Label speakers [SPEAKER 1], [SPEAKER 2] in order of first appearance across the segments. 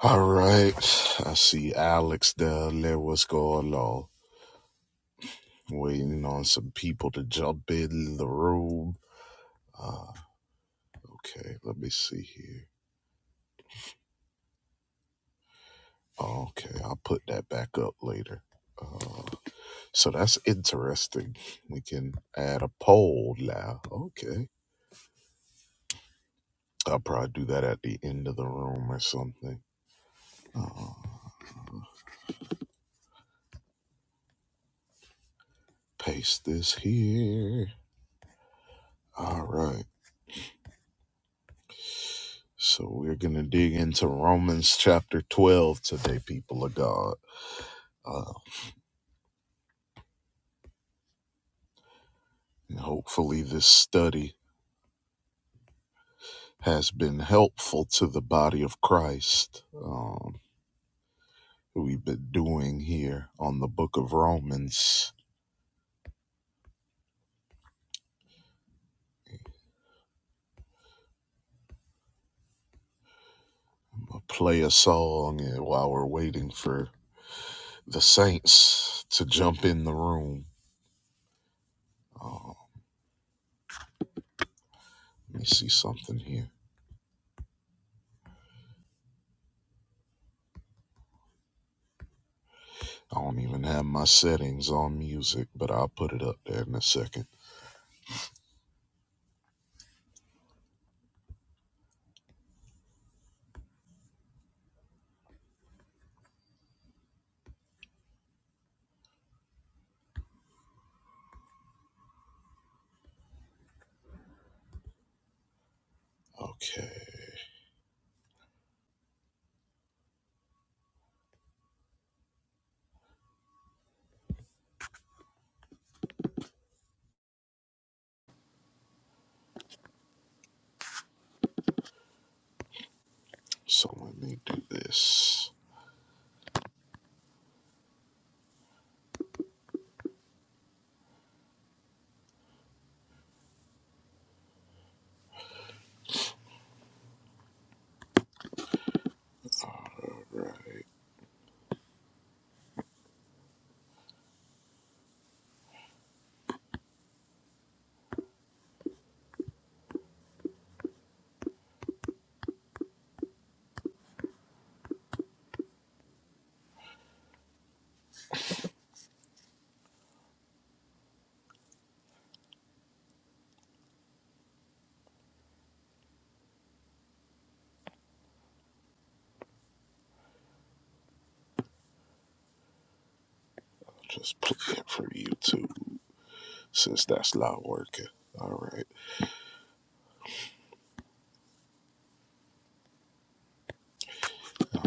[SPEAKER 1] All right. I see Alex down there. What's going on? Waiting on some people to jump in the room. Uh, okay, let me see here. Okay, I'll put that back up later. Uh, so that's interesting. We can add a poll now. Okay. I'll probably do that at the end of the room or something. Uh, paste this here. All right. So we're going to dig into Romans chapter 12 today, people of God. Uh, and hopefully, this study has been helpful to the body of Christ. Um, we've been doing here on the book of Romans. I'm gonna play a song and while we're waiting for the saints to jump in the room. Uh, let me see something here. I don't even have my settings on music, but I'll put it up there in a second. Okay, so let me do this. I'll Just play it for you too. since that's not working. All right.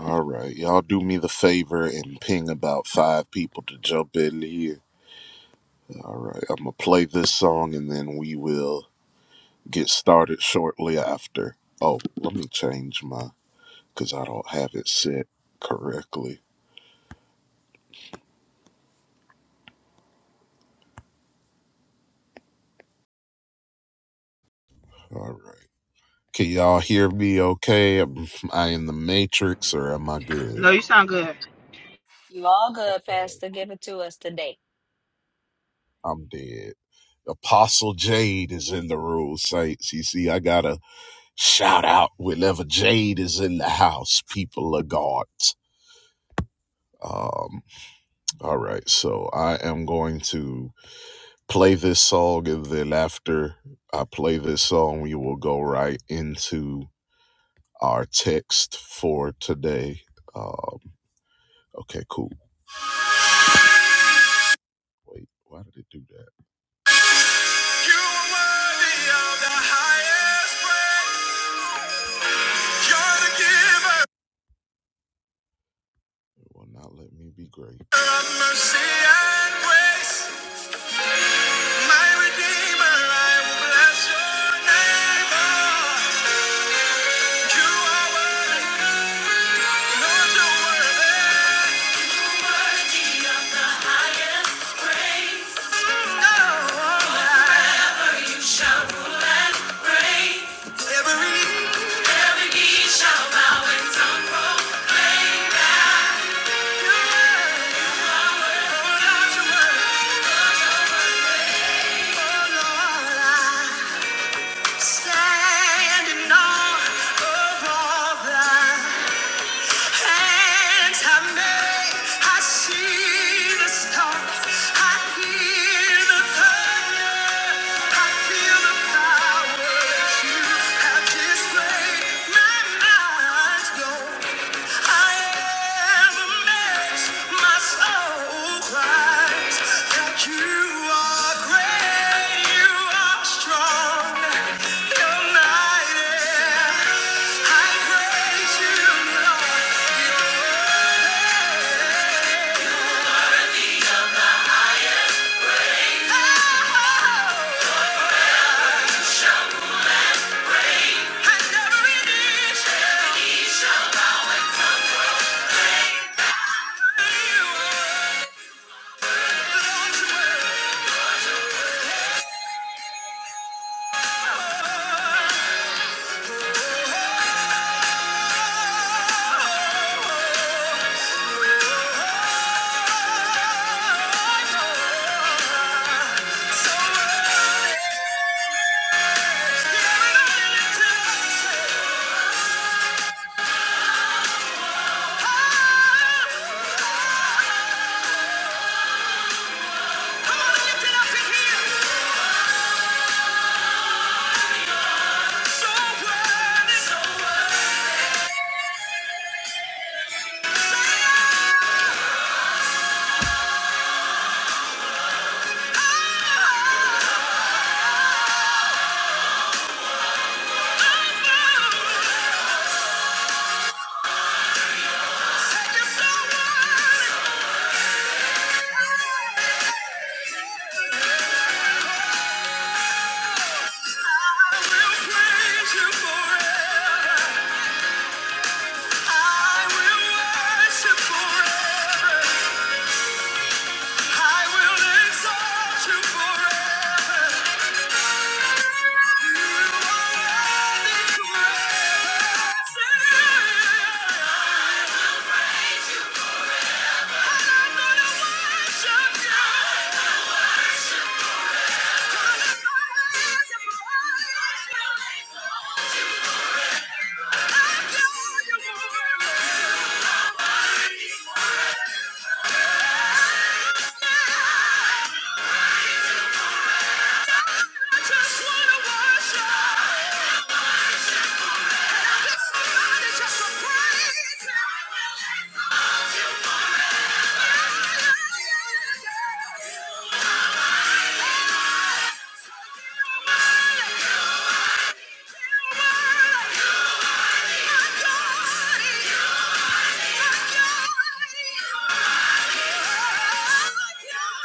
[SPEAKER 1] All right. Y'all do me the favor and ping about five people to jump in here. All right. I'm going to play this song and then we will get started shortly after. Oh, let me change my, because I don't have it set correctly. All right. Can y'all hear me okay? Am I in the matrix or am I good?
[SPEAKER 2] No, you sound good.
[SPEAKER 3] You all good,
[SPEAKER 1] Uh,
[SPEAKER 3] Pastor. Give it to us today.
[SPEAKER 1] I'm dead. Apostle Jade is in the room, Saints. You see, I got to Shout out whenever Jade is in the house, people of God. Um, all right, so I am going to play this song, and then after I play this song, we will go right into our text for today. Um, okay, cool. Wait, why did it do that? You are worthy of the highest praise. You're the giver. It will not let me be great. Of of mercy and and grace, my Redeemer, I will bless Your name. You You You are are worthy, Lord, you're worthy. You're worthy Lord, The highest praise. Oh, Forever you shall rule and reign. Every every knee shall bow and tongue roll. Oh Lord, I Standing on of all that hands have made, I see the stars, I hear the thunder, I feel the power you have displayed. My mind's blown. Yeah. Come on and lift it up in here. So worthy, so worthy. Say, ah, ah, ah. Say you're so worthy. I will praise you forever. I will worship forever. Just praise. I will exalt you forever. You are worthy to I'm gonna worship you. Gonna praise you I adore you, Lord. I just wanna worship. If somebody just praise you.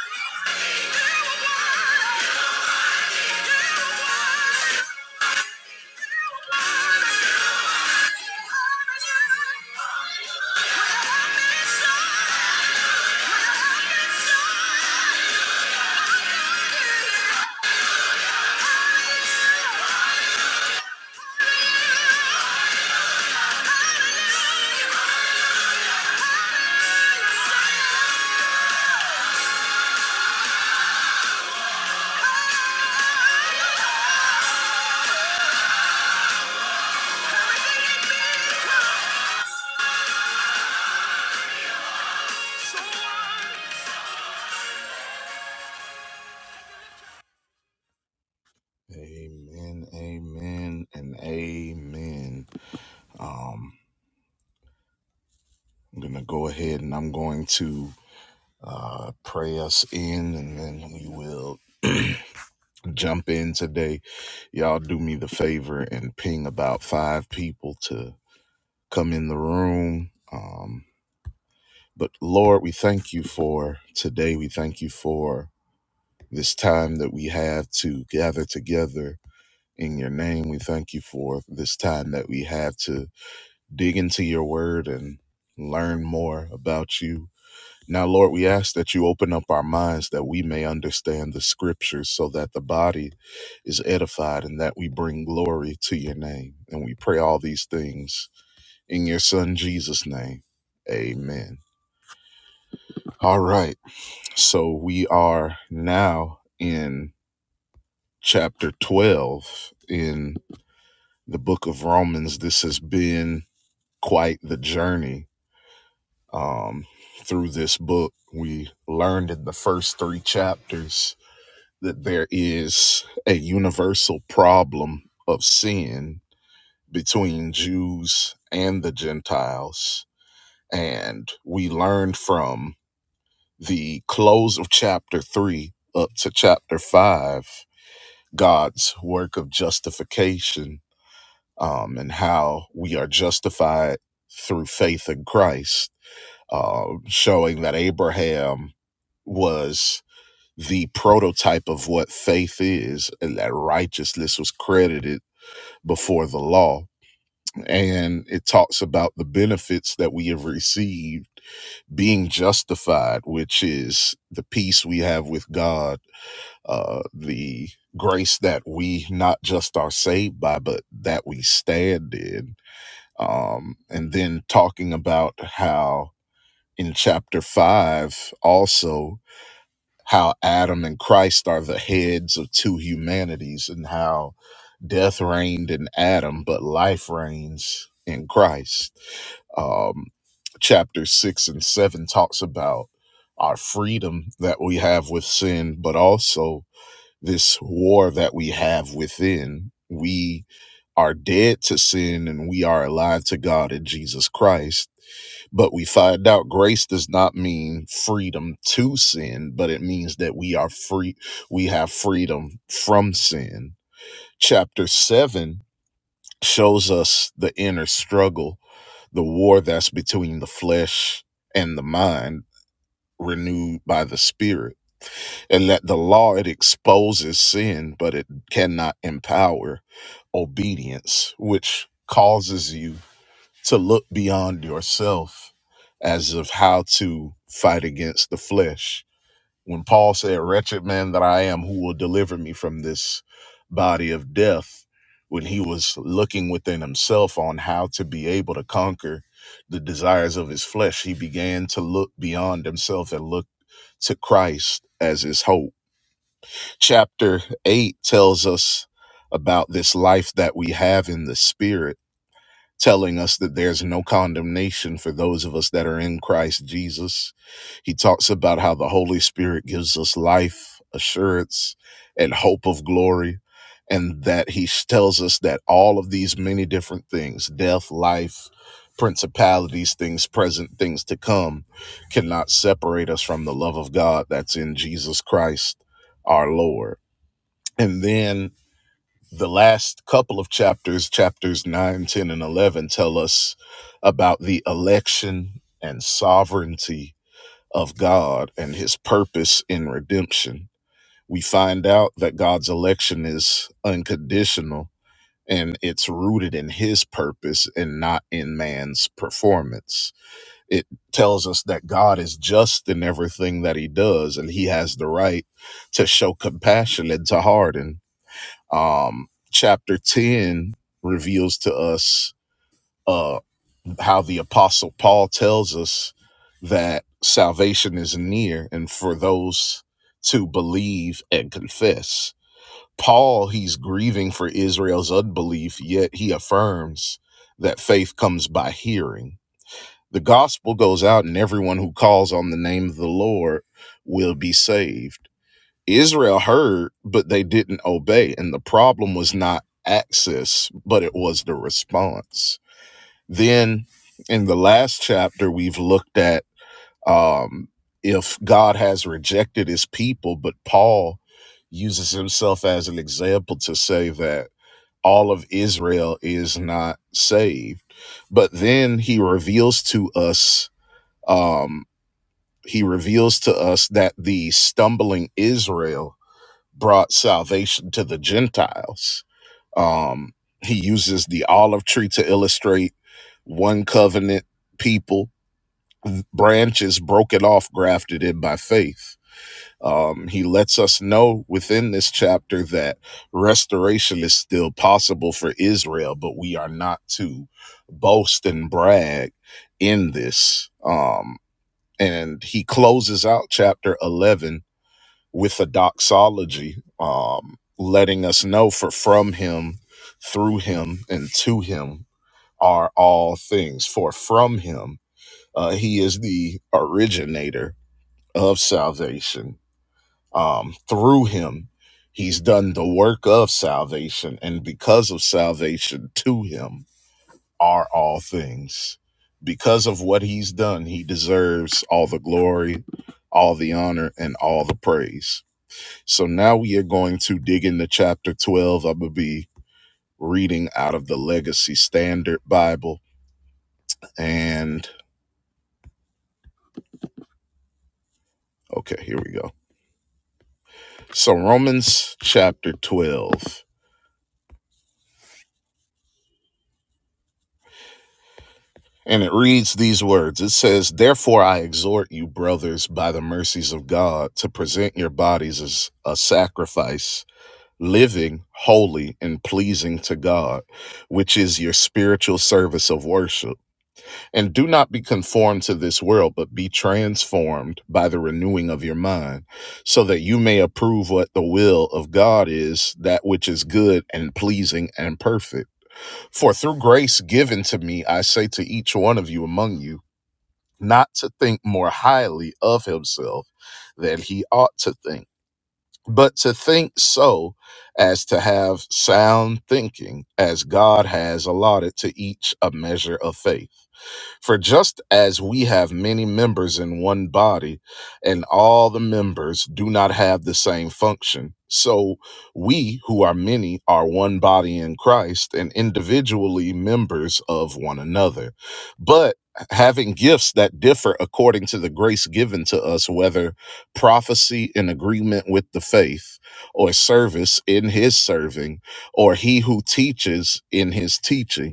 [SPEAKER 1] Amen, amen, and amen. Um, I'm gonna go ahead and I'm going to uh, pray us in, and then we will jump in today. Y'all do me the favor and ping about five people to come in the room. Um, but Lord, we thank you for today. We thank you for this time that we have to gather together in your name. We thank you for this time that we have to dig into your word and learn more about you. Now, Lord, we ask that you open up our minds that we may understand the scriptures so that the body is edified and that we bring glory to your name. And we pray all these things in your son Jesus' name. Amen. All right. So we are now in chapter 12 in the book of Romans. This has been quite the journey um, through this book. We learned in the first three chapters that there is a universal problem of sin between Jews and the Gentiles. And we learned from the close of chapter three up to chapter five God's work of justification um, and how we are justified through faith in Christ, uh, showing that Abraham was the prototype of what faith is, and that righteousness was credited before the law. And it talks about the benefits that we have received being justified, which is the peace we have with God, uh, the grace that we not just are saved by, but that we stand in. Um, and then talking about how in chapter five, also how Adam and Christ are the heads of two humanities and how death reigned in Adam, but life reigns in Christ. Um, chapter six and seven talks about our freedom that we have with sin, but also this war that we have within. We are dead to sin and we are alive to God in Jesus Christ but we find out grace does not mean freedom to sin, but it means that we are free. We have freedom from sin. Chapter seven shows us the inner struggle, the war that's between the flesh and the mind renewed by the spirit and that the law it exposes sin but it cannot empower obedience which causes you to look beyond yourself as of how to fight against the flesh. When Paul said, Wretched man that I am, who will deliver me from this body of death? When he was looking within himself on how to be able to conquer the desires of his flesh, he began to look beyond himself and look to Christ as his hope. Chapter 8 tells us about this life that we have in the spirit telling us that there's no condemnation for those of us that are in Christ Jesus. He talks about how the Holy Spirit gives us life, assurance, and hope of glory. And that he tells us that all of these many different things death, life, principalities, things present, things to come cannot separate us from the love of God that's in Jesus Christ our Lord. And then the last couple of chapters, chapters 9, 10, and 11, tell us about the election and sovereignty of God and his purpose in redemption. We find out that God's election is unconditional and it's rooted in his purpose and not in man's performance. It tells us that God is just in everything that he does and he has the right to show compassion and to harden um, chapter 10 reveals to us uh, how the Apostle Paul tells us that salvation is near and for those to believe and confess. Paul, he's grieving for Israel's unbelief, yet he affirms that faith comes by hearing. The gospel goes out, and everyone who calls on the name of the Lord will be saved Israel heard, but they didn't obey. And the problem was not access, but it was the response. Then in the last chapter, we've looked at um, if God has rejected his people, but Paul uses himself as an example to say that all of Israel is not saved. But then he reveals to us, um, he reveals to us that the stumbling Israel brought salvation to the Gentiles. Um, he uses the olive tree to illustrate one covenant people, branches broken off, grafted in by faith. Um, he lets us know within this chapter that restoration is still possible for Israel, but we are not to boast and brag in this. Um, and he closes out chapter 11 with a doxology, um, letting us know for from him, through him, and to him are all things. For from him, uh, he is the originator of salvation. Um, through him, he's done the work of salvation, and because of salvation, to him are all things. Because of what he's done, he deserves all the glory, all the honor, and all the praise so now we are going to dig into chapter 12. I'm going to be reading out of the Legacy Standard Bible. And okay, here we go. So Romans chapter 12. And it reads these words It says, Therefore I exhort you, brothers, by the mercies of God, to present your bodies as a sacrifice, living, holy, and pleasing to God, which is your spiritual service of worship. And do not be conformed to this world, but be transformed by the renewing of your mind, so that you may approve what the will of God is, that which is good and pleasing and perfect. For through grace given to me, I say to each one of you among you, not to think more highly of himself than he ought to think, but to think so as to have sound thinking, as God has allotted to each a measure of faith. For just as we have many members in one body, and all the members do not have the same function, so we who are many are one body in Christ and individually members of one another. But having gifts that differ according to the grace given to us, whether prophecy in agreement with the faith, or service in his serving, or he who teaches in his teaching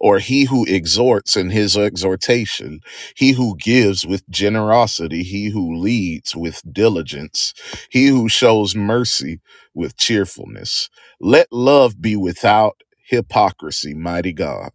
[SPEAKER 1] or he who exhorts in his exhortation, he who gives with generosity, he who leads with diligence, he who shows mercy with cheerfulness. Let love be without hypocrisy, mighty God.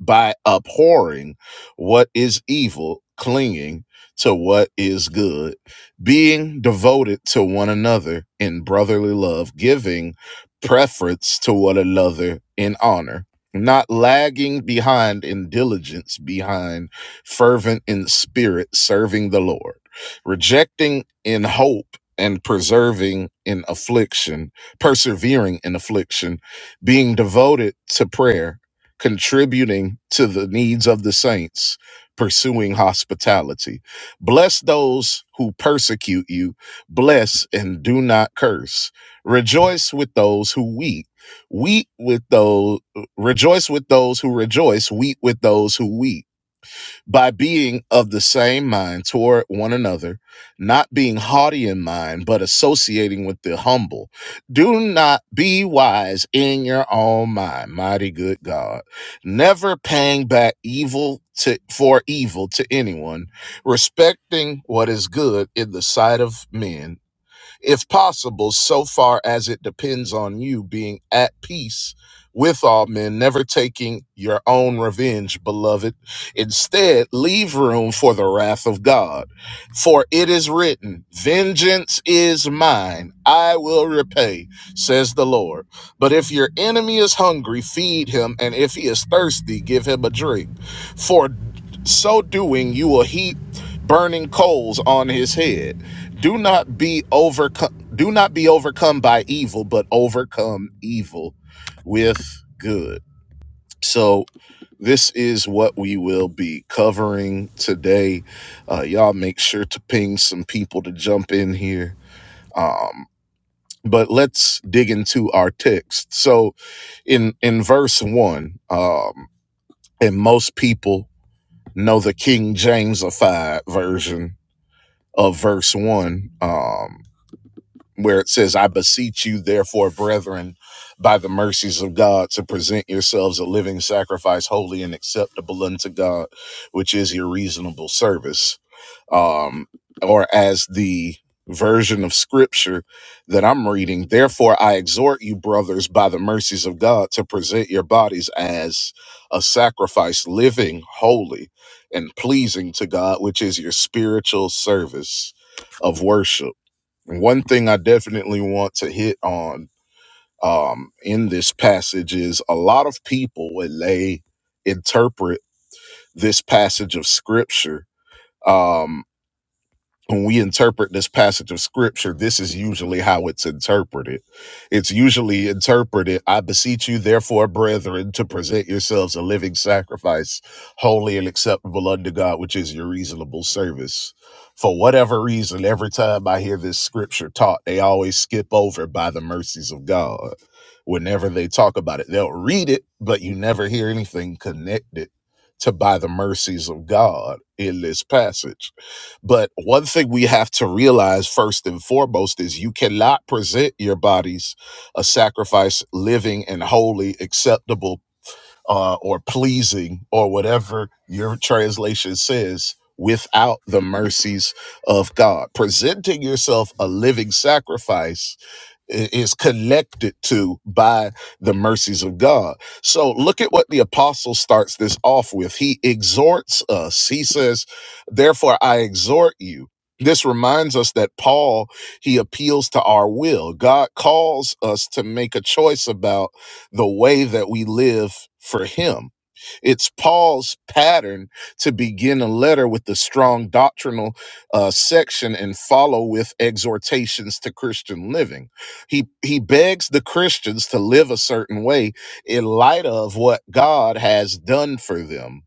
[SPEAKER 1] By abhorring what is evil, clinging to what is good, being devoted to one another in brotherly love, giving preference to one another in honor not lagging behind in diligence behind fervent in spirit serving the lord rejecting in hope and preserving in affliction persevering in affliction being devoted to prayer contributing to the needs of the saints pursuing hospitality bless those who persecute you bless and do not curse rejoice with those who weep weep with those Rejoice with those who rejoice, weep with those who weep. By being of the same mind toward one another, not being haughty in mind, but associating with the humble. Do not be wise in your own mind, mighty good God. Never paying back evil to, for evil to anyone, respecting what is good in the sight of men if possible, so far as it depends on you being at peace with all men, never taking your own revenge, beloved. Instead, leave room for the wrath of God. For it is written, Vengeance is mine, I will repay, says the Lord. But if your enemy is hungry, feed him, and if he is thirsty, give him a drink. For so doing, you will heap burning coals on his head. Do not be overcome. Do not be overcome by evil, but overcome evil with good. So this is what we will be covering today. Uh, y'all make sure to ping some people to jump in here. Um, but let's dig into our text. So in in verse one, um, and most people know the King Jamesified version of verse one. Um, where it says, I beseech you, therefore, brethren, by the mercies of God, to present yourselves a living sacrifice, holy and acceptable unto God, which is your reasonable service. Um, or as the version of scripture that I'm reading, therefore, I exhort you, brothers, by the mercies of God, to present your bodies as a sacrifice, living, holy, and pleasing to God, which is your spiritual service of worship one thing I definitely want to hit on um, in this passage is a lot of people when they interpret this passage of scripture. um, when we interpret this passage of scripture, this is usually how it's interpreted. It's usually interpreted, I beseech you, therefore, brethren, to present yourselves a living sacrifice, holy and acceptable unto God, which is your reasonable service. For whatever reason, every time I hear this scripture taught, they always skip over by the mercies of God. Whenever they talk about it, they'll read it, but you never hear anything connected to by the mercies of God in this passage but one thing we have to realize first and foremost is you cannot present your bodies a sacrifice living and holy, acceptable, uh, or pleasing, or whatever your translation says, without the mercies of God. Presenting yourself a living sacrifice is connected to by the mercies of God. So look at what the apostle starts this off with. He exhorts us. He says, Therefore, I exhort you. This reminds us that Paul, he appeals to our will. God calls us to make a choice about the way that we live for him it's Paul's pattern to begin a letter with a strong doctrinal uh, section and follow with exhortations to Christian living. He he begs the Christians to live a certain way in light of what God has done for them.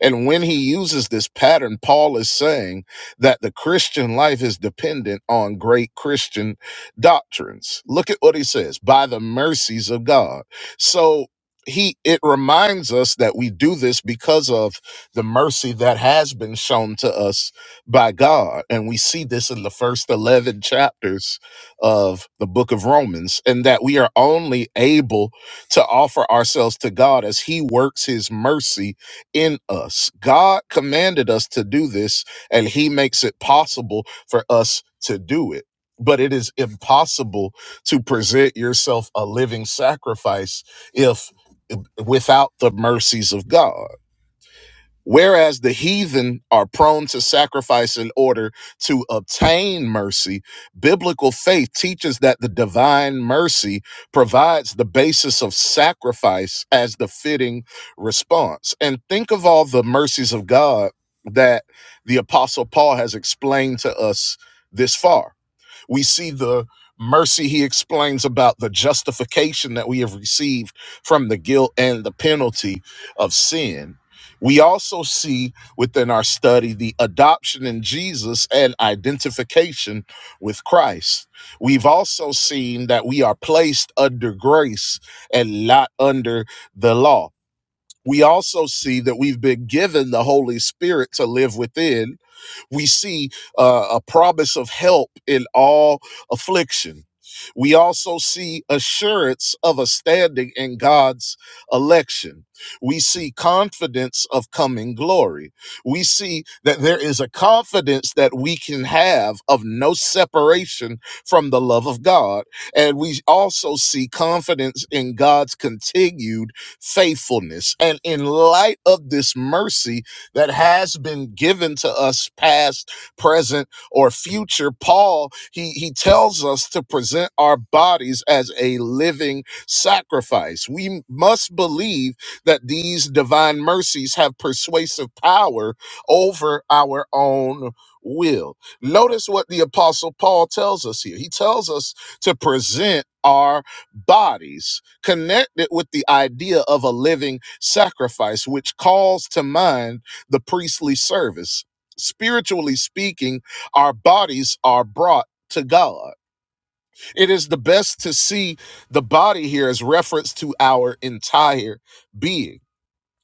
[SPEAKER 1] And when he uses this pattern, Paul is saying that the Christian life is dependent on great Christian doctrines. Look at what he says by the mercies of God. So he it reminds us that we do this because of the mercy that has been shown to us by God and we see this in the first 11 chapters of the book of Romans and that we are only able to offer ourselves to God as he works his mercy in us God commanded us to do this and he makes it possible for us to do it but it is impossible to present yourself a living sacrifice if without the mercies of God. Whereas the heathen are prone to sacrifice in order to obtain mercy, biblical faith teaches that the divine mercy provides the basis of sacrifice as the fitting response. And think of all the mercies of God that the Apostle Paul has explained to us this far we see the mercy he explains about the justification that we have received from the guilt and the penalty of sin. We also see within our study the adoption in Jesus and identification with Christ. We've also seen that we are placed under grace and not under the law. We also see that we've been given the Holy Spirit to live within we see uh, a promise of help in all affliction. We also see assurance of a standing in God's election. We see confidence of coming glory. We see that there is a confidence that we can have of no separation from the love of God. And we also see confidence in God's continued faithfulness. And in light of this mercy, that has been given to us past, present, or future. Paul, he, he tells us to present our bodies as a living sacrifice. We must believe that these divine mercies have persuasive power over our own will. Notice what the apostle Paul tells us here. He tells us to present our bodies connected with the idea of a living sacrifice, which calls to mind the priestly service. Spiritually speaking, our bodies are brought to God. It is the best to see the body here as reference to our entire being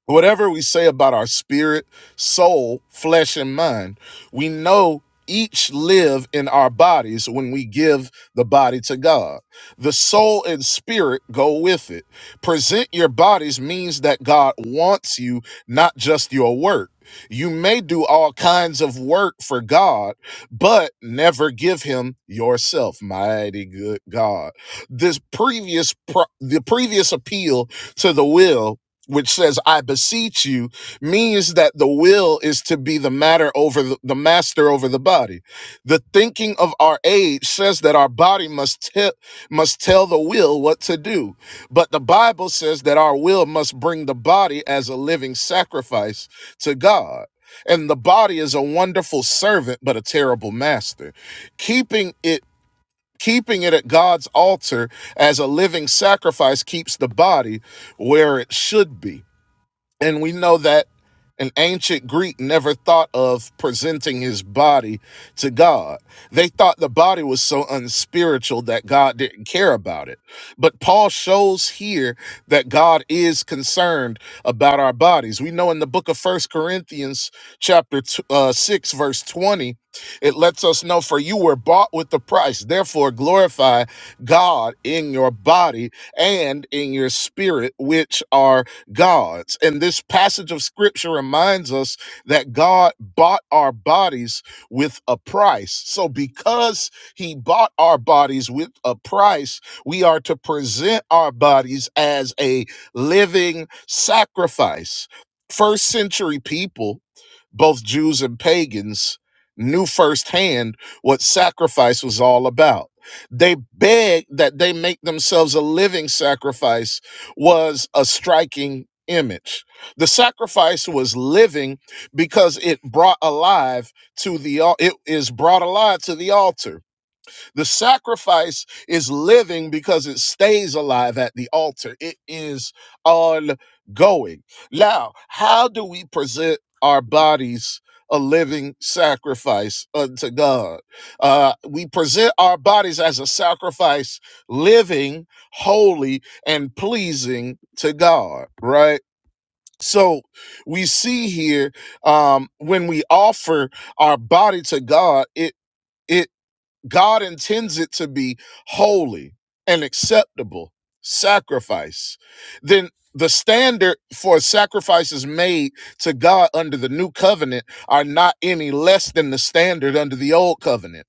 [SPEAKER 1] Whatever we say about our spirit, soul, flesh, and mind, we know each live in our bodies when we give the body to God. The soul and spirit go with it. Present your bodies means that God wants you, not just your work. You may do all kinds of work for God, but never give him yourself, mighty good God. This previous pro- the previous appeal to the will which says i beseech you means that the will is to be the matter over the, the master over the body the thinking of our age says that our body must tell must tell the will what to do but the bible says that our will must bring the body as a living sacrifice to god and the body is a wonderful servant but a terrible master keeping it keeping it at god's altar as a living sacrifice keeps the body where it should be and we know that an ancient Greek never thought of presenting his body to God. They thought the body was so unspiritual that God didn't care about it. But Paul shows here that God is concerned about our bodies. We know in the book of First Corinthians chapter t- uh, 6 verse 20, it lets us know for you were bought with the price. Therefore glorify God in your body and in your spirit which are gods. And this passage of scripture reminds us that God bought our bodies with a price. So, because he bought our bodies with a price, we are to present our bodies as a living sacrifice. First century people, both Jews and pagans, knew firsthand what sacrifice was all about they begged that they make themselves a living sacrifice was a striking image. The sacrifice was living because it brought alive to the al- it is brought alive to the altar. The sacrifice is living because it stays alive at the altar. It is ongoing. Now, how do we present our bodies a living sacrifice unto God? Uh, we present our bodies as a sacrifice, living, holy, and pleasing to God, right? So we see here um, when we offer our body to God, it it God intends it to be holy and acceptable sacrifice. Then the standard for sacrifices made to God under the new covenant are not any less than the standard under the old covenant.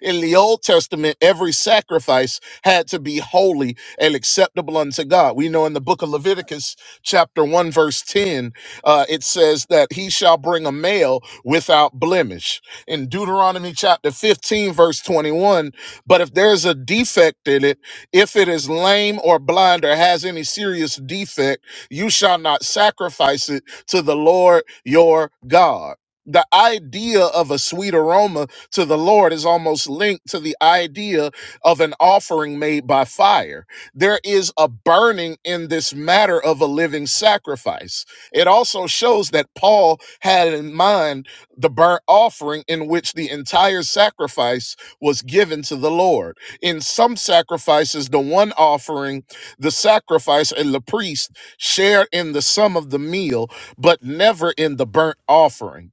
[SPEAKER 1] In the Old Testament, every sacrifice had to be holy and acceptable unto God. We know in the book of Leviticus, chapter 1, verse 10, uh, it says that he shall bring a male without blemish. In Deuteronomy chapter 15, verse 21, but if there's a defect in it, if it is lame or blind or has any serious defect, you shall not sacrifice it to the Lord your God. The idea of a sweet aroma to the Lord is almost linked to the idea of an offering made by fire. There is a burning in this matter of a living sacrifice. It also shows that Paul had in mind the burnt offering in which the entire sacrifice was given to the Lord. In some sacrifices, the one offering, the sacrifice, and the priest shared in the sum of the meal, but never in the burnt offering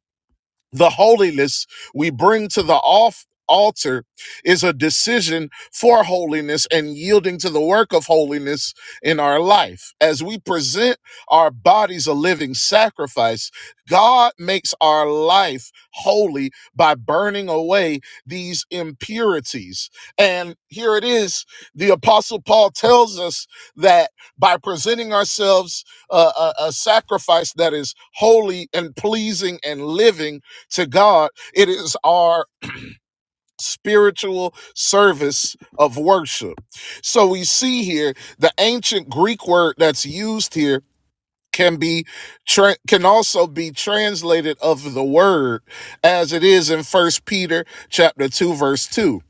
[SPEAKER 1] the holiness we bring to the off altar is a decision for holiness and yielding to the work of holiness in our life as we present our bodies a living sacrifice god makes our life holy by burning away these impurities and here it is the apostle paul tells us that by presenting ourselves uh, a, a sacrifice that is holy and pleasing and living to God. It is our spiritual service of worship. So we see here the ancient Greek word that's used here can be tra- can also be translated of the word as it is in first peter chapter 2 verse 2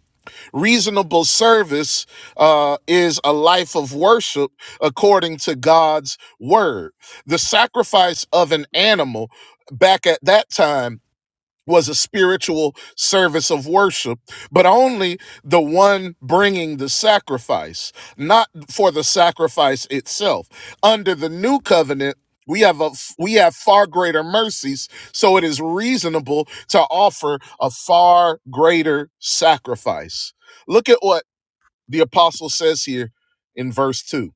[SPEAKER 1] reasonable service uh, is a life of worship according to god's word the sacrifice of an animal back at that time was a spiritual service of worship, but only the one bringing the sacrifice, not for the sacrifice itself. Under the new covenant, we have a we have far greater mercies, so it is reasonable to offer a far greater sacrifice. Look at what the apostle says here in verse 2.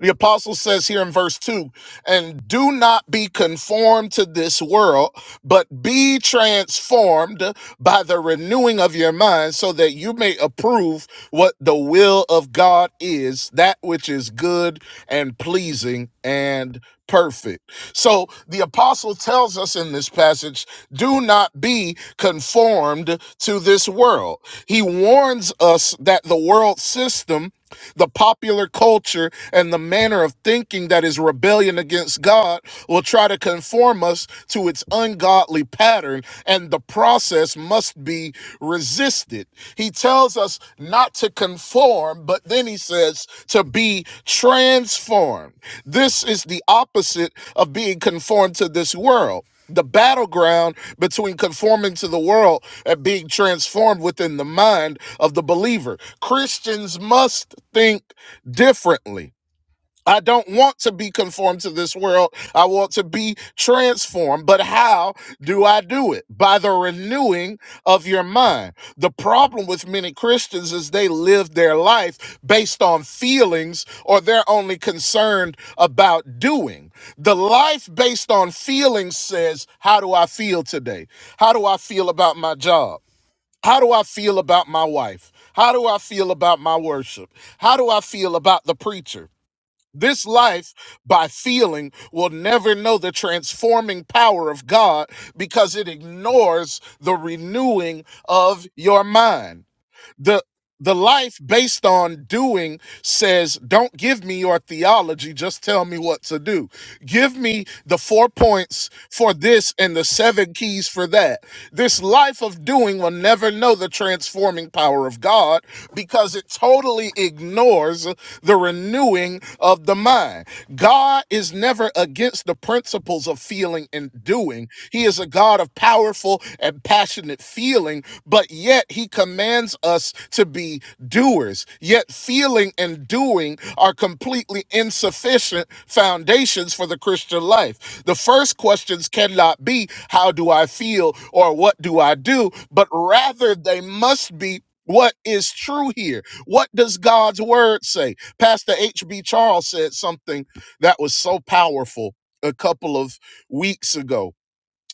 [SPEAKER 1] The apostle says here in verse 2 and do not be conformed to this world, but be transformed by the renewing of your mind, so that you may approve what the will of God is, that which is good and pleasing and perfect. So the apostle tells us in this passage do not be conformed to this world. He warns us that the world system the popular culture and the manner of thinking that is rebellion against God will try to conform us to its ungodly pattern, and the process must be resisted. He tells us not to conform, but then he says to be transformed. This is the opposite of being conformed to this world the battleground between conforming to the world and being transformed within the mind of the believer. Christians must think differently I don't want to be conformed to this world. I want to be transformed. But how do I do it? By the renewing of your mind. The problem with many Christians is they live their life based on feelings or they're only concerned about doing. The life based on feelings says, How do I feel today? How do I feel about my job? How do I feel about my wife? How do I feel about my worship? How do I feel about the preacher? This life, by feeling, will never know the transforming power of God because it ignores the renewing of your mind the the life based on doing says don't give me your theology just tell me what to do give me the four points for this and the seven keys for that this life of doing will never know the transforming power of god because it totally ignores the renewing of the mind god is never against the principles of feeling and doing he is a god of powerful and passionate feeling but yet he commands us to be doers. Yet feeling and doing are completely insufficient foundations for the Christian life. The first questions cannot be, How do I feel or what do I do? but rather they must be. What is true here? What does God's word say? Pastor H.B. Charles said something that was so powerful a couple of weeks ago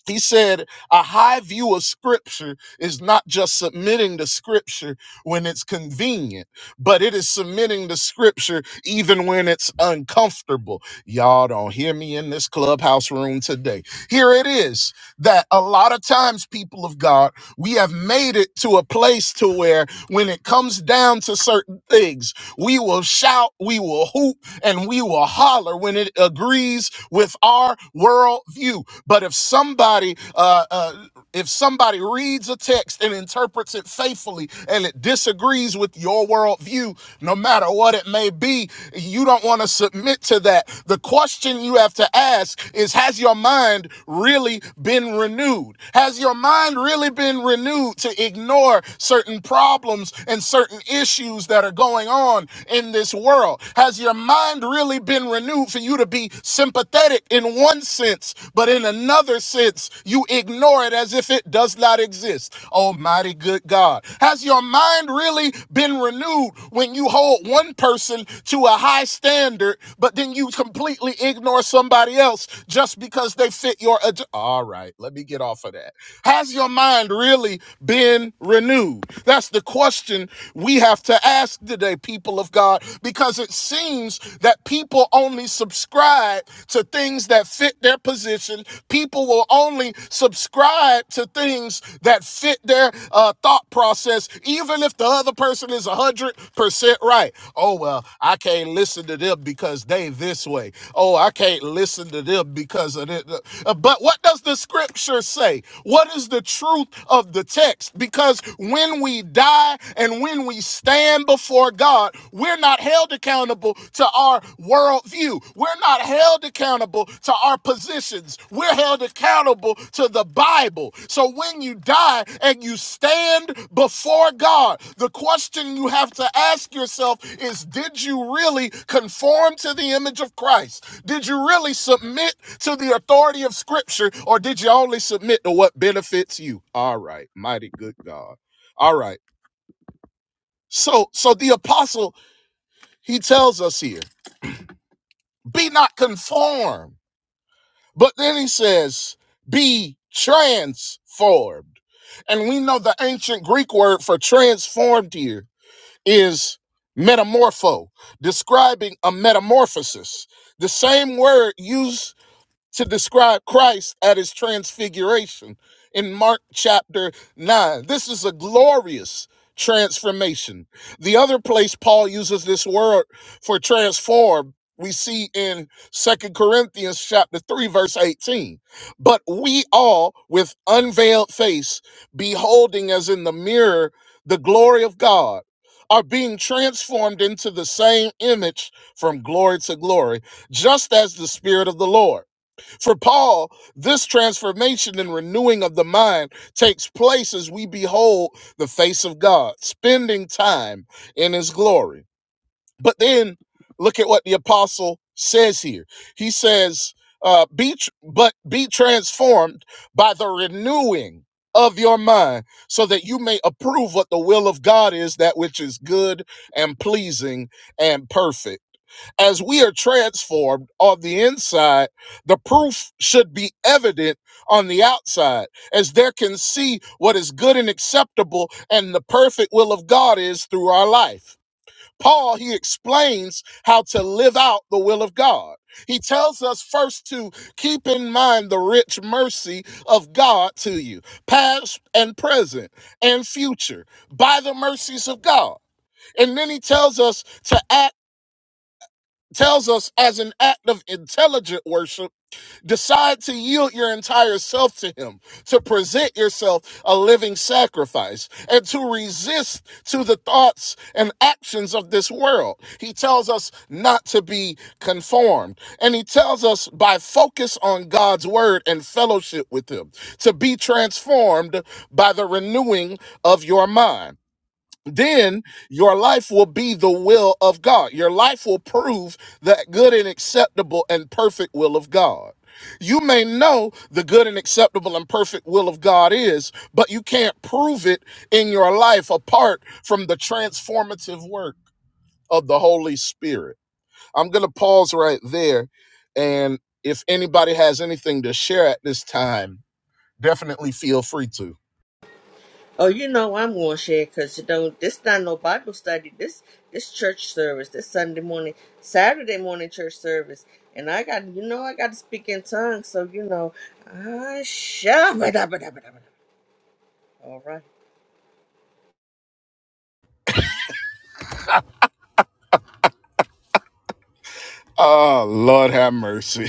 [SPEAKER 1] he said, a high view of scripture is not just submitting to scripture when it's convenient, but it is submitting to scripture even when it's uncomfortable. Y'all don't hear me in this clubhouse room today. Here it is that a lot of times, people of God, we have made it to a place to where when it comes down to certain things, we will shout, we will hoop, and we will holler when it agrees with our worldview. But if somebody uh, uh, if somebody reads a text and interprets it faithfully and it disagrees with your worldview, no matter what it may be, you don't want to submit to that. The question you have to ask is Has your mind really been renewed? Has your mind really been renewed to ignore certain problems and certain issues that are going on in this world? Has your mind really been renewed for you to be sympathetic in one sense? sense, but in another sense, you ignore it as if it does not exist. Almighty good God. Has your mind really been renewed when you hold one person to a high standard, but then you completely ignore somebody else just because they fit your. agenda? All right, let me get off of that. Has your mind really been renewed? That's the question we have to ask today, people of God, because it seems that people people only subscribe to things that fit their position. People will only subscribe to things that fit their uh, thought process, even if the other person is 100% right. Oh, well, I can't listen to them because they this way. Oh, I can't listen to them because of it. Uh, But what does the scripture say? What is the truth of the text? Because when we die and when we stand before Lord God, we're not held accountable to our worldview. We're not held accountable to our positions. We're held accountable to the Bible. So when you die and you stand before God, the question you have to ask yourself is Did you really conform to the image of Christ? Did you really submit to the authority of Scripture, or did you only submit to what benefits you? All right, mighty good God. All right. So, so the apostle he tells us here, be not conformed. But then he says, be transformed. And we know the ancient Greek word for transformed here is metamorpho, describing a metamorphosis. The same word used to describe Christ at his transfiguration in Mark chapter 9. This is a glorious transformation. The other place Paul uses this word for transform, we see in Second Corinthians chapter 3 verse 18. But we all with unveiled face beholding as in the mirror the glory of God are being transformed into the same image from glory to glory, just as the spirit of the Lord for Paul, this transformation and renewing of the mind takes place as we behold the face of God, spending time in his glory. But then look at what the apostle says here. He says, uh, be tr- but be transformed by the renewing of your mind so that you may approve what the will of God is, that which is good and pleasing and perfect as we are transformed on the inside, the proof should be evident on the outside, as there can see what is good and acceptable and the perfect will of God is through our life. Paul, he explains how to live out the will of God. He tells us first to keep in mind the rich mercy of God to you, past and present and future, by the mercies of God. And then he tells us to act, tells us as an act of intelligent worship Decide to yield your entire self to Him, to present yourself a living sacrifice, and to resist to the thoughts and actions of this world. He tells us not to be conformed. And He tells us by focus on God's word and fellowship with Him to be transformed by the renewing of your mind then your life will be the will of God. Your life will prove that good and acceptable and perfect will of God. You may know the good and acceptable and perfect will of God is, but you can't prove it in your life apart from the transformative work of the Holy Spirit. I'm going to pause right there. And if anybody has anything to share at this time, definitely feel free to.
[SPEAKER 4] Oh, you know I'm gonna share because you know this not no Bible study. This this church service, this Sunday morning, Saturday morning church service, and I got you know I got to speak in tongues, so you know I shall. All right,
[SPEAKER 1] Oh, Lord have mercy.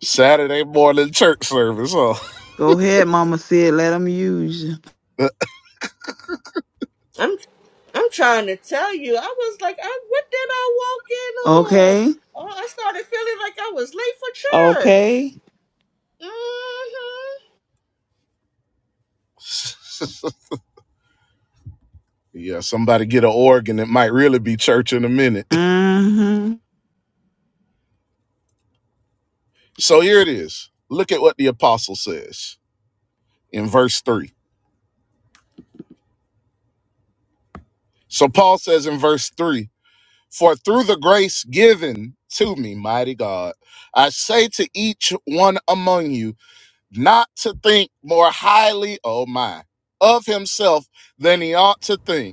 [SPEAKER 1] Saturday morning church service, huh?
[SPEAKER 2] Go ahead, Mama said, let them use you.
[SPEAKER 4] I'm I'm trying to tell you, I was like, I, what did I walk in on?
[SPEAKER 2] Okay?
[SPEAKER 4] Oh, I started feeling like I was late for church.
[SPEAKER 2] Okay?
[SPEAKER 4] hmm
[SPEAKER 1] yeah, somebody get an organ. It might really be church in a minute.
[SPEAKER 2] Mm-hmm.
[SPEAKER 1] So here it is. Look at what the apostle says in verse 3. So Paul says in verse 3 For through the grace given to me, mighty God, I say to each one among you not to think more highly, oh my, of himself than he ought to think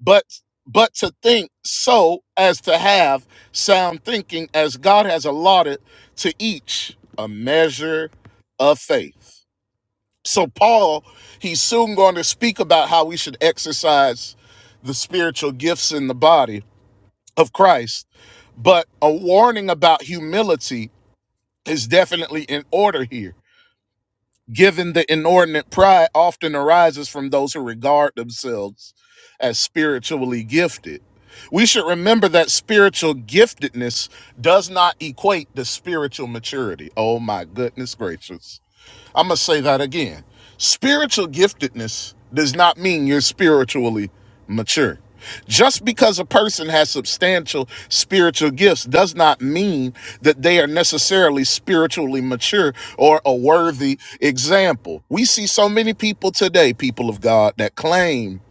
[SPEAKER 1] but but to think so as to have sound thinking as God has allotted to each a measure of faith. So Paul, he's soon going to speak about how we should exercise the spiritual gifts in the body of Christ, but a warning about humility is definitely in order here given the inordinate pride often arises from those who regard themselves as spiritually gifted. We should remember that spiritual giftedness does not equate to spiritual maturity. Oh my goodness gracious. I'm going to say that again. Spiritual giftedness does not mean you're spiritually mature. Just because a person has substantial spiritual gifts does not mean that they are necessarily spiritually mature or a worthy example. We see so many people today, people of God, that claim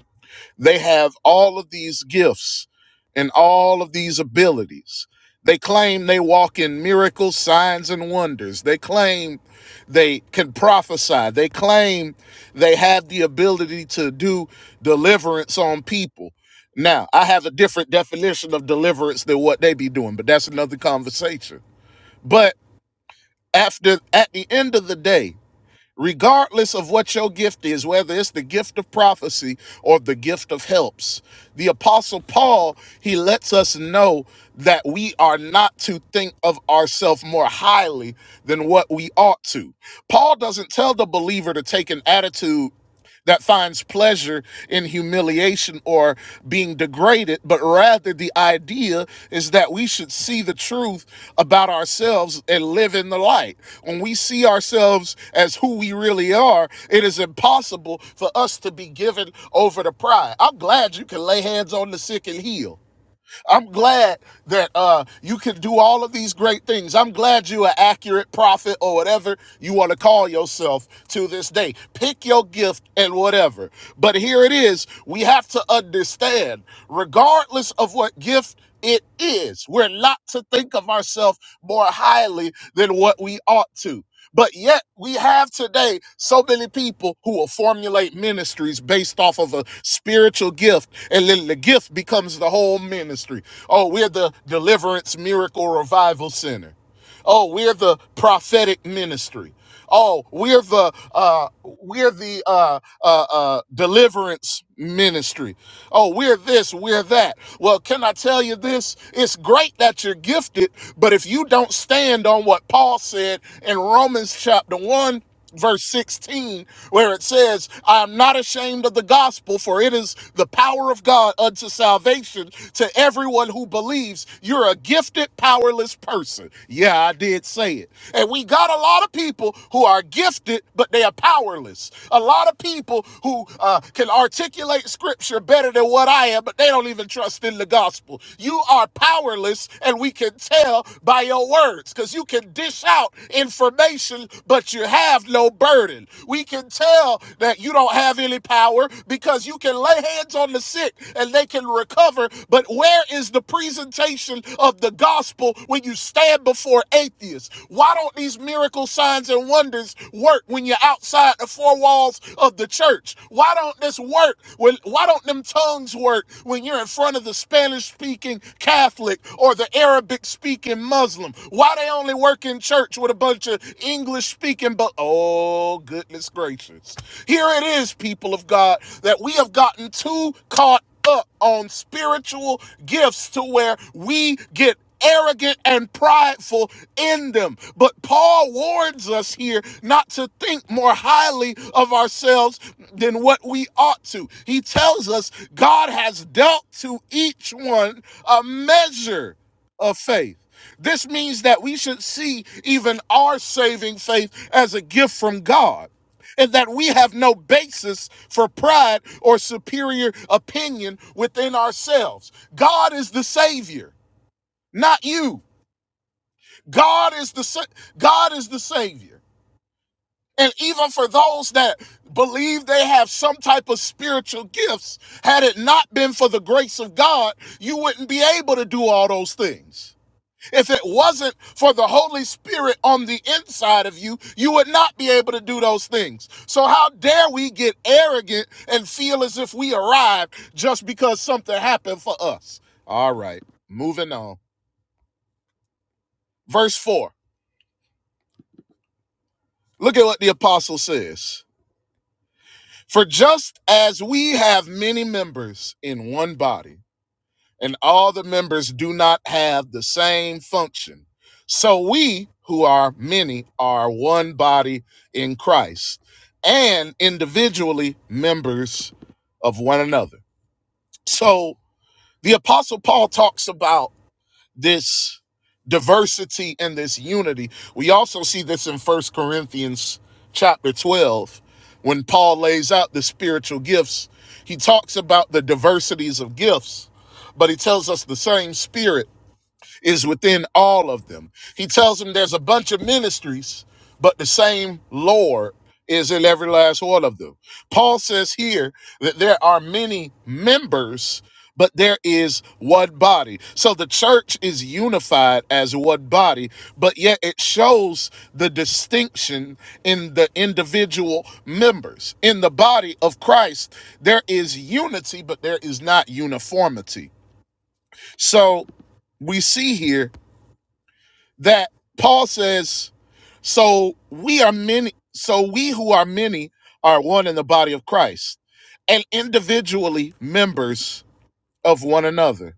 [SPEAKER 1] they have all of these gifts and all of these abilities. They claim they walk in miracles, signs, and wonders. They claim they can prophesy. They claim they have the ability to do deliverance on people. Now, I have a different definition of deliverance than what they be doing, but that's another conversation. But after at the end of the day, regardless of what your gift is, whether it's the gift of prophecy or the gift of helps. The Apostle Paul, he lets us know that we are not to think of ourselves more highly than what we ought to. Paul doesn't tell the believer to take an attitude that finds pleasure in humiliation or being degraded, but rather the idea is that we should see the truth about ourselves and live in the light. When we see ourselves as who we really are, it is impossible for us to be given over to pride. I'm glad you can lay hands on the sick and heal. I'm glad that uh, you can do all of these great things. I'm glad you're an accurate prophet or whatever you want to call yourself to this day. Pick your gift and whatever. But here it is. We have to understand, regardless of what gift it is, we're not to think of ourselves more highly than what we ought to. But yet we have today so many people who will formulate ministries based off of a spiritual gift, and then the gift becomes the whole ministry. Oh, we're the deliverance miracle revival center. Oh, we're the prophetic ministry. Oh, we're the uh, we're the uh, uh, uh, deliverance ministry. Oh, we're this, we're that. Well, can I tell you this? It's great that you're gifted, but if you don't stand on what Paul said in Romans chapter one verse 16 where it says i am not ashamed of the gospel for it is the power of god unto salvation to everyone who believes you're a gifted powerless person yeah i did say it and we got a lot of people who are gifted but they are powerless a lot of people who uh, can articulate scripture better than what i am but they don't even trust in the gospel you are powerless and we can tell by your words because you can dish out information, but you have no burden. We can tell that you don't have any power because you can lay hands on the sick and they can recover. But where is the presentation of the gospel when you stand before atheists? Why don't these miracle signs and wonders work when you're outside the four walls of the church? Why don't this work? When, why don't them tongues work when you're in front of the Spanish speaking Catholic or the Arabic speaking Muslim? them. Why they only work in church with a bunch of English speaking, but oh, goodness gracious. Here it is, people of God, that we have gotten too caught up on spiritual gifts to where we get arrogant and prideful in them. But Paul warns us here not to think more highly of ourselves than what we ought to. He tells us God has dealt to each one a measure of faith. This means that we should see even our saving faith as a gift from God and that we have no basis for pride or superior opinion within ourselves. God is the savior, not you. God is the sa- God is the savior. And even for those that believe they have some type of spiritual gifts, had it not been for the grace of God, you wouldn't be able to do all those things. If it wasn't for the Holy Spirit on the inside of you, you would not be able to do those things. So, how dare we get arrogant and feel as if we arrived just because something happened for us? All right, moving on. Verse 4. Look at what the apostle says. For just as we have many members in one body, and all the members do not have the same function. So we, who are many, are one body in Christ and individually members of one another. So the Apostle Paul talks about this diversity and this unity. We also see this in First Corinthians chapter 12 when Paul lays out the spiritual gifts. He talks about the diversities of gifts, but he tells us the same spirit is within all of them. He tells them there's a bunch of ministries, but the same Lord is in every last one of them. Paul says here that there are many members, but there is one body. So the church is unified as one body, but yet it shows the distinction in the individual members. In the body of Christ, there is unity, but there is not uniformity. So we see here that Paul says, so we are many, so we who are many are one in the body of Christ and individually members of one another.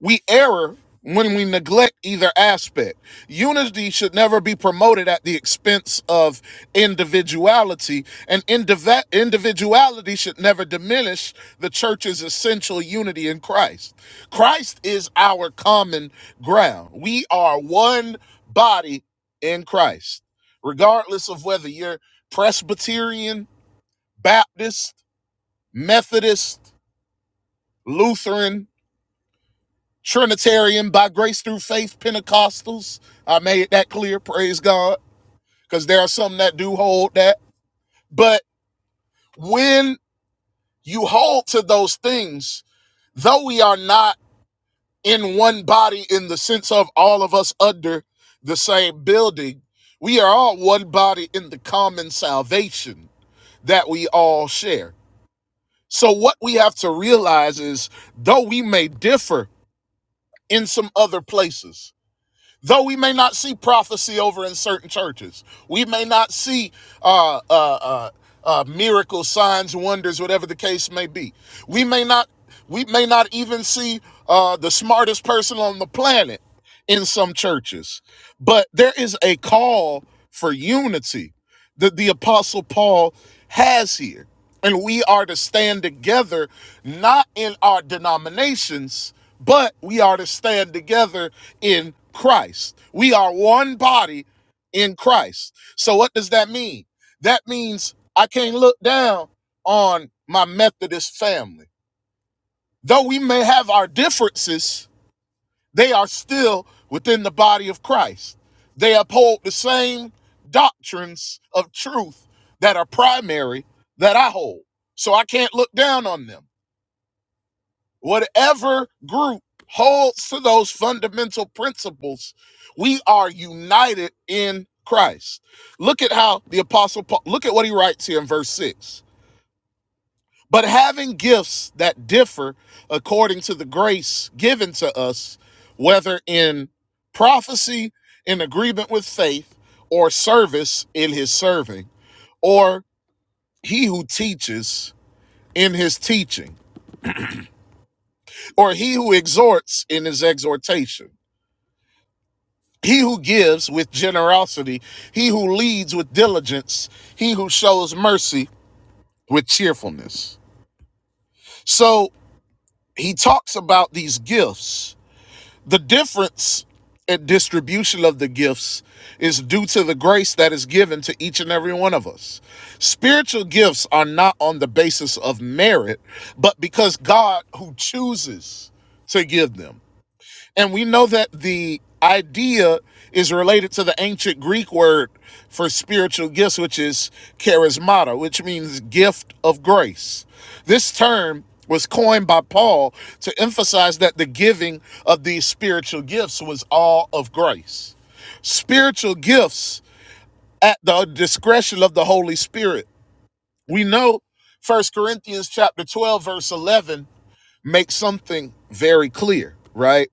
[SPEAKER 1] We err when we neglect either aspect. Unity should never be promoted at the expense of individuality, and indiv- individuality should never diminish the church's essential unity in Christ. Christ is our common ground. We are one body in Christ, regardless of whether you're Presbyterian, Baptist, Methodist, Lutheran, Trinitarian by grace through faith, Pentecostals. I made that clear, praise God, because there are some that do hold that. But when you hold to those things, though we are not in one body in the sense of all of us under the same building, we are all one body in the common salvation that we all share. So, what we have to realize is though we may differ in some other places, Though we may not see prophecy over in certain churches, we may not see uh, uh, uh, uh, miracles, signs, wonders, whatever the case may be. We may not, we may not even see uh, the smartest person on the planet in some churches. But there is a call for unity that the apostle Paul has here. And we are to stand together, not in our denominations, but we are to stand together in Christ. We are one body in Christ. So, what does that mean? That means I can't look down on my Methodist family. Though we may have our differences, they are still within the body of Christ. They uphold the same doctrines of truth that are primary that I hold. So I can't look down on them. Whatever group holds to those fundamental principles, we are united in Christ. Look at how the apostle Paul, look at what he writes here in verse 6. But having gifts that differ according to the grace given to us, whether in prophecy, in agreement with faith, or service in his serving, or he who teaches in his teaching, or he who exhorts in his exhortation, he who gives with generosity, he who leads with diligence, he who shows mercy with cheerfulness. So he talks about these gifts The difference and distribution of the gifts is due to the grace that is given to each and every one of us. Spiritual gifts are not on the basis of merit, but because God who chooses to give them. And we know that the idea is related to the ancient Greek word for spiritual gifts, which is charismata, which means gift of grace. This term was coined by Paul to emphasize that the giving of these spiritual gifts was all of grace. Spiritual gifts at the discretion of the Holy Spirit. We know First Corinthians chapter 12 verse 11 makes something very clear, right?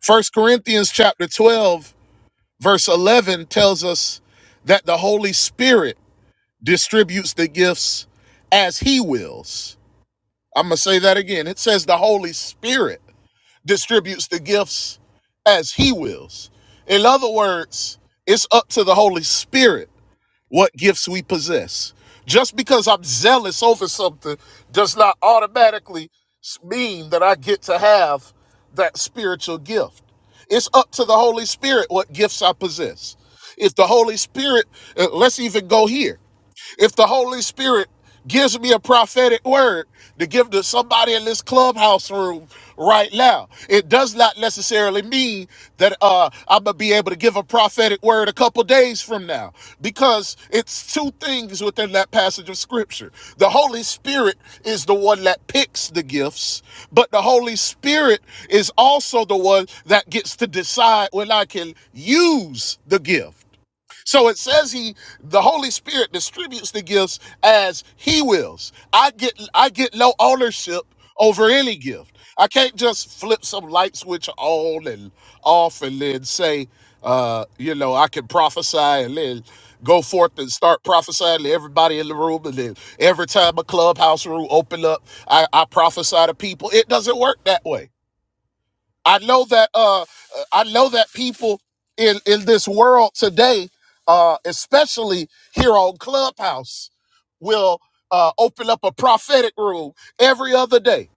[SPEAKER 1] First Corinthians chapter 12, verse 11 tells us that the Holy Spirit distributes the gifts as he wills. I'm going to say that again. It says the Holy Spirit distributes the gifts as he wills. In other words, it's up to the Holy Spirit what gifts we possess. Just because I'm zealous over something does not automatically mean that I get to have that spiritual gift. It's up to the Holy Spirit what gifts I possess. If the Holy Spirit, uh, let's even go here. If the Holy Spirit gives me a prophetic word to give to somebody in this clubhouse room right now, it does not necessarily mean that uh, I'm gonna be able to give a prophetic word a couple days from now, because it's two things within that passage of Scripture. The Holy Spirit is the one that picks the gifts, but the Holy Spirit is also the one that gets to decide when I can use the gift. So it says he the Holy Spirit distributes the gifts as he wills. I get I get no ownership over any gift. I can't just flip some light switch on and off and then say, uh, you know, I can prophesy and then go forth and start prophesying to everybody in the room and then every time a clubhouse room open up, I, I prophesy to people. It doesn't work that way. I know that uh uh, I know that people in in this world today, uh especially here on Clubhouse, will uh open up a prophetic room every other day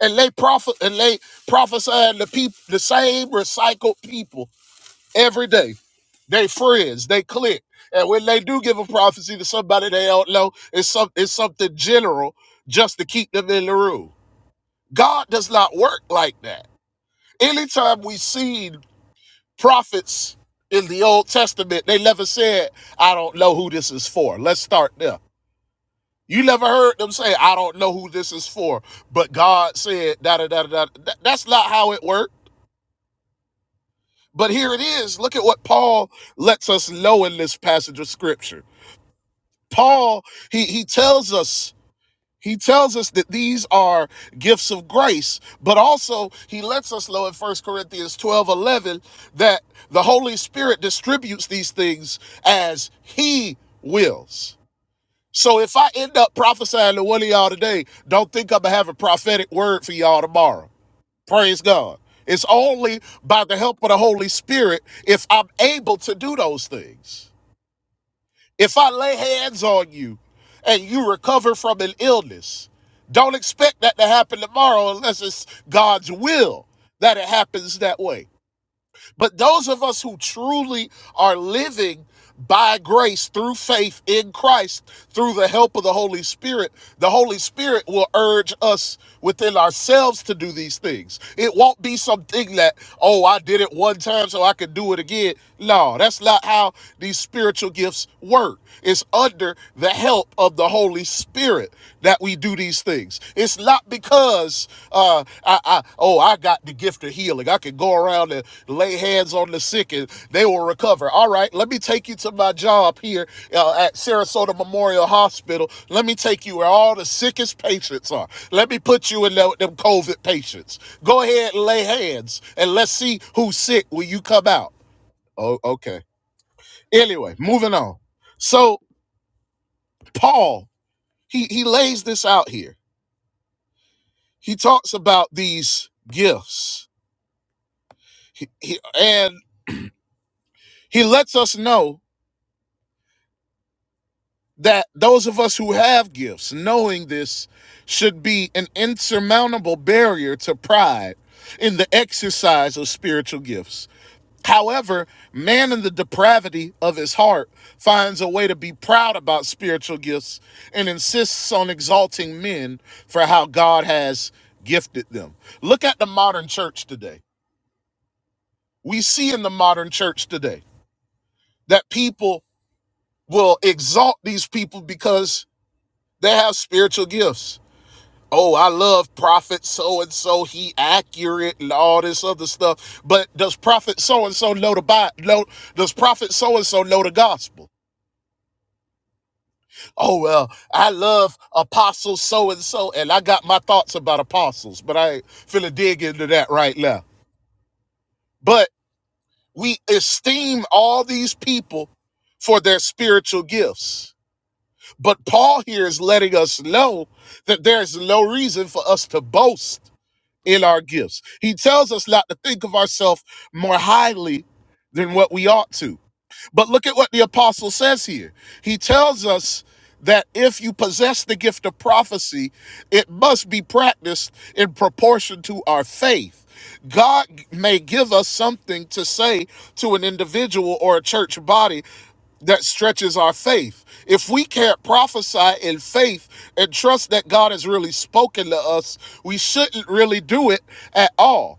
[SPEAKER 1] and they prophet and they prophesying the people the same recycled people every day. They friends, they click. And when they do give a prophecy to somebody they don't know, it's some it's something general just to keep them in the room. God does not work like that anytime we see Prophets in the Old Testament, they never said, I don't know who this is for. Let's start there. You never heard them say, I don't know who this is for, but God said, da da da da. That's not how it worked. But here it is. Look at what Paul lets us know in this passage of scripture. Paul, he, he tells us He tells us that these are gifts of grace, but also he lets us know in First Corinthians 12 11 that the Holy Spirit distributes these things as he wills. So if I end up prophesying to one of y'all today, don't think I'm going to have a prophetic word for y'all tomorrow. Praise God. It's only by the help of the Holy Spirit if I'm able to do those things. If I lay hands on you and you recover from an illness, don't expect that to happen tomorrow unless it's God's will that it happens that way. But those of us who truly are living by grace through faith in Christ, through the help of the Holy Spirit, the Holy Spirit will urge us within ourselves to do these things. It won't be something that, oh, I did it one time so I can do it again. No, that's not how these spiritual gifts work. It's under the help of the Holy Spirit that we do these things. It's not because uh, I, I oh I got the gift of healing. I can go around and lay hands on the sick and they will recover. All right, let me take you to my job here uh, at Sarasota Memorial Hospital. Let me take you where all the sickest patients are. Let me put you in the, them COVID patients. Go ahead and lay hands and let's see who's sick when you come out. Oh, okay. Anyway, moving on. So Paul, he he lays this out here He talks about these gifts, he, he, and he lets us know that those of us who have gifts, knowing this, should be an insurmountable barrier to pride in the exercise of spiritual gifts. However, man in the depravity of his heart finds a way to be proud about spiritual gifts and insists on exalting men for how God has gifted them. Look at the modern church today. We see in the modern church today. that people will exalt these people because they have spiritual gifts. Oh, I love prophet so and so. He accurate and all this other stuff. But does prophet so and so know the Bible? Know, does prophet so and so know the gospel? Oh well, I love apostle so and so, and I got my thoughts about apostles, but I ain't finna dig into that right now. But we esteem all these people for their spiritual gifts But Paul here is letting us know that there's no reason for us to boast in our gifts. He tells us not to think of ourselves more highly than what we ought to. But look at what the apostle says here. He tells us that if you possess the gift of prophecy, it must be practiced in proportion to our faith. God may give us something to say to an individual or a church body that stretches our faith. If we can't prophesy in faith and trust that God has really spoken to us, we shouldn't really do it at all.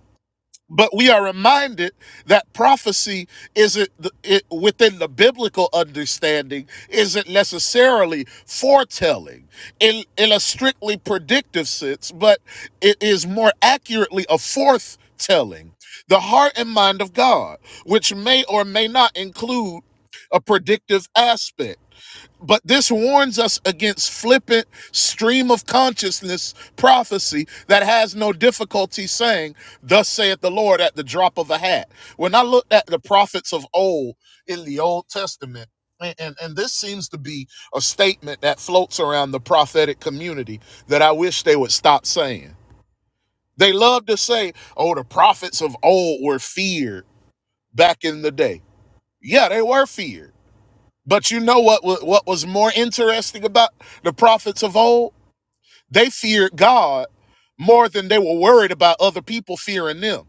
[SPEAKER 1] But we are reminded that prophecy isn't it, within the biblical understanding isn't necessarily foretelling in, in a strictly predictive sense, but it is more accurately a forthtelling, the heart and mind of God, which may or may not include a predictive aspect but this warns us against flippant stream of consciousness prophecy that has no difficulty saying, Thus saith the Lord at the drop of a hat. When I looked at the prophets of old in the Old Testament, and, and, and this seems to be a statement that floats around the prophetic community that I wish they would stop saying. They love to say, Oh, the prophets of old were feared back in the day. Yeah, they were feared but you know what what was more interesting about the prophets of old? They feared God more than they were worried about other people fearing them.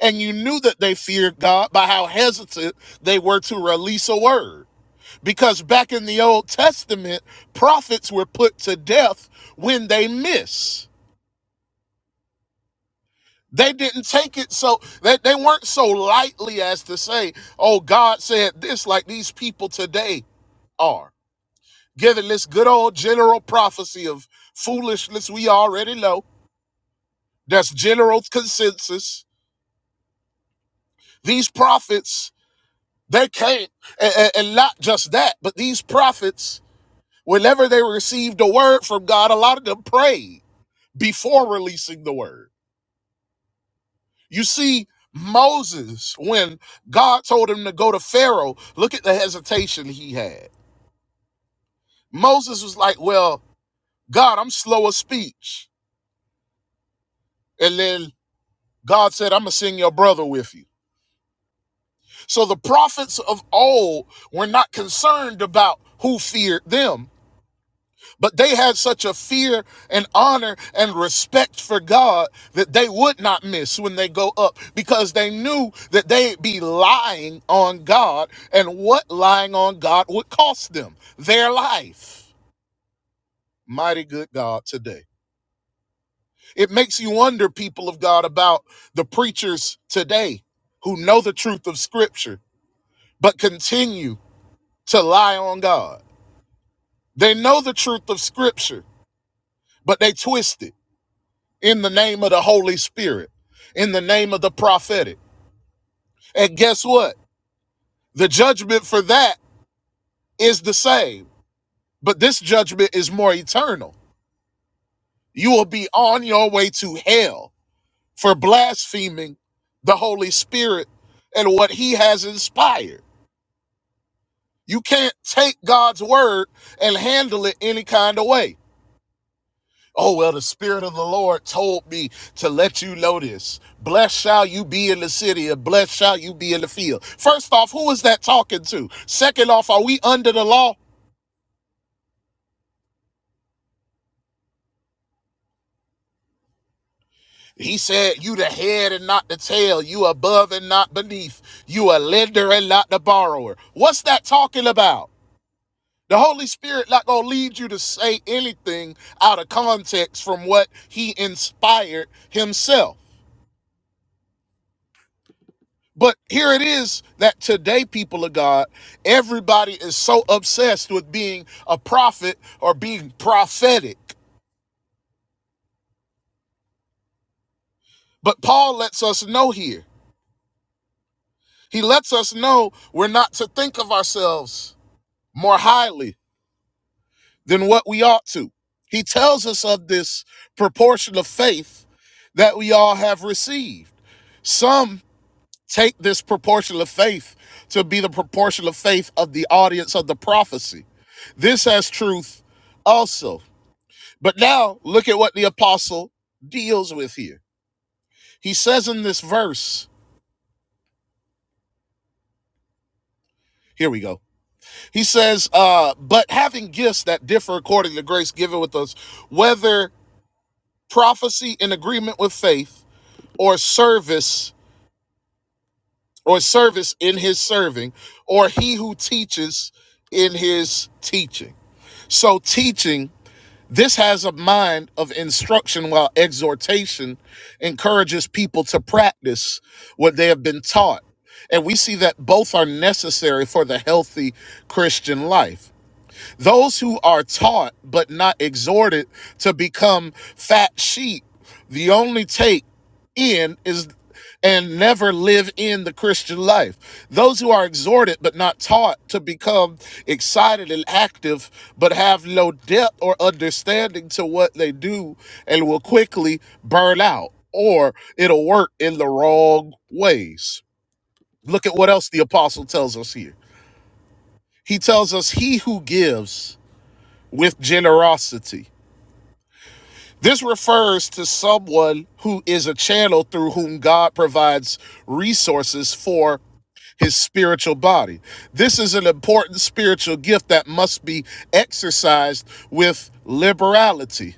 [SPEAKER 1] And you knew that they feared God by how hesitant they were to release a word. Because back in the Old Testament, prophets were put to death when they miss. They didn't take it so they, they weren't so lightly as to say, oh, God said this like these people today are giving this good old general prophecy of foolishness we already know. That's general consensus. These prophets, they can't, and- and not just that, but these prophets, whenever they received a word from God, a lot of them prayed before releasing the word. You see, Moses, when God told him to go to Pharaoh, look at the hesitation he had. Moses was like, Well, God, I'm slow of speech. And then God said, I'm going to send your brother with you. So the prophets of old were not concerned about who feared them, but they had such a fear and honor and respect for God that they would not miss when they go up because they knew that they'd be lying on God and what lying on God would cost them their life. Mighty good God today. It makes you wonder, people of God, about the preachers today who know the truth of Scripture but continue to lie on God They know the truth of Scripture, but they twist it in the name of the Holy Spirit, in the name of the prophetic. And guess what? The judgment for that is the same, but this judgment is more eternal. You will be on your way to hell for blaspheming the Holy Spirit and what He has inspired. You can't take God's word and handle it any kind of way. Oh, well, the Spirit of the Lord told me to let you know this. Blessed shall you be in the city, and blessed shall you be in the field. First off, who is that talking to? Second off, are we under the law? He said, You the head and not the tail, you above and not beneath, you a lender and not the borrower. What's that talking about? The Holy Spirit not gonna lead you to say anything out of context from what he inspired himself. But here it is that today, people of God, everybody is so obsessed with being a prophet or being prophetic. But Paul lets us know here, he lets us know we're not to think of ourselves more highly than what we ought to. He tells us of this proportion of faith that we all have received. Some take this proportion of faith to be the proportion of faith of the audience of the prophecy. This has truth also. But now look at what the apostle deals with here. He says in this verse, here we go. He says, uh, but having gifts that differ according to grace given with us, whether prophecy in agreement with faith or service or service in his serving or he who teaches in his teaching. So teaching This has a mind of instruction while exhortation encourages people to practice what they have been taught. And we see that both are necessary for the healthy Christian life. Those who are taught but not exhorted to become fat sheep, the only take in is and never live in the Christian life. Those who are exhorted but not taught to become excited and active but have no depth or understanding to what they do and will quickly burn out or it'll work in the wrong ways. Look at what else the apostle tells us here. He tells us, He who gives with generosity. This refers to someone who is a channel through whom God provides resources for his spiritual body. This is an important spiritual gift that must be exercised with liberality.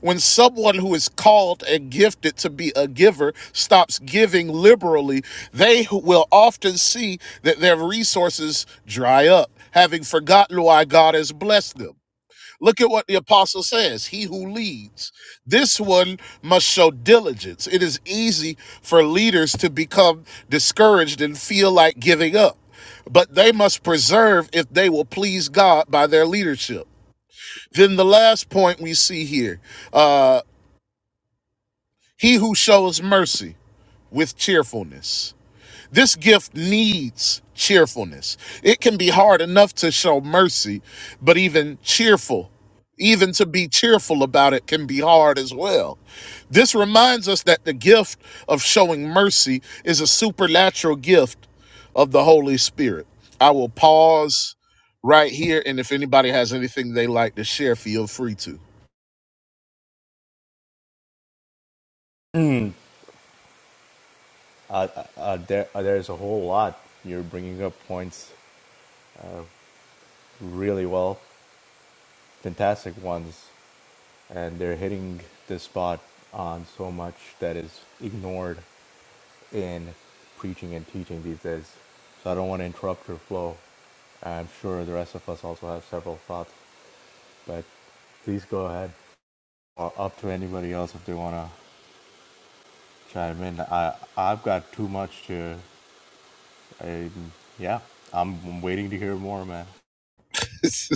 [SPEAKER 1] When someone who is called and gifted to be a giver stops giving liberally, they will often see that their resources dry up, having forgotten why God has blessed them. Look at what the apostle says. He who leads. This one must show diligence. It is easy for leaders to become discouraged and feel like giving up, but they must preserve if they will please God by their leadership. Then the last point we see here uh, he who shows mercy with cheerfulness. This gift needs cheerfulness. It can be hard enough to show mercy, but even cheerful, even to be cheerful about it can be hard as well. This reminds us that the gift of showing mercy is a supernatural gift of the Holy Spirit. I will pause right here, and if anybody has anything they like to share, feel free to.
[SPEAKER 5] Mm. Uh, uh, uh, there, uh, there's a whole lot. You're bringing up points really well, fantastic ones, and they're hitting the spot on so much that is ignored in preaching and teaching these days. So I don't want to interrupt your flow. I'm sure the rest of us also have several thoughts, but please go ahead. Or up to anybody else if they want to chime in. I, I've got too much to. I, yeah, I'm waiting to hear more, man.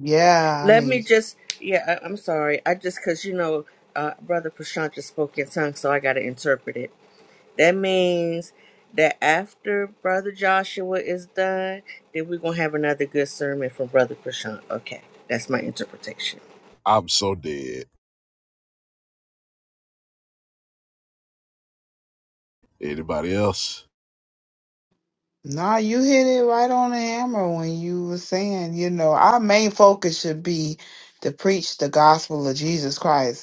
[SPEAKER 2] Yeah, I
[SPEAKER 4] Let
[SPEAKER 2] mean,
[SPEAKER 4] me just, yeah, I, I'm sorry. I just, because, you know, uh, Brother Prashant just spoke in tongues, so I got to interpret it. That means that after Brother Joshua is done, then we're going to have another good sermon from Brother Prashant. Okay, that's my interpretation.
[SPEAKER 1] I'm so dead. Anybody else?
[SPEAKER 2] nah, you hit it right on the hammer when you were saying, you know, our main focus should be to preach the gospel of Jesus Christ.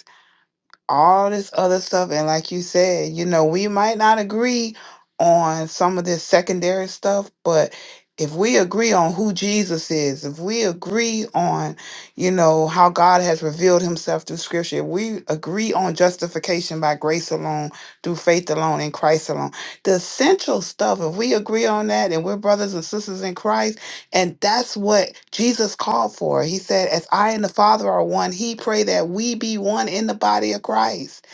[SPEAKER 2] all this other stuff. And like you said, you know, we might not agree on some of this secondary stuff, but if we agree on who Jesus is, if we agree on, you know, how God has revealed himself through scripture, if we agree on justification by grace alone, through faith alone, in Christ alone, the essential stuff, if we agree on that and we're brothers and sisters in Christ and that's what Jesus called for. He said, As I and the Father are one, he prayed that we be one in the body of Christ.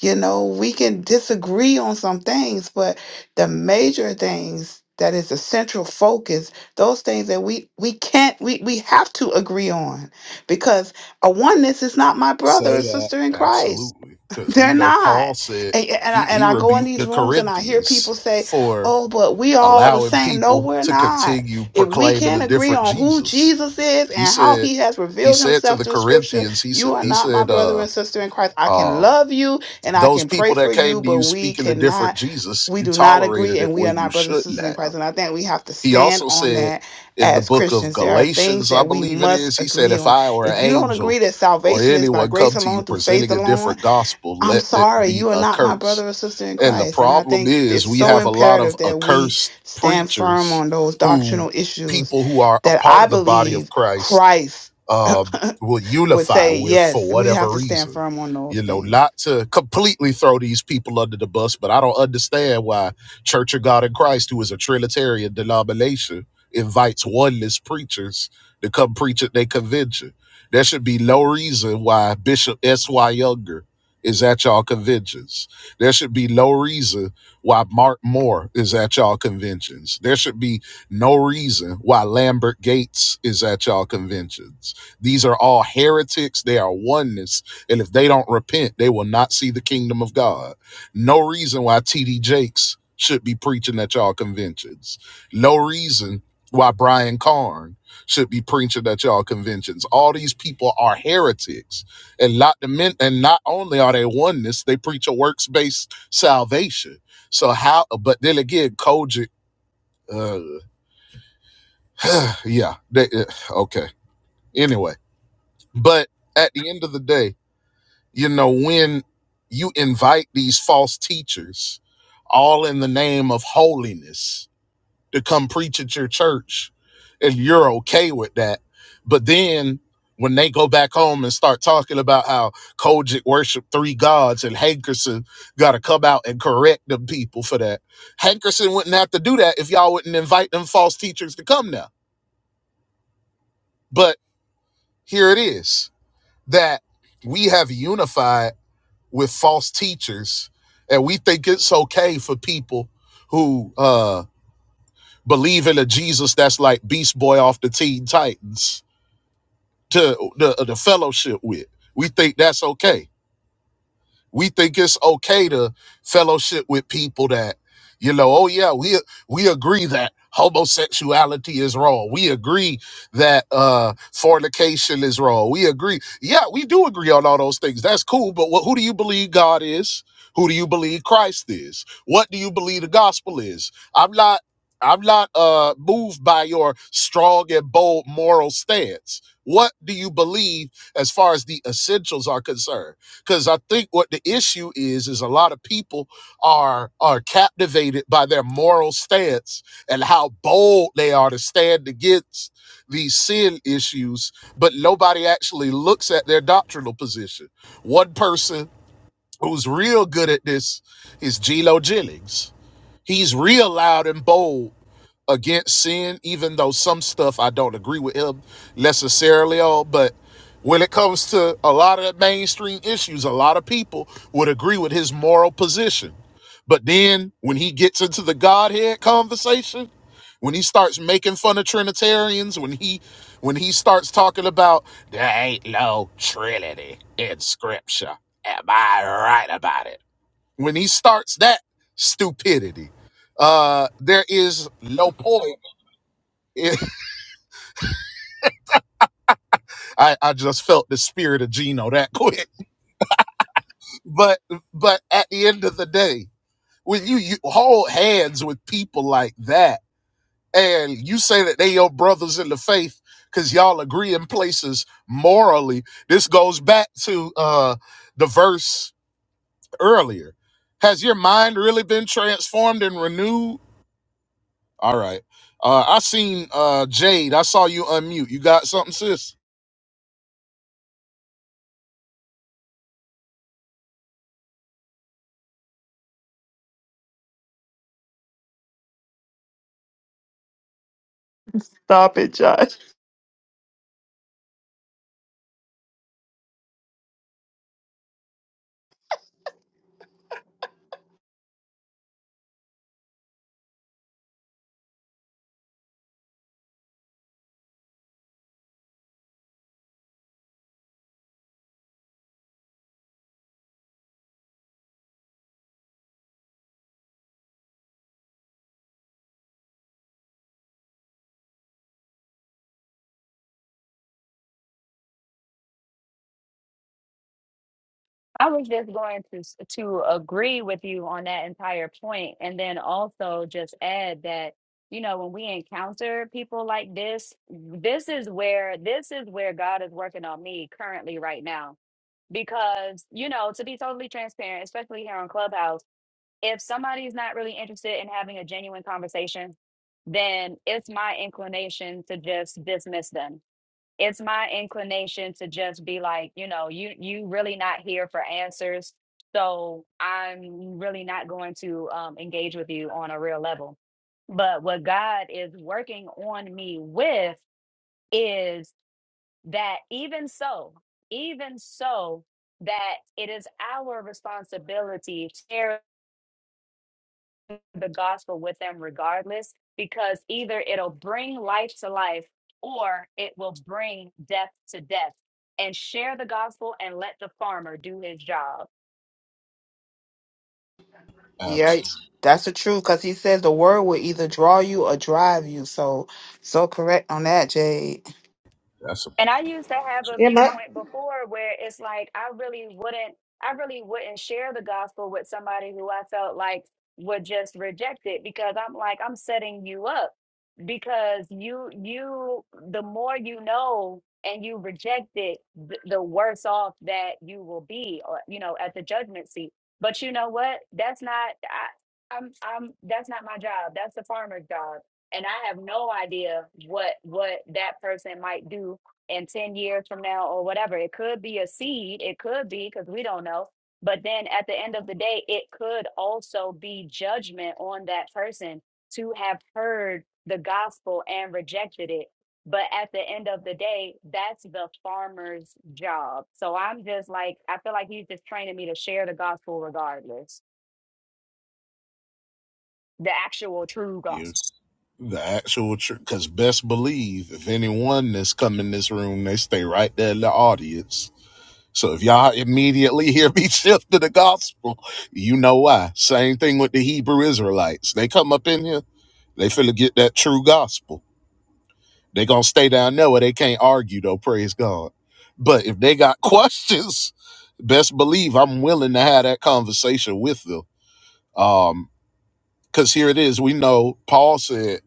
[SPEAKER 2] You know, we can disagree on some things, but the major things that is the central focus, those things that we we can't we we have to agree on because a oneness is not my brother
[SPEAKER 1] Say
[SPEAKER 2] or
[SPEAKER 1] that.
[SPEAKER 2] sister in Christ.
[SPEAKER 1] Absolutely. Because we
[SPEAKER 2] They're
[SPEAKER 1] know Paul
[SPEAKER 2] not.
[SPEAKER 1] said
[SPEAKER 2] And, and I
[SPEAKER 1] he,
[SPEAKER 2] and
[SPEAKER 1] he
[SPEAKER 2] I go in
[SPEAKER 1] rebuked
[SPEAKER 2] these
[SPEAKER 1] the
[SPEAKER 2] rooms and I hear
[SPEAKER 1] Corinthians
[SPEAKER 2] people say,
[SPEAKER 1] for
[SPEAKER 2] "Oh, but we all the
[SPEAKER 1] allowing
[SPEAKER 2] same." No,
[SPEAKER 1] people
[SPEAKER 2] we're
[SPEAKER 1] to
[SPEAKER 2] not.
[SPEAKER 1] continue
[SPEAKER 2] If we
[SPEAKER 1] proclaiming a
[SPEAKER 2] can't agree
[SPEAKER 1] different
[SPEAKER 2] on who
[SPEAKER 1] Jesus.
[SPEAKER 2] Jesus is
[SPEAKER 1] He
[SPEAKER 2] and how
[SPEAKER 1] said,
[SPEAKER 2] he has
[SPEAKER 1] he
[SPEAKER 2] revealed
[SPEAKER 1] said to
[SPEAKER 2] himself
[SPEAKER 1] the
[SPEAKER 2] through scripture,
[SPEAKER 1] Corinthians, he said,
[SPEAKER 2] you are
[SPEAKER 1] he
[SPEAKER 2] not my
[SPEAKER 1] said,
[SPEAKER 2] brother
[SPEAKER 1] uh,
[SPEAKER 2] and sister in Christ. I can
[SPEAKER 1] uh,
[SPEAKER 2] love you and I
[SPEAKER 1] those
[SPEAKER 2] can pray
[SPEAKER 1] people that
[SPEAKER 2] for
[SPEAKER 1] came
[SPEAKER 2] you,
[SPEAKER 1] to you
[SPEAKER 2] but we
[SPEAKER 1] speaking a different
[SPEAKER 2] cannot
[SPEAKER 1] Jesus,
[SPEAKER 2] we
[SPEAKER 1] you
[SPEAKER 2] do not agree
[SPEAKER 1] tolerated it
[SPEAKER 2] and we are
[SPEAKER 1] when you
[SPEAKER 2] not brothers and
[SPEAKER 1] shouldn't
[SPEAKER 2] sisters in
[SPEAKER 1] have.
[SPEAKER 2] Christ. And I think we have to
[SPEAKER 1] He
[SPEAKER 2] stand
[SPEAKER 1] also
[SPEAKER 2] on
[SPEAKER 1] said
[SPEAKER 2] that
[SPEAKER 1] in the
[SPEAKER 2] as
[SPEAKER 1] book of
[SPEAKER 2] Christians. There are things
[SPEAKER 1] Galatians, I
[SPEAKER 2] that we
[SPEAKER 1] believe it
[SPEAKER 2] must
[SPEAKER 1] is, he said,
[SPEAKER 2] agree
[SPEAKER 1] If
[SPEAKER 2] on.
[SPEAKER 1] I or an
[SPEAKER 2] If you don't agree
[SPEAKER 1] angel
[SPEAKER 2] that
[SPEAKER 1] or
[SPEAKER 2] salvation is by
[SPEAKER 1] anyone
[SPEAKER 2] grace
[SPEAKER 1] come to you
[SPEAKER 2] alone through faith
[SPEAKER 1] presenting a
[SPEAKER 2] alone,
[SPEAKER 1] different gospel,
[SPEAKER 2] I'm
[SPEAKER 1] let it
[SPEAKER 2] sorry,
[SPEAKER 1] be
[SPEAKER 2] you are not my
[SPEAKER 1] accursed.
[SPEAKER 2] brother or sister in
[SPEAKER 1] And the
[SPEAKER 2] Christ. And I
[SPEAKER 1] problem
[SPEAKER 2] think
[SPEAKER 1] is,
[SPEAKER 2] it's
[SPEAKER 1] we
[SPEAKER 2] so
[SPEAKER 1] have a lot of
[SPEAKER 2] imperative that we
[SPEAKER 1] accursed
[SPEAKER 2] stand firm
[SPEAKER 1] preachers
[SPEAKER 2] on those
[SPEAKER 1] who,
[SPEAKER 2] doctrinal issues
[SPEAKER 1] people who are a
[SPEAKER 2] that
[SPEAKER 1] part of
[SPEAKER 2] I
[SPEAKER 1] the body of
[SPEAKER 2] believe
[SPEAKER 1] Christ,
[SPEAKER 2] Christ
[SPEAKER 1] uh, will
[SPEAKER 2] would
[SPEAKER 1] unify
[SPEAKER 2] say,
[SPEAKER 1] with for
[SPEAKER 2] yes, we
[SPEAKER 1] whatever
[SPEAKER 2] have to stand
[SPEAKER 1] reason.
[SPEAKER 2] firm on
[SPEAKER 1] You
[SPEAKER 2] those
[SPEAKER 1] know,
[SPEAKER 2] things.
[SPEAKER 1] not to completely throw these people under the bus, but I don't understand why Church of God in Christ, who is a Trinitarian denomination, invites oneness preachers to come preach at their convention. There should be no reason why Bishop S.Y. Younger is at y'all conventions. There should be no reason why Mark Moore is at y'all conventions. There should be no reason why Lambert Gates is at y'all conventions these are all heretics. They are oneness. And if they don't repent, they will not see the kingdom of God. No reason why TD Jakes should be preaching at y'all conventions. No reason why Brian Karn should be preaching at y'all conventions. All these people are heretics. And not the men, and not only are they oneness, they preach a works-based salvation. So how but then again, Kojic, uh yeah, they, uh, okay. Anyway, but at the end of the day, You know, when you invite these false teachers, all in the name of holiness, to come preach at your church, and you're okay with that. But then when they go back home and start talking about how Kojic worshiped three gods and Hankerson got to come out and correct them people for that. Hankerson wouldn't have to do that if y'all wouldn't invite them false teachers to come now. But here it is that we have unified with false teachers and we think it's okay for people who uh believe in a jesus that's like beast boy off the teen titans to the, the fellowship with we think that's okay we think it's okay to fellowship with people that, you know, oh yeah, we we agree that homosexuality is wrong. We agree that uh fornication is wrong. We agree. Yeah, we do agree on all those things. That's cool, but what, who do you believe God is? Who do you believe Christ is? What do you believe the gospel is? I'm not I'm not uh moved by your strong and bold moral stance. What do you believe as far as the essentials are concerned? because I think what the issue is is a lot of people are are captivated by their moral stance and how bold they are to stand against these sin issues, but nobody actually looks at their doctrinal position. One person who's real good at this is Geno Jennings. He's real loud and bold against sin, even though some stuff I don't agree with him necessarily on. But when it comes to a lot of the mainstream issues, a lot of people would agree with his moral position. But then when he gets into the Godhead conversation, when he starts making fun of Trinitarians, when he when he starts talking about that, when he starts that stupidity, uh, there is no point. I, I just felt the spirit of Gino that quick. but but at the end of the day, when you, you hold hands with people like that, and you say that they your brothers in the faith because y'all agree in places morally, this goes back to uh, the verse earlier. Has your mind really been transformed and renewed? All right. Uh, I seen uh, Jade. I saw you unmute. You got something, sis?
[SPEAKER 2] Stop it, Josh.
[SPEAKER 3] I was just going to s- to agree with you on that entire point, and then also just add that you know when we encounter people like this, this is where this is where God is working on me currently right now. Because you know, to be totally transparent, especially here on Clubhouse, if somebody's not really interested in having a genuine conversation, then it's my inclination to just dismiss them it's my inclination to just be like, you know, you you really not here for answers. So I'm really not going to um, engage with you on a real level. But what God is working on me with is that even so, even so, that it is our responsibility to the gospel with them regardless, because either it'll bring life to life or it will bring death to death. And share the gospel and let the farmer do his job
[SPEAKER 2] Yeah,
[SPEAKER 1] Absolutely.
[SPEAKER 2] that's the truth. Because he says the word will either draw you or drive you. So, so correct on that, Jade.
[SPEAKER 1] That's
[SPEAKER 3] And I used to have a
[SPEAKER 4] Yeah, my,
[SPEAKER 3] viewpoint before where it's like I really wouldn't I really wouldn't share the gospel with somebody who I felt like would just reject it because I'm like I'm setting you up because you you the more you know and you reject it th- the worse off that you will be or you know at the judgment seat but you know what that's not I, I'm I'm that's not my job that's the farmer's job and I have no idea what what that person might do and 10 years from now or whatever. It could be a seed, it could be because we don't know. But then at the end of the day, it could also be judgment on that person to have heard the gospel and rejected it. But at the end of the day, that's the farmer's job. So I'm just like, I feel like he's just training me to share the gospel regardless, the actual true gospel.
[SPEAKER 1] It's the actual church. Because best believe, if anyone that's come in this room, they stay right there in the audience. So if y'all immediately hear me shift to the gospel, you know why. Same thing with the Hebrew Israelites. They come up in here, they finna get that true gospel. They gonna stay down there where they can't argue though. Praise God. But if they got questions, best believe I'm willing to have that conversation with them. Um, because here it is. We know Paul said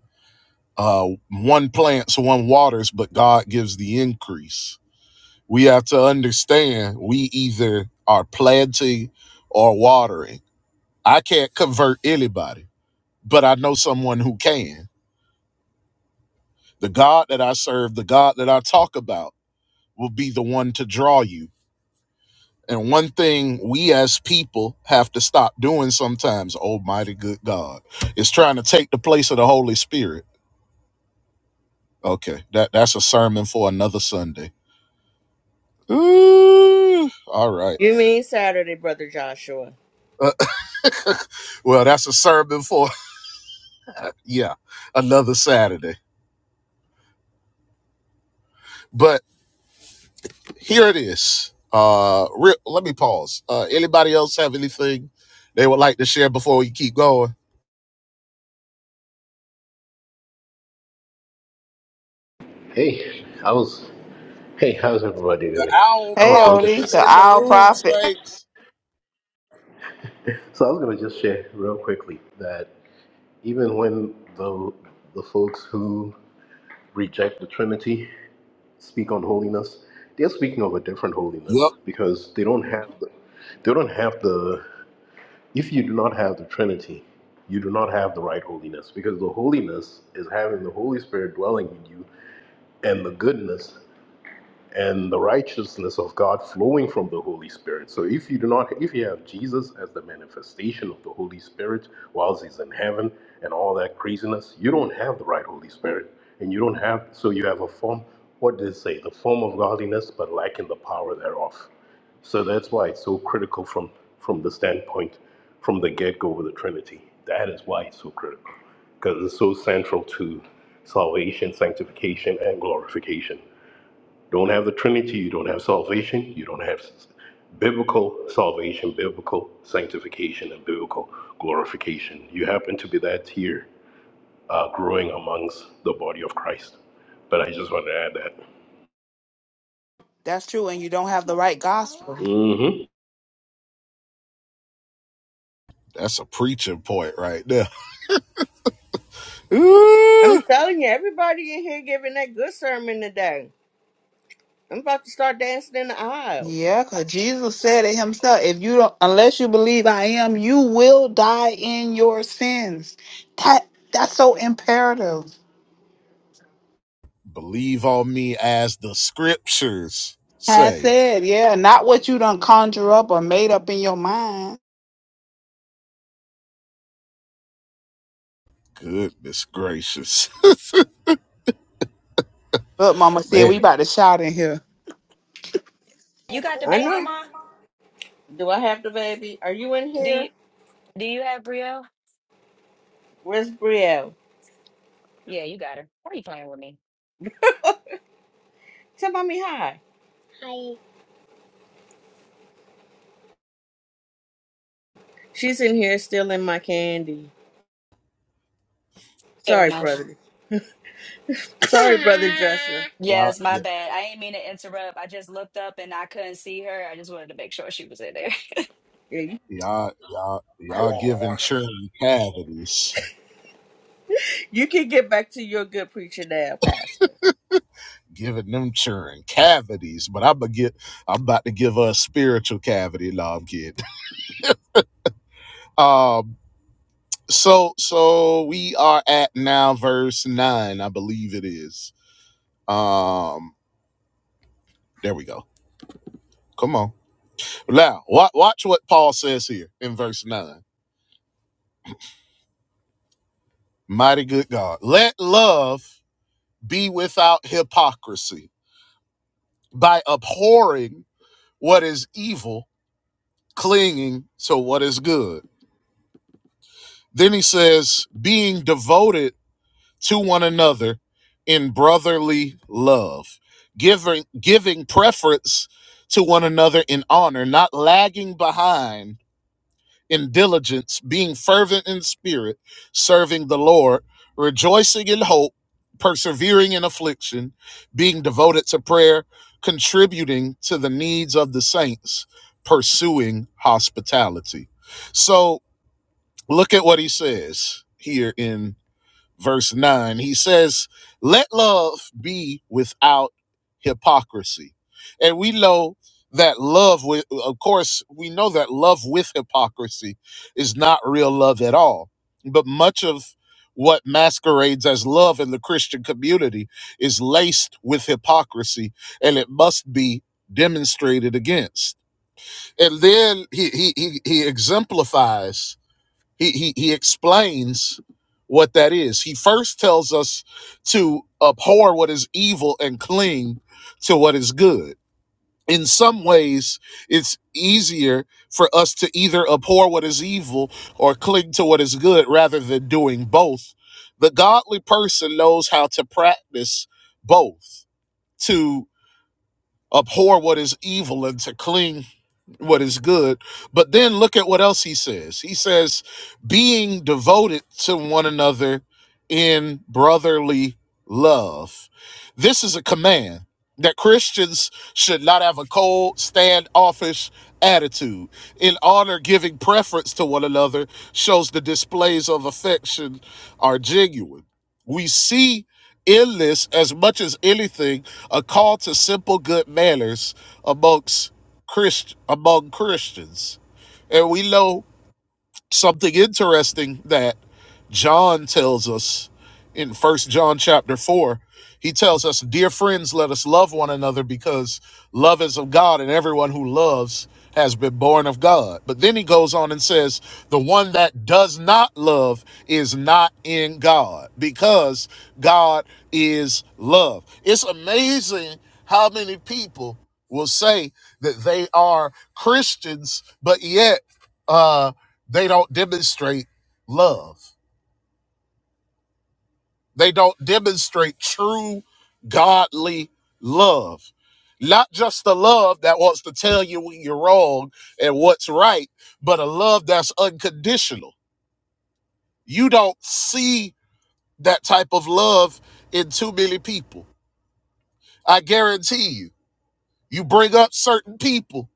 [SPEAKER 1] uh, one plants, one waters, but God gives the increase. We have to understand we either are planting or watering. I can't convert anybody, but I know someone who can. The God that I serve, the God that I talk about, will be the one to draw you. And one thing we as people have to stop doing sometimes, Almighty good God, is trying to take the place of the Holy Spirit. Okay, that, that's a sermon for another Sunday. Mm, all right.
[SPEAKER 4] you mean Saturday, Brother Joshua.
[SPEAKER 1] Uh, well, that's a sermon for yeah, another Saturday. But here it is. Uh, re- let me pause. Uh, anybody else have anything they would like to share before we keep going?
[SPEAKER 6] Hey, I was. Hey, how's everybody
[SPEAKER 1] The
[SPEAKER 6] doing?
[SPEAKER 1] owl
[SPEAKER 6] I
[SPEAKER 2] Hey,
[SPEAKER 6] was going to.
[SPEAKER 1] prophet
[SPEAKER 6] Sh-
[SPEAKER 2] Odie,
[SPEAKER 1] is
[SPEAKER 2] the
[SPEAKER 1] in the
[SPEAKER 2] owl
[SPEAKER 1] room,
[SPEAKER 2] prophet.
[SPEAKER 1] saints.
[SPEAKER 6] so I was going to just share real quickly that even when the the folks who reject the Trinity speak on holiness, they're speaking of a different holiness
[SPEAKER 1] Yep,
[SPEAKER 6] because they don't have the, they don't have the. If you do not have the Trinity, you do not have the right holiness because the holiness is having the Holy Spirit dwelling in you and the goodness and the righteousness of God flowing from the Holy Spirit. So if you do not if you have Jesus as the manifestation of the Holy Spirit whilst he's in heaven and all that craziness, you don't have the right Holy Spirit. And you don't have so you have a form what did it say? The form of godliness but lacking the power thereof. So that's why it's so critical from from the standpoint from the get-go of the Trinity. That is why it's so critical because it's so central to salvation, sanctification, and glorification don't have the Trinity, you don't have salvation, you don't have biblical salvation, biblical sanctification, and biblical glorification. You happen to be that tier uh, growing amongst the body of Christ. But I just wanted to add that.
[SPEAKER 2] That's true. And you don't have the right gospel.
[SPEAKER 6] hmm
[SPEAKER 1] that's a preaching point right there.
[SPEAKER 4] I'm
[SPEAKER 1] Ooh,
[SPEAKER 4] telling you, everybody in here giving that good sermon today. I'm about to start dancing in the aisles.
[SPEAKER 2] Yeah, because Jesus said it himself. If you don't, unless you believe I am, you will die in your sins. That that's so imperative.
[SPEAKER 1] believe on me as the scriptures
[SPEAKER 2] I
[SPEAKER 1] say.
[SPEAKER 2] said, yeah, not what you done conjure up or made up in your mind.
[SPEAKER 1] Goodness gracious,
[SPEAKER 2] Look, Mama said we
[SPEAKER 1] man!
[SPEAKER 2] about to shout in here.
[SPEAKER 3] You got the
[SPEAKER 4] I
[SPEAKER 3] baby,
[SPEAKER 4] know.
[SPEAKER 3] ma?
[SPEAKER 4] Do I have the baby? Are you in
[SPEAKER 3] Do you
[SPEAKER 4] here?
[SPEAKER 3] do you have Brielle?
[SPEAKER 4] Where's Brielle?
[SPEAKER 3] Yeah, you got her. Why are you playing with me?
[SPEAKER 4] Tell mommy hi. She's in here stealing my candy.
[SPEAKER 3] Fair
[SPEAKER 4] Sorry,
[SPEAKER 3] enough.
[SPEAKER 4] brother. Sorry, brother Joshua.
[SPEAKER 1] Y'all,
[SPEAKER 3] Yes, my bad. I ain't mean to interrupt. I just looked up and I couldn't see her. I just wanted to make sure she was in there.
[SPEAKER 4] Yeah, you,
[SPEAKER 1] Y'all, y'all, y'all giving children cavities,
[SPEAKER 4] you can get back to your good preacher now, Pastor.
[SPEAKER 1] giving them children cavities. But I'm gonna get, I'm about to give her a spiritual cavity. No, I'm kidding. Um, so, so we are at now verse nine, I believe it is. Um, there we go. Come on, now watch, watch what Paul says here in verse nine. Mighty good God, let love be without hypocrisy by abhorring what is evil clinging to what is good. Then he says, being devoted to one another in brotherly love, giving giving preference to one another in honor, not lagging behind in diligence, being fervent in spirit, serving the Lord, rejoicing in hope, persevering in affliction, being devoted to prayer, contributing to the needs of the saints, pursuing hospitality. So, Look at what he says here in verse 9. He says, Let love be without hypocrisy. And we know that love, with, of course, we know that love with hypocrisy is not real love at all. But much of what masquerades as love in the Christian community is laced with hypocrisy, and it must be demonstrated against. And then he, he, he, he exemplifies he, he, he explains what that is. He first tells us to abhor what is evil and cling to what is good. In some ways, it's easier for us to either abhor what is evil or cling to what is good rather than doing both. The godly person knows how to practice both To abhor what is evil and to cling what is good. But then look at what else he says. He says, being devoted to one another in brotherly love. This is a command that Christians should not have a cold, standoffish attitude. In honor, giving preference to one another shows the displays of affection are genuine. We see Endlists, as much as anything, a call to simple good manners amongst Christ among Christians. And we know Something interesting that John tells us in First John chapter 4, he tells us, Dear friends, let us love one another because love is of God, and everyone who loves has been born of God. But then he goes on and says, The one that does not love is not in God because God is love. It's amazing how many people will say that they are Christians, but yet, uh, they don't demonstrate love. They don't demonstrate true godly love. Not just the love that wants to tell you when you're wrong and what's right, but a love that's unconditional. You don't see that type of love in too many people. I guarantee you. You bring up certain people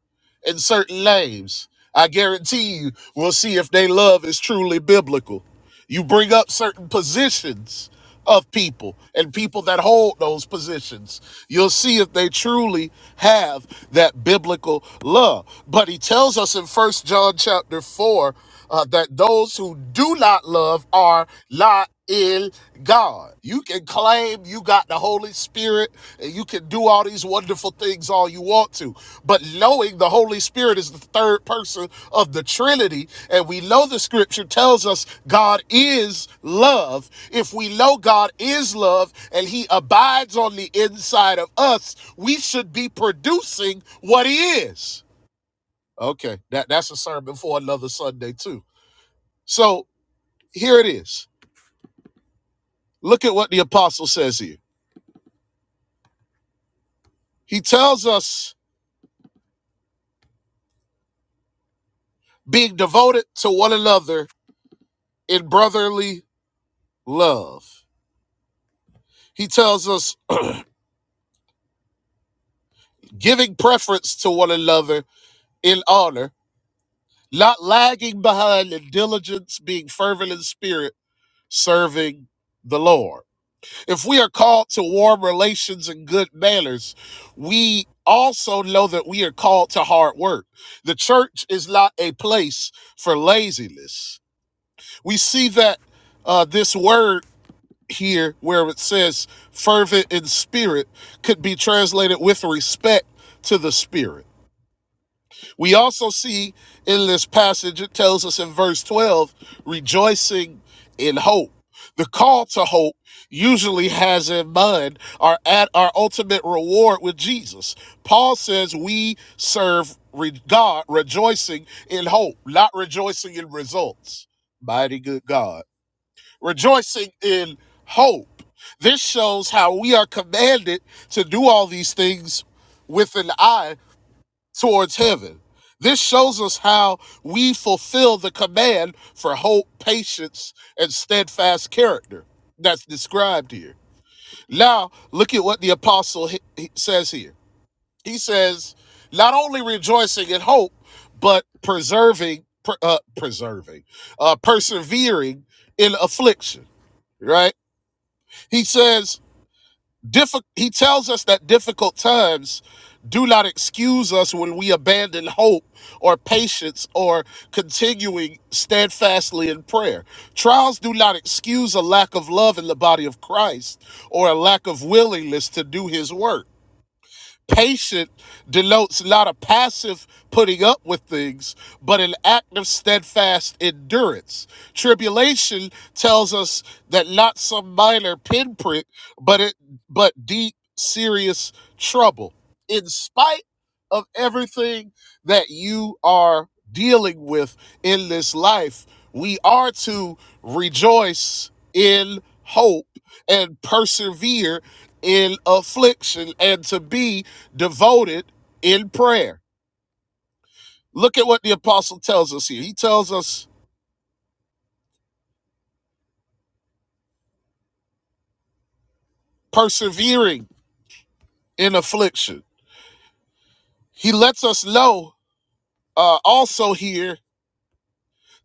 [SPEAKER 1] and certain names. I guarantee you, we'll see if they love is truly biblical. You bring up certain positions of people and people that hold those positions. You'll see if they truly have that biblical love. But he tells us in First John chapter 4 uh, that those who do not love are not in God. You can claim you got the Holy Spirit. Spirit, and you can do all these wonderful things all you want to. But knowing the Holy Spirit is the third person of the Trinity, and we know the scripture tells us God is love. If we know God is love and He abides on the inside of us, we should be producing what He is. Okay, that, that's a sermon for another Sunday, too. So here it is. Look at what the apostle says here. He tells us being devoted to one another in brotherly love. He tells us giving preference to one another in honor, not lagging behind in diligence, being fervent in spirit, serving the Lord. If we are called to warm relations and good manners, we also know that we are called to hard work. The church is not a place for laziness. We see that uh, this word here where it says fervent in spirit could be translated with respect to the spirit. We also see in this passage, it tells us in verse 12, rejoicing in hope. The call to hope usually has in mind our at our ultimate reward with Jesus. Paul says we serve God rejoicing in hope, not rejoicing in results. Mighty good God rejoicing in hope. This shows how we are commanded to do all these things with an eye towards heaven. This shows us how we fulfill the command for hope, patience, and steadfast character that's described here. Now, look at what the apostle says here. He says, not only rejoicing in hope, but preserving, uh, preserving, uh, persevering in affliction, right? He says, diffi- he tells us that difficult times do not excuse us when we abandon hope or patience or continuing steadfastly in prayer. Trials do not excuse a lack of love in the body of Christ or a lack of willingness to do his work. Patient denotes not a passive putting up with things, but an active, steadfast endurance. Tribulation tells us that not some minor pinprick, but it but deep, serious trouble. In spite of everything that you are dealing with in this life, we are to rejoice in hope and persevere in affliction and to be devoted in prayer. Look at what the apostle tells us here. He tells us persevering in affliction. He lets us know uh, also here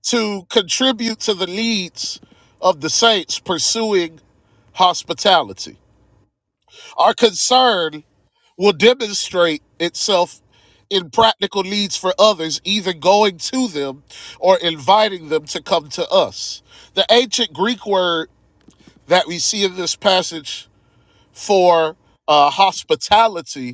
[SPEAKER 1] to contribute to the needs of the saints pursuing hospitality. Our concern will demonstrate itself in practical needs for others, either going to them or inviting them to come to us. The ancient Greek word that we see in this passage for uh, hospitality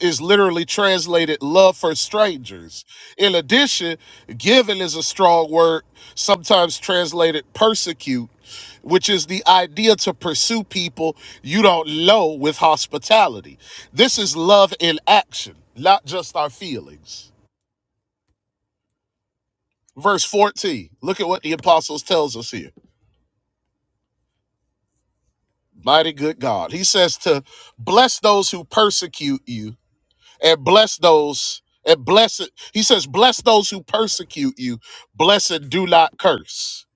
[SPEAKER 1] is literally translated love for strangers. In addition, given is a strong word, sometimes translated persecute, which is the idea to pursue people you don't know with hospitality. This is love in action, not just our feelings. Verse 14, look at what the apostles tells us here. Mighty good God. He says to bless those who persecute you and bless those and bless it. He says, Bless those who persecute you, bless and do not curse.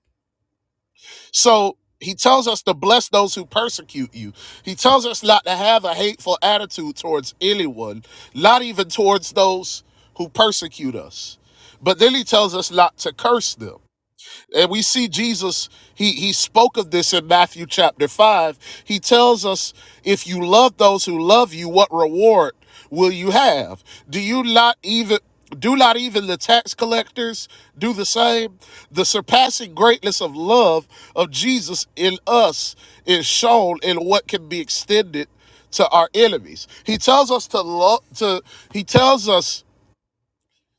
[SPEAKER 1] So he tells us to bless those who persecute you. He tells us not to have a hateful attitude towards anyone, not even towards those who persecute us. But then he tells us not to curse them. And we see Jesus, he, he spoke of this in Matthew chapter 5. He tells us, if you love those who love you, what reward will you have? Do you not even do not even the tax collectors do the same? The surpassing greatness of love of Jesus in us is shown in what can be extended to our enemies. He tells us to love to he tells us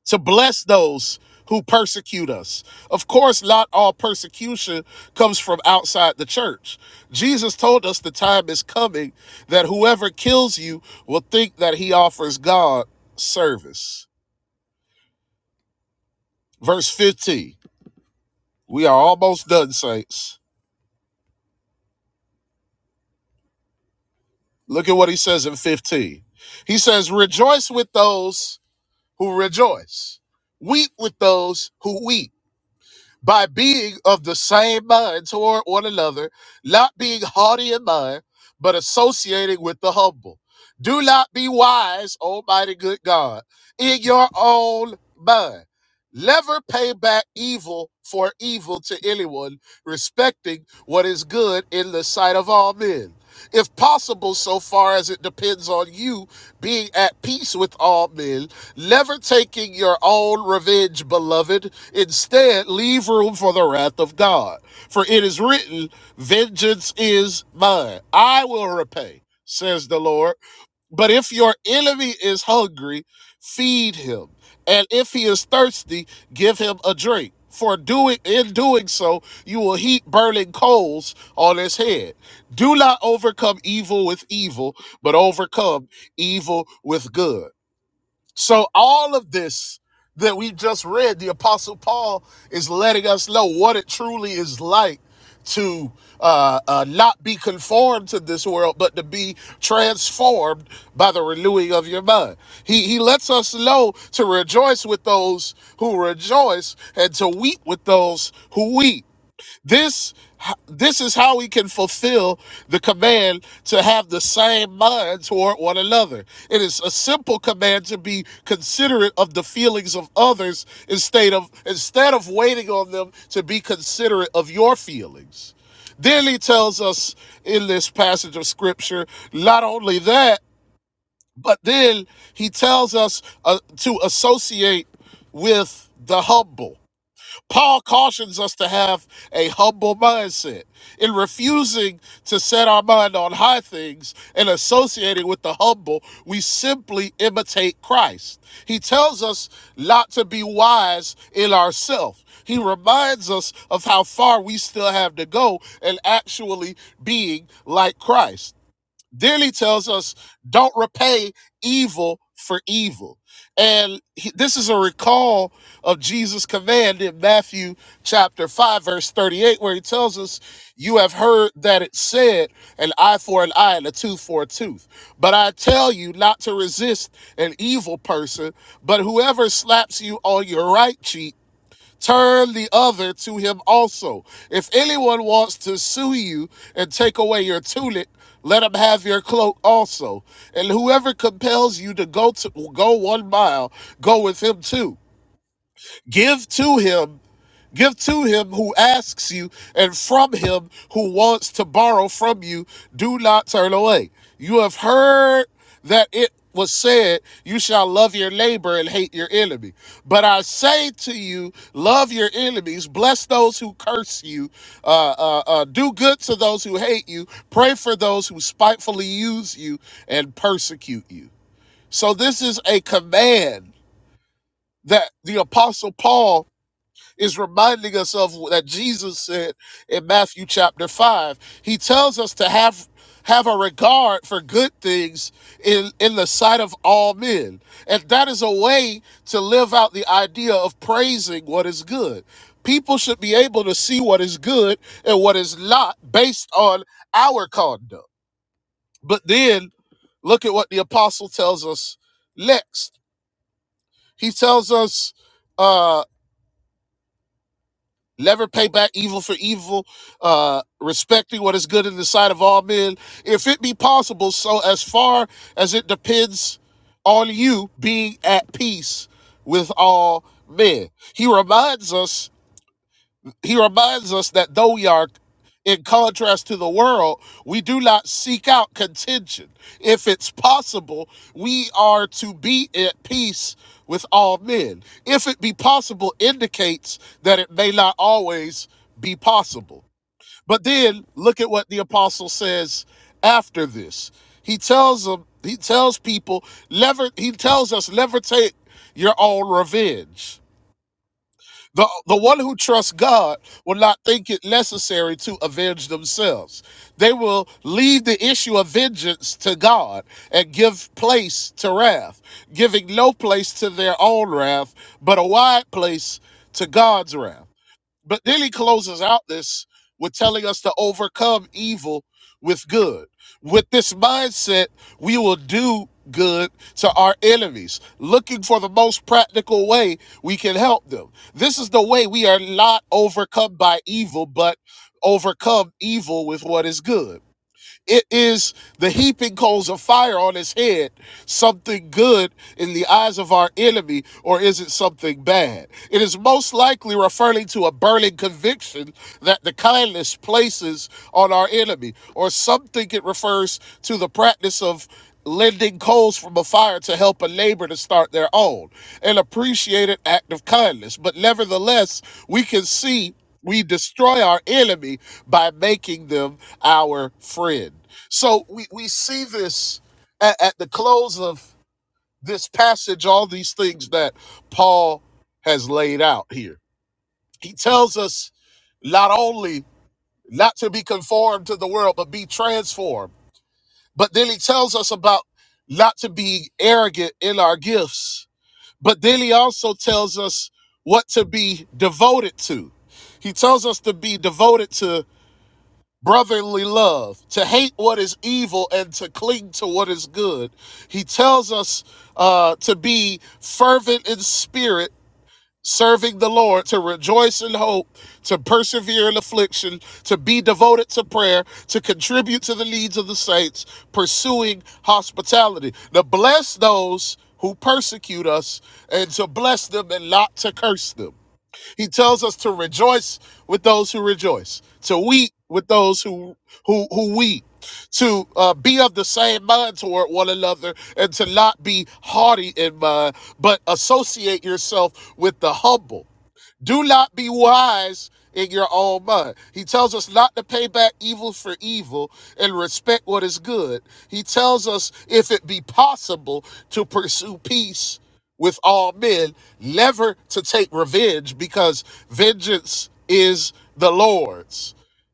[SPEAKER 1] to bless those who persecute us. Of course, not all persecution comes from outside the church. Jesus told us the time is coming that whoever kills you will think that he offers God service. Verse 15. We are almost done, saints. Look at what he says in 15. He says, Rejoice with those who rejoice, weep with those who weep. by being of the same mind toward one another, not being haughty in mind, but associating with the humble. Do not be wise, Almighty good God, in your own mind. Never pay back evil for evil to anyone, respecting what is good in the sight of all men. If possible, so far as it depends on you, being at peace with all men Never taking your own revenge, beloved. Instead, leave room for the wrath of God. For it is written, Vengeance is mine. I will repay, says the Lord. But if your enemy is hungry, feed him. And if he is thirsty, give him a drink. For doing in doing so, you will heap burning coals on his head. Do not overcome evil with evil, but overcome evil with good. So all of this that we just read, the Apostle Paul is letting us know what it truly is like to uh, uh, not be conformed to this world, but to be transformed by the renewing of your mind. He he lets us know to rejoice with those who rejoice and to weep with those who weep. This this is how we can fulfill the command to have the same mind toward one another. It is a simple command to be considerate of the feelings of others instead of instead of waiting on them to be considerate of your feelings. Then he tells us in this passage of scripture, not only that, but then he tells us uh, to associate with the humble. Paul cautions us to have a humble mindset in refusing to set our mind on high things and associating with the humble. We simply imitate Christ. He tells us not to be wise in ourselves. He reminds us of how far we still have to go in actually being like Christ. Then he tells us, don't repay evil for evil. And he- this is a recall of Jesus' command in Matthew chapter 5, verse 38, where he tells us, You have heard that it said, an eye for an eye and a tooth for a tooth. But I tell you not to resist an evil person, but whoever slaps you on your right cheek, turn the other to him also. If anyone wants to sue you and take away your tunic, let him have your cloak also. And whoever compels you to go to go one mile, go with him too. Give to him Give to him who asks you, and from him who wants to borrow from you, do not turn away. You have heard that it was said, You shall love your neighbor and hate your enemy. But I say to you, love your enemies, bless those who curse you, uh, uh, uh, do good to those who hate you, pray for those who spitefully use you and persecute you. So, this is a command that the Apostle Paul is reminding us of that Jesus said in Matthew chapter 5. He tells us to have have a regard for good things in, in the sight of all men. And that is a way to live out the idea of praising what is good. People should be able to see what is good and what is not based on our conduct. But then look at what the apostle tells us next. He tells us uh, Never pay back evil for evil, uh, respecting what is good in the sight of all men, if it be possible, so as far as it depends on you being at peace with all men. He reminds us he reminds us that though we are in contrast to the world, we do not seek out contention. If it's possible, we are to be at peace with all men. If it be possible indicates that it may not always be possible. But then look at what the apostle says after this. He tells them, he tells people, never, he tells us, never take your own revenge the, the one who trusts God will not think it necessary to avenge themselves. They will leave the issue of vengeance to God and give place to wrath, giving no place to their own wrath, but a wide place to God's wrath. But then he closes out this with telling us to overcome evil with good. With this mindset, we will do good to our enemies, looking for the most practical way we can help them. This is the way we are not overcome by evil, but overcome evil with what is good. It is the heaping coals of fire on his head, something good in the eyes of our enemy, or is it something bad? It is most likely referring to a burning conviction that the kindness places on our enemy, or something it refers to the practice of lending coals from a fire to help a neighbor to start their own, an appreciated act of kindness. But nevertheless, we can see. We destroy our enemy by making them our friend. So we, we see this at, at the close of this passage, all these things that Paul has laid out here. He tells us not only not to be conformed to the world, but be transformed. But then he tells us about not to be arrogant in our gifts. But then he also tells us what to be devoted to. He tells us to be devoted to brotherly love, to hate what is evil and to cling to what is good. He tells us uh, to be fervent in spirit, serving the Lord, to rejoice in hope, to persevere in affliction, to be devoted to prayer, to contribute to the needs of the saints, pursuing hospitality, to bless those who persecute us, and to bless them and not to curse them. He tells us to rejoice with those who rejoice, to weep with those who who who weep, to uh, be of the same mind toward one another, and to not be haughty in mind, but associate yourself with the humble. Do not be wise in your own mind. He tells us not to pay back evil for evil and respect what is good. He tells us, if it be possible, to pursue peace with all men, never to take revenge because vengeance is the Lord's.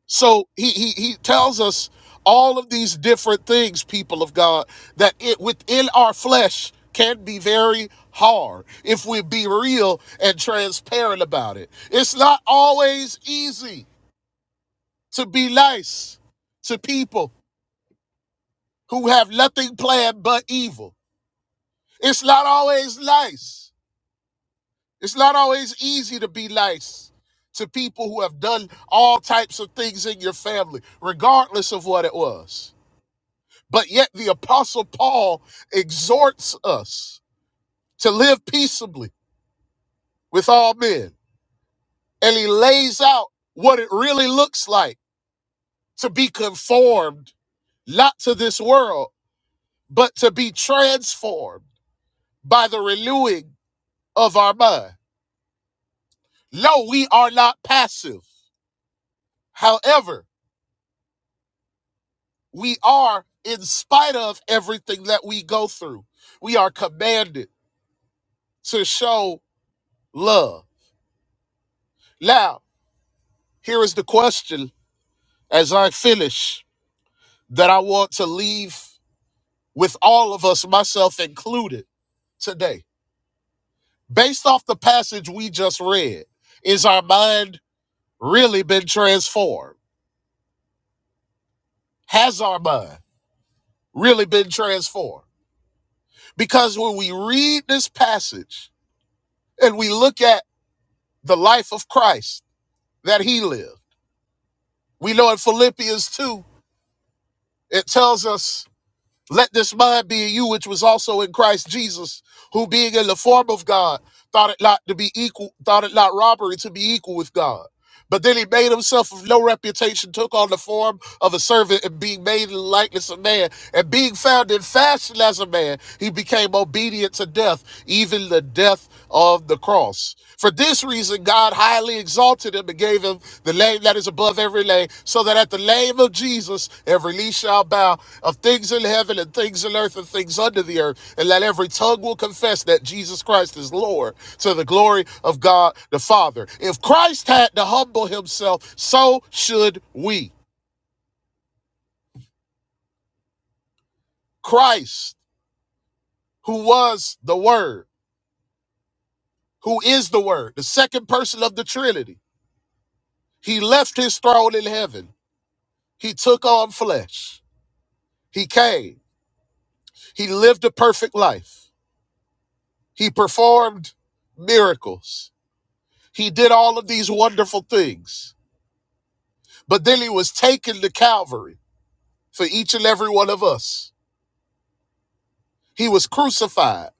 [SPEAKER 1] So he, he he tells us all of these different things, people of God, that it within our flesh can be very hard if we be real and transparent about it. It's not always easy to be nice to people who have nothing planned but evil. It's not always nice. It's not always easy to be nice to people who have done all types of things in your family, regardless of what it was. But yet the apostle Paul exhorts us to live peaceably with all men. And he lays out what it really looks like to be conformed, not to this world, but to be transformed by the renewing of our mind. No, we are not passive. However, we are, in spite of everything that we go through, we are commanded to show love. Now, here is the question As I finish, that I want to leave with all of us, myself included, today. Based off the passage we just read, is our mind really been transformed? Has our mind really been transformed? Because when we read this passage and we look at the life of Christ that he lived, we know in Philippians 2, it tells us Let this mind be in you, which was also in Christ Jesus, who being in the form of God, thought it not to be equal, thought it not robbery to be equal with God. But then he made himself of no reputation, took on the form of a servant, and being made in the likeness of man, and being found in fashion as a man, he became obedient to death, even the death of the cross. For this reason, God highly exalted him and gave him the name that is above above every name, so that at the name of Jesus, every knee shall bow of things in heaven and things in earth and things under the earth, and that every tongue will confess that Jesus Christ is Lord to the glory of God the Father. If Christ had to humble himself, so should we. Christ, who was the Word, who is the Word, the second person of the Trinity, he left his throne in heaven. He took on flesh. He came. He lived a perfect life. He performed miracles. He did all of these wonderful things. But then he was taken to Calvary for each and every one of us. He was crucified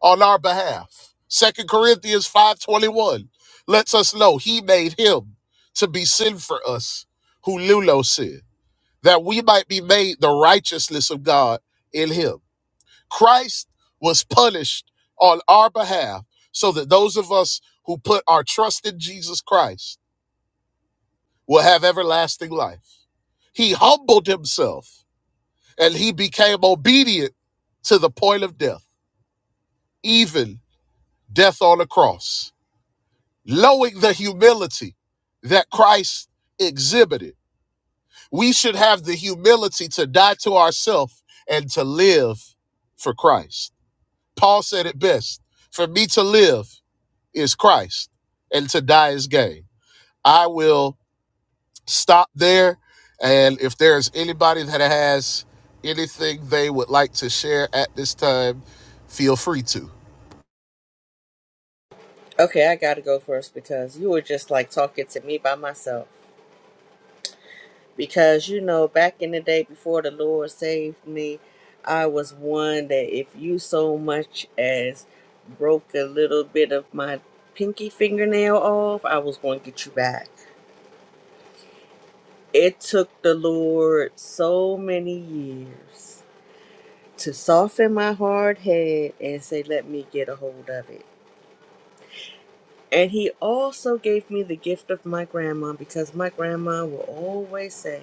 [SPEAKER 1] on our behalf. Second Corinthians 5:21 lets us know he made him to be sin for us who knew no sin, that we might be made the righteousness of God in him. Christ was punished on our behalf so that those of us who put our trust in Jesus Christ will have everlasting life. He humbled himself and he became obedient to the point of death, even death on a cross. Knowing the humility that Christ exhibited, we should have the humility to die to ourselves and to live for Christ. Paul said it best For me to live is Christ, and to die is gain. I will stop there. And if there's anybody that has anything they would like to share at this time, feel free to.
[SPEAKER 4] Okay, I gotta go first because you were just like talking to me by myself. Because you know, back in the day before the Lord saved me, I was one that if you so much as broke a little bit of my pinky fingernail off, I was going to get you back. It took the Lord so many years to soften my hard head and say, let me get a hold of it. And he also gave me the gift of my grandma because my grandma will always say,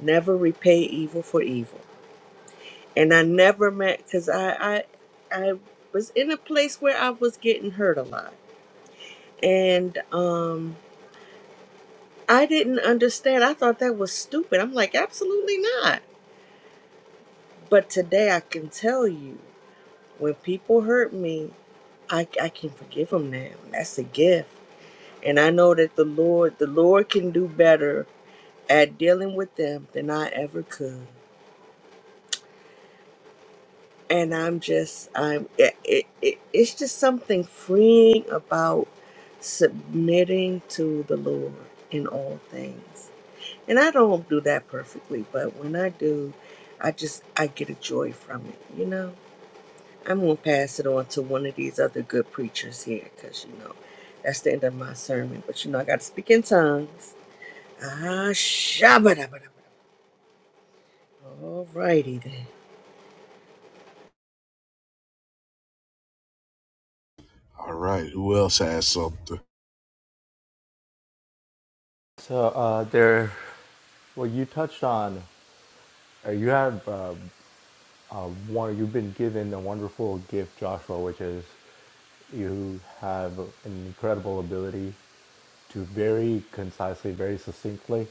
[SPEAKER 4] never repay evil for evil. And I never met because I, I I was in a place where I was getting hurt a lot. And um I didn't understand. I thought that was stupid. I'm like, absolutely not. But today I can tell you when people hurt me, I, I can forgive them now. That's a gift And I know that the Lord, the Lord can do better at dealing with them than I ever could. And I'm just, I'm, it, it, it, it's just something freeing about submitting to the Lord in all things. And I don't do that perfectly, but when I do, I just, I get a joy from it, you know? I'm going to pass it on to one of these other good preachers here because, you know, that's the end of my sermon. But, you know, I got to speak in tongues Ah, shabba-dabba-dabba. All righty then.
[SPEAKER 1] All right. Who else has something?
[SPEAKER 5] So uh, there, Well, you touched on, uh, you have uh, uh, one. You've been given a wonderful gift, Joshua, which is you have an incredible ability to very concisely, very succinctly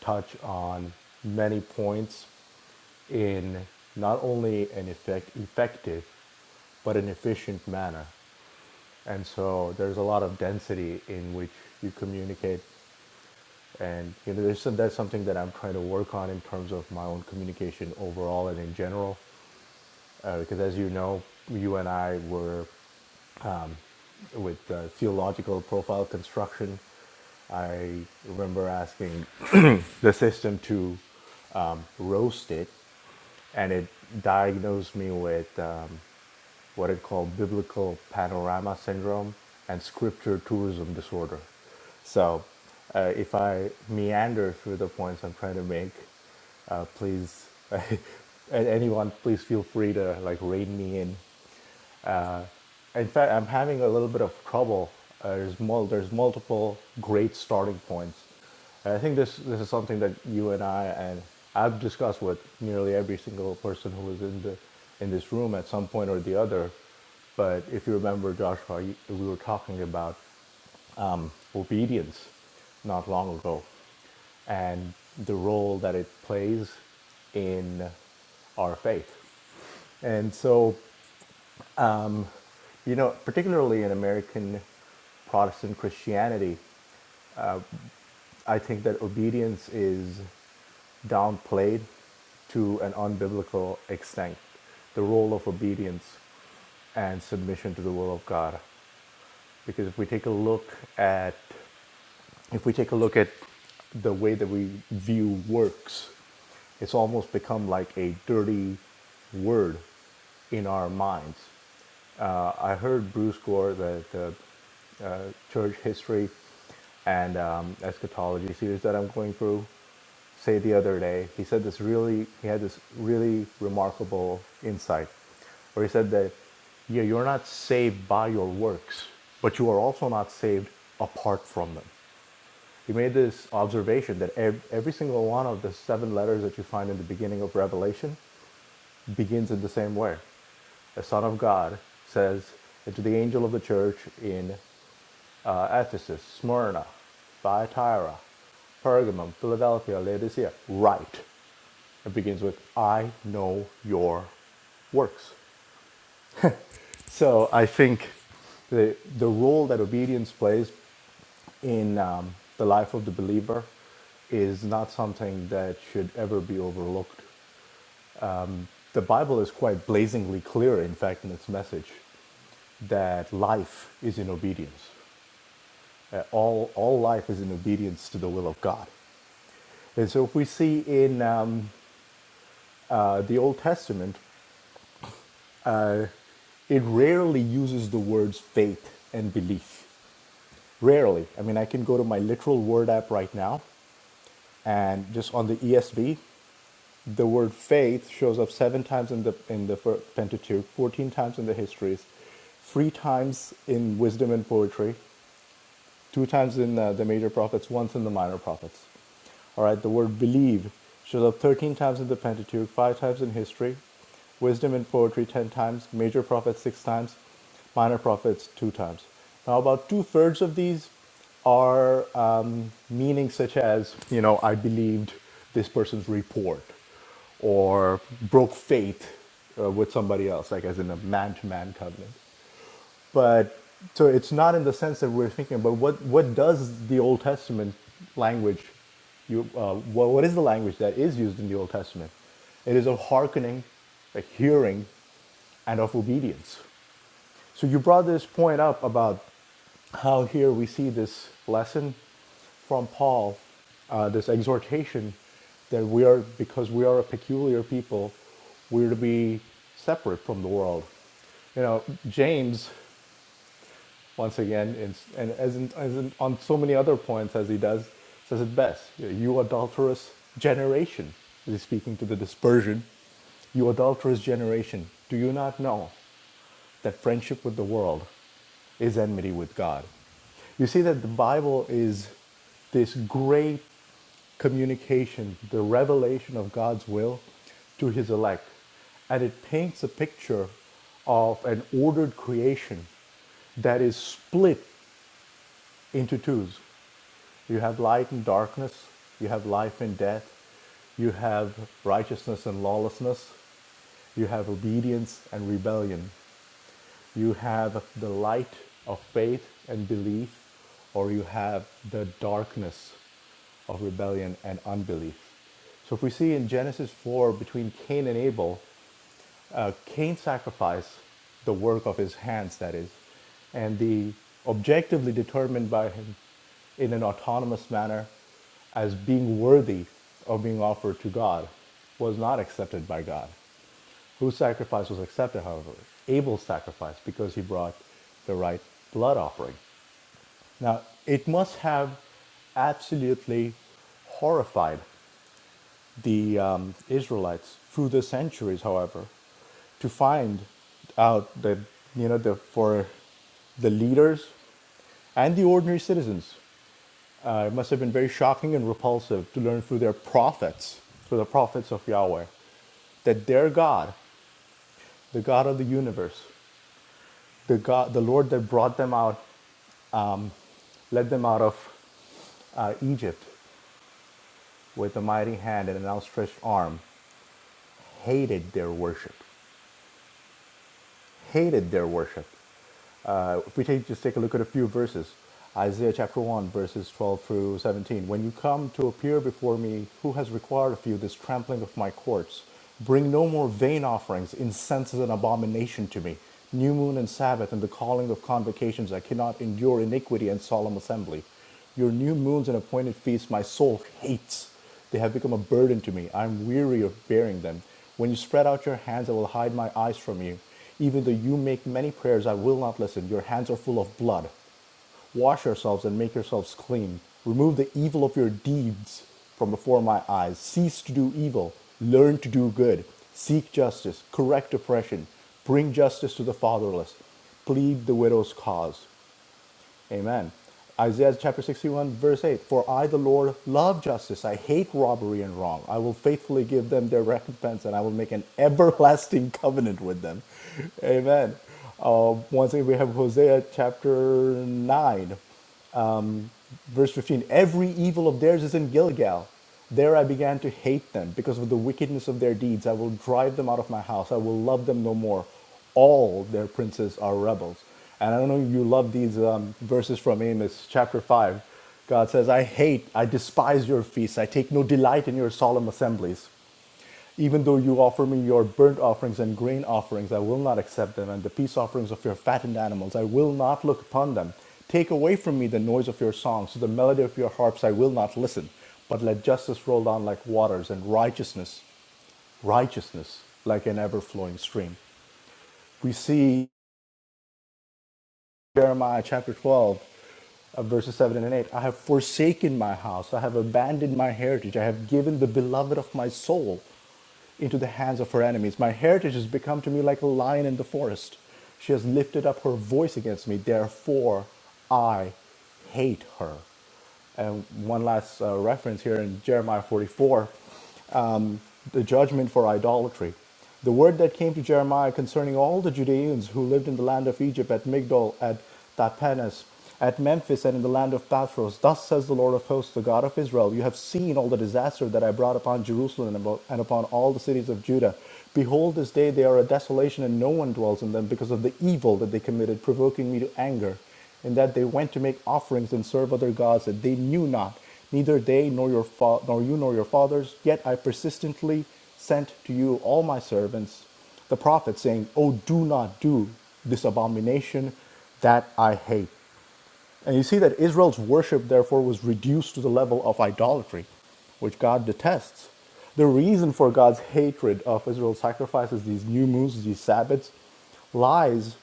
[SPEAKER 5] touch on many points in not only an effect, effective, but an efficient manner. And so there's a lot of density in which you communicate and you know there's some, that's something that I'm trying to work on in terms of my own communication overall and in general uh, because as you know you and I were with uh, theological profile construction I remember asking the system to um, roast it and it diagnosed me with um, what it called biblical panorama syndrome and scripture tourism disorder. So uh, if I meander through the points I'm trying to make, uh, please, a- anyone, please feel free to like rein me in. In fact, I'm having a little bit of trouble. Uh, there's, mul- there's multiple great starting points. And I think this, this is something that you and I and I've discussed with nearly every single person who is in the in this room at some point or the other. But if you remember, Joshua, you, we were talking about um, obedience not long ago, and the role that it plays in our faith. And so you know, particularly in American Protestant Christianity, I think that obedience is downplayed to an unbiblical extent, the role of obedience and submission to the will of God. Because if we take a look at if we take a look at the way that we view works, it's almost become like a dirty word in our minds. Uh, I heard Bruce Gore, the, the uh, church history and um, eschatology series that I'm going through, say the other day. He said this really, he had this really remarkable insight where he said that, yeah, you're not saved by your works, but you are also not saved apart from them he made this observation that every single one of the seven letters that you find in the beginning of Revelation begins in the same way. The Son of God says, and to the angel of the church in uh, Ephesus, Smyrna, Thyatira, Pergamum, Philadelphia, Laodicea, write. It begins with, I know your works. So I think the, the role that obedience plays in um, the life of the believer is not something that should ever be overlooked. The Bible is quite blazingly clear, in fact, in its message that life is in obedience. Uh, all, all life is in obedience to the will of God. And so, if we see in um, uh, the Old Testament, it rarely uses the words faith and belief. Rarely. I mean, I can go to my literal word app right now and just on the ESV. the word faith shows up seven times in the in the Pentateuch, fourteen times in the histories, three times in wisdom and poetry, two times in uh, the major prophets, once in the minor prophets. All right, the word believe shows up 13 times in the Pentateuch, five times in history, wisdom and poetry 10 times, major prophets six times, minor prophets two times. Now, about two thirds of these are um, meanings such as, you know, I believed this person's report or broke faith uh, with somebody else, like as in a man to man covenant but so it's not in the sense that we're thinking about what what does the Old Testament language you uh, what, what is the language that is used in the Old Testament? It is of hearkening, of hearing, and of obedience. So you brought this point up about how here we see this lesson from Paul, uh, this exhortation that we are because we are a peculiar people, we're to be separate from the world you know, James once again, it's, and as, in, as in, on so many other points as he does, says it best. "You adulterous generation, he's speaking to the dispersion. You adulterous generation, do you not know that friendship with the world is enmity with God. You see that the Bible is this great communication, the revelation of God's will to his elect. And it paints a picture of an ordered creation that is split into twos. You have light and darkness, you have life and death, you have righteousness and lawlessness, you have obedience and rebellion. You have the light of faith and belief, or you have the darkness of rebellion and unbelief. So if we see in Genesis 4 between Cain and Abel, uh, Cain sacrificed the work of his hands, that is, and the objectively determined by him in an autonomous manner as being worthy of being offered to God was not accepted by God whose sacrifice was accepted, however, Abel's sacrifice, because he brought the right blood offering. Now, it must have absolutely horrified the um, Israelites through the centuries, however, to find out that, you know, the, for the leaders and the ordinary citizens. Uh, it must have been very shocking and repulsive to learn through their prophets, through the prophets of Yahweh, that their God, the God of the universe, the God, the Lord that brought them out, led them out of uh, Egypt with a mighty hand and an outstretched arm, hated their worship. Hated their worship. Uh, if we take, just take a look at a few verses, Isaiah chapter 1, verses 12 through 17. When you come to appear before me, who has required of you this trampling of my courts? Bring no more vain offerings, incense is an abomination to me. New moon and Sabbath and the calling of convocations, I cannot endure iniquity and solemn assembly. Your new moons and appointed feasts my soul hates. They have become a burden to me. I am weary of bearing them. When you spread out your hands, I will hide my eyes from you. Even though you make many prayers, I will not listen. Your hands are full of blood. Wash yourselves and make yourselves clean. Remove the evil of your deeds from before my eyes. Cease to do evil. Learn to do good. Seek justice. Correct oppression. Bring justice to the fatherless. Plead the widow's cause. Amen. Isaiah chapter 61, verse 8 For I, the Lord, love justice. I hate robbery and wrong. I will faithfully give them their recompense, and I will make an everlasting covenant with them. Amen. Uh, once again, we have Hosea chapter 9. Verse 15 Every evil of theirs is in Gilgal. There I began to hate them because of the wickedness of their deeds. I will drive them out of my house. I will love them no more. All their princes are rebels. And I don't know if you love these um, verses from Amos chapter 5. God says, I hate, I despise your feasts. I take no delight in your solemn assemblies. Even though you offer me your burnt offerings and grain offerings, I will not accept them, and the peace offerings of your fattened animals, I will not look upon them. Take away from me the noise of your songs, to the melody of your harps, I will not listen. But let justice roll down like waters, and righteousness, righteousness, like an ever flowing stream. We see Jeremiah chapter 12, uh, verses 7 and 8. I have forsaken my house, I have abandoned my heritage, I have given the beloved of my soul. into the hands of her enemies. My heritage has become to me like a lion in the forest. She has lifted up her voice against me. Therefore, I hate her. And one last uh, reference here in Jeremiah 44, the judgment for idolatry. The word that came to Jeremiah concerning all the Judeans who lived in the land of Egypt at Migdol, at Tapanes, at Memphis, and in the land of Pathros. Thus says the Lord of hosts, the God of Israel You have seen all the disaster that I brought upon Jerusalem and abo- and upon all the cities of Judah. Behold, this day they are a desolation, and no one dwells in them because of the evil that they committed, provoking me to anger and that they went to make offerings and serve other gods that they knew not, neither they nor your fa- nor you nor your fathers. Yet I persistently sent to you all my servants, the prophets, saying, "Oh, do not do this abomination that I hate." And you see that Israel's worship therefore was reduced to the level of idolatry, which God detests. The reason for God's hatred of Israel's sacrifices, these new moons, these Sabbaths, lies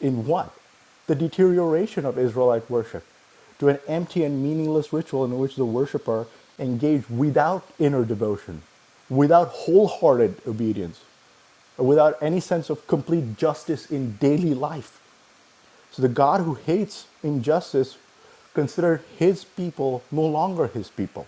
[SPEAKER 5] in what? The deterioration of Israelite worship to an empty and meaningless ritual in which the worshiper engaged without inner devotion, without wholehearted obedience, or without any sense of complete justice in daily life. So the God who hates injustice considered his people no longer his people.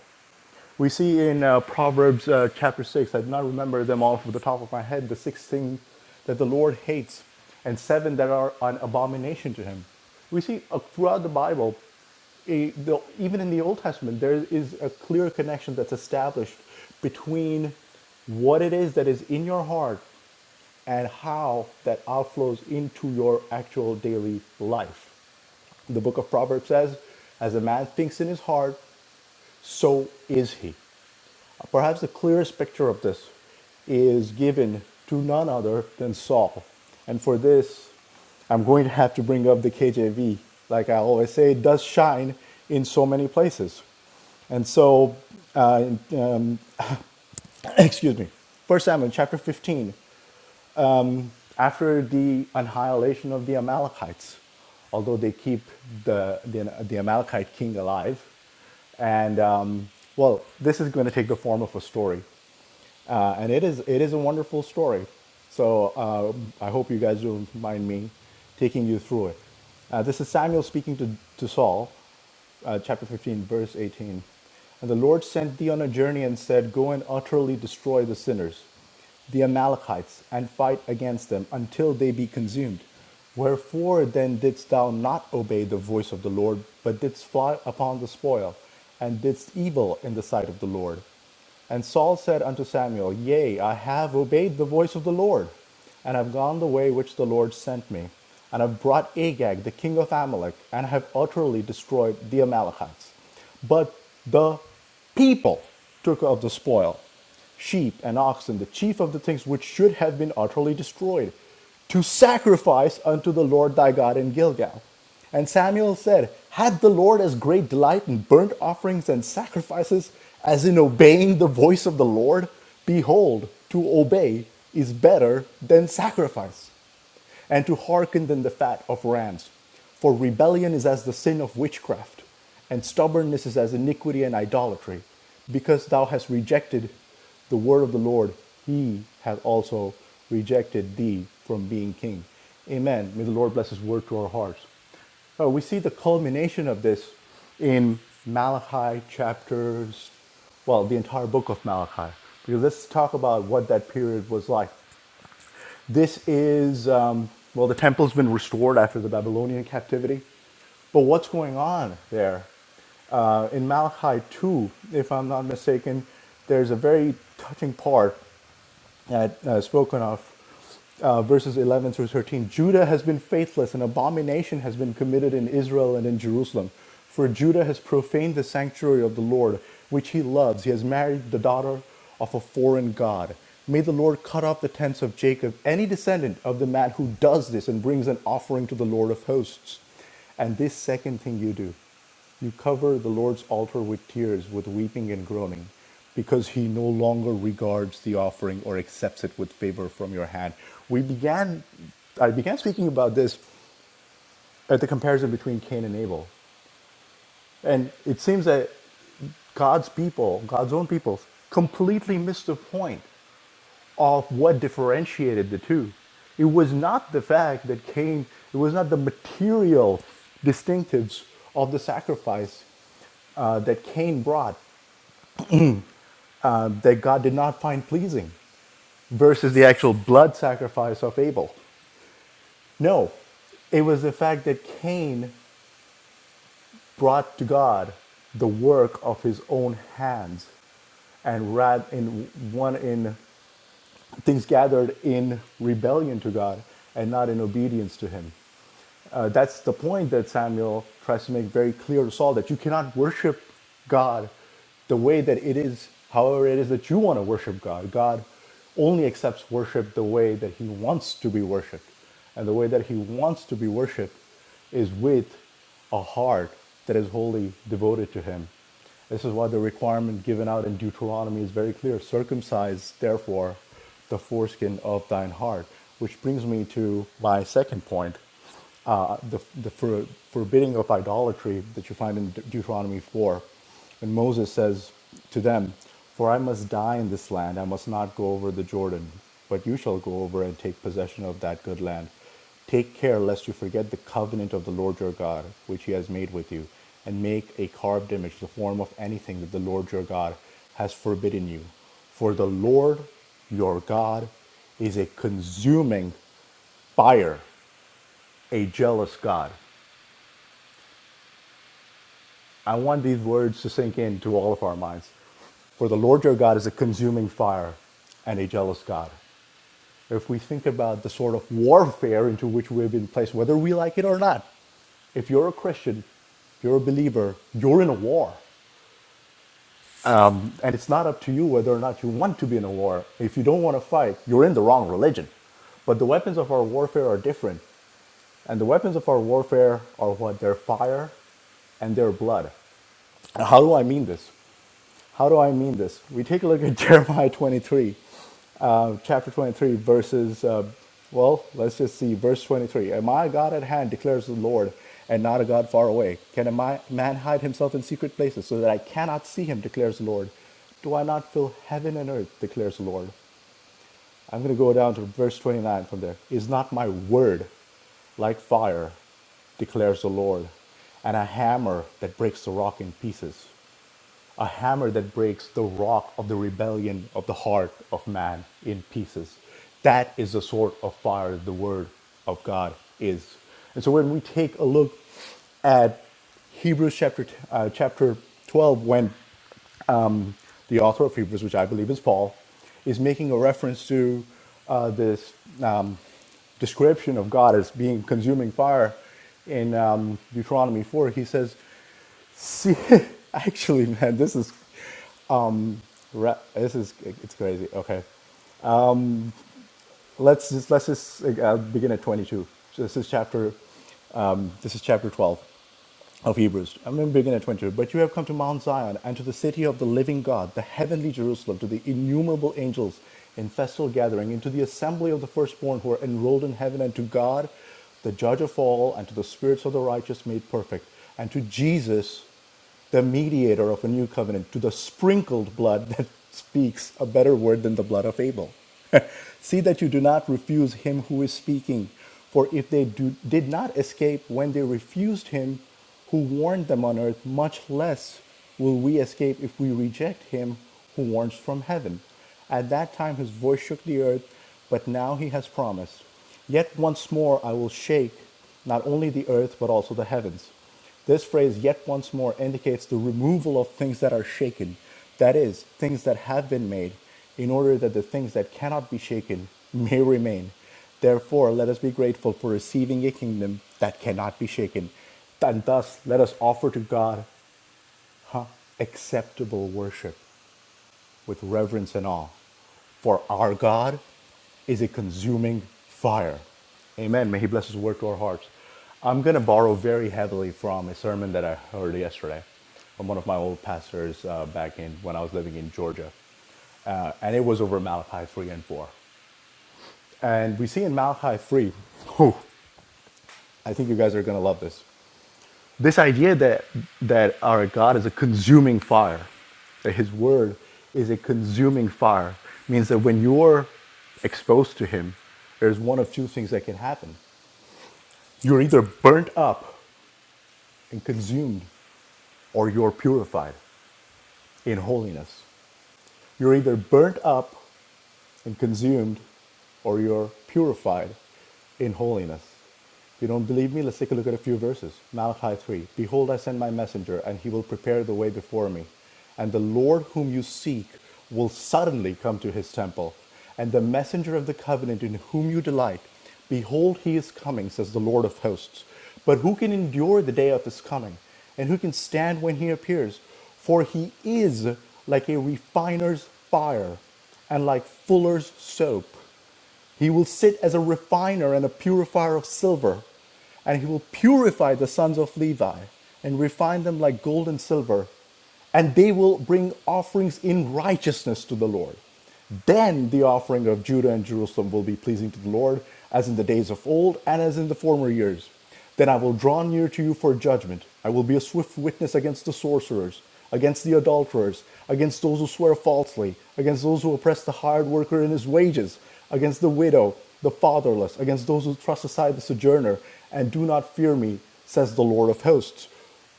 [SPEAKER 5] We see in uh, Proverbs uh, chapter 6, I do not remember them all from the top of my head, the six things that the Lord hates and seven that are an abomination to him. We see uh, throughout the Bible, a, the, even in the Old Testament, there is a clear connection that's established between what it is that is in your heart and how that outflows into your actual daily life. The book of Proverbs says, As a man thinks in his heart, so is he. Perhaps the clearest picture of this is given to none other than Saul. And for this, I'm going to have to bring up the KJV. Like I always say, it does shine in so many places. And so, uh, um, excuse me, First Samuel chapter 15, after the annihilation of the Amalekites, although they keep the, the, the Amalekite king alive, and um, well, this is going to take the form of a story uh, and it is it is a wonderful story. So um I hope you guys don't mind me taking you through it. Uh, this is Samuel speaking to to Saul, uh, chapter fifteen, verse eighteen. And the Lord sent thee on a journey and said, Go and utterly destroy the sinners the Amalekites, and fight against them until they be consumed. Wherefore then didst thou not obey the voice of the Lord, but didst fly upon the spoil, and didst evil in the sight of the Lord? And Saul said unto Samuel, Yea, I have obeyed the voice of the Lord, and have gone the way which the Lord sent me, and have brought Agag, the king of Amalek, and have utterly destroyed the Amalekites. But the people took of the spoil sheep and oxen, the chief of the things which should have been utterly destroyed, to sacrifice unto the Lord thy God in Gilgal. And Samuel said, Had the Lord as great delight in burnt offerings and sacrifices as in obeying the voice of the Lord? Behold, to obey is better than sacrifice and to hearken than the fat of rams. For rebellion is as the sin of witchcraft, and stubbornness is as iniquity and idolatry. Because thou hast rejected the word of the Lord, he hath also rejected thee from being king. Amen. May the Lord bless his word to our hearts. Uh, we see the culmination of this in Malachi chapters, well, the entire book of Malachi. Because let's talk about what that period was like. This is, um, well, the temple's been restored after the Babylonian captivity. But what's going on there? Uh, in Malachi 2, if I'm not mistaken, there's a very touching part had uh, spoken of, uh, verses 11 through 13. Judah has been faithless, and abomination has been committed in Israel and in Jerusalem. For Judah has profaned the sanctuary of the Lord, which he loves. He has married the daughter of a foreign God. May the Lord cut off the tents of Jacob, any descendant of the man who does this and brings an offering to the Lord of hosts. And this second thing you do. You cover the Lord's altar with tears, with weeping and groaning, because he no longer regards the offering or accepts it with favor from your hand. We began, I began speaking about this at the comparison between Cain and Abel. And it seems that God's people, God's own people, completely missed the point of what differentiated the two. It was not the fact that Cain, it was not the material distinctives of the sacrifice uh, that Cain brought. that God did not find pleasing versus the actual blood sacrifice of Abel. No, it was the fact that Cain brought to God the work of his own hands and rad in one in things gathered in rebellion to God and not in obedience to him. Uh, that's the point that Samuel tries to make very clear to Saul that you cannot worship God the way that it is, however, it is that you want to worship God. God only accepts worship the way that He wants to be worshiped. And the way that He wants to be worshiped is with a heart that is wholly devoted to Him. This is why the requirement given out in Deuteronomy is very clear circumcise, therefore, the foreskin of thine heart. Which brings me to my second point uh, the, the for, forbidding of idolatry that you find in De- Deuteronomy 4, when Moses says to them, For I must die in this land, I must not go over the Jordan, but you shall go over and take possession of that good land. Take care lest you forget the covenant of the Lord your God, which he has made with you, and make a carved image, the form of anything that the Lord your God has forbidden you. For the Lord your God is a consuming fire a jealous God. I want these words to sink into all of our minds. For the Lord your God is a consuming fire and a jealous God. If we think about the sort of warfare into which we've been placed, whether we like it or not, if you're a Christian, you're a believer, you're in a war. And it's not up to you whether or not you want to be in a war. If you don't want to fight, you're in the wrong religion. But the weapons of our warfare are different. And the weapons of our warfare are what? They're fire and their blood. How do I mean this? How do I mean this? We take a look at Jeremiah 23, uh, chapter 23, verses, uh, well, let's just see, verse 23. Am I a God at hand, declares the Lord, and not a God far away? Can a man hide himself in secret places so that I cannot see him, declares the Lord? Do I not fill heaven and earth, declares the Lord? I'm going to go down to verse 29 from there. Is not my word like fire, declares the Lord, and a hammer that breaks the rock in pieces? a hammer that breaks the rock of the rebellion of the heart of man in pieces. That is the sort of fire the word of God is. And so when we take a look at Hebrews chapter uh, chapter 12, when the author of Hebrews, which I believe is Paul, is making a reference to uh, this description of God as being consuming fire in um, Deuteronomy 4, he says, See, actually, man, this is. Ra- this is it's crazy. Okay, let's just let's just like, I'll begin at twenty two. So this is chapter this is chapter twelve of Hebrews. I'm going to begin at twenty two. But you have come to Mount Zion and to the city of the living God, the heavenly Jerusalem, to the innumerable angels in festal gathering, into the assembly of the firstborn who are enrolled in heaven, and to God, the Judge of all, and to the spirits of the righteous made perfect, and to Jesus the mediator of a new covenant, to the sprinkled blood that speaks a better word than the blood of Abel. See that you do not refuse him who is speaking. For if they do, did not escape when they refused him who warned them on earth, much less will we escape if we reject him who warns from heaven. At that time his voice shook the earth, but now he has promised, Yet once more I will shake not only the earth, but also the heavens. This phrase yet once more indicates the removal of things that are shaken, that is, things that have been made, in order that the things that cannot be shaken may remain. Therefore, let us be grateful for receiving a kingdom that cannot be shaken, and thus let us offer to God acceptable worship with reverence and awe. For our God is a consuming fire. Amen. May He bless His word to our hearts. I'm going to borrow very heavily from a sermon that I heard yesterday from one of my old pastors uh, back in when I was living in Georgia. Uh, and it was over Malachi 3 and 4. And we see in Malachi 3, whew, I think you guys are going to love this. this idea that that our God is a consuming fire, that His Word is a consuming fire, means that when you're exposed to Him, there's one of two things that can happen: you're either burnt up and consumed, or you're purified in holiness. You're either burnt up and consumed, or you're purified in holiness. If you don't believe me, let's take a look at a few verses. Malachi 3 Behold, I send my messenger, and he will prepare the way before me. And the Lord whom you seek will suddenly come to his temple. And the messenger of the covenant in whom you delight, behold, he is coming, says the Lord of hosts. But who can endure the day of his coming? And who can stand when he appears? For he is like a refiner's fire and like fuller's soap, he will sit as a refiner and a purifier of silver, and he will purify the sons of Levi and refine them like gold and silver, and they will bring offerings in righteousness to the Lord. Then the offering of Judah and Jerusalem will be pleasing to the Lord, as in the days of old and as in the former years. Then I will draw near to you for judgment. I will be a swift witness against the sorcerers, against the adulterers, against those who swear falsely, against those who oppress the hired worker in his wages, against the widow, the fatherless, against those who thrust aside the sojourner, and do not fear me, says the Lord of hosts.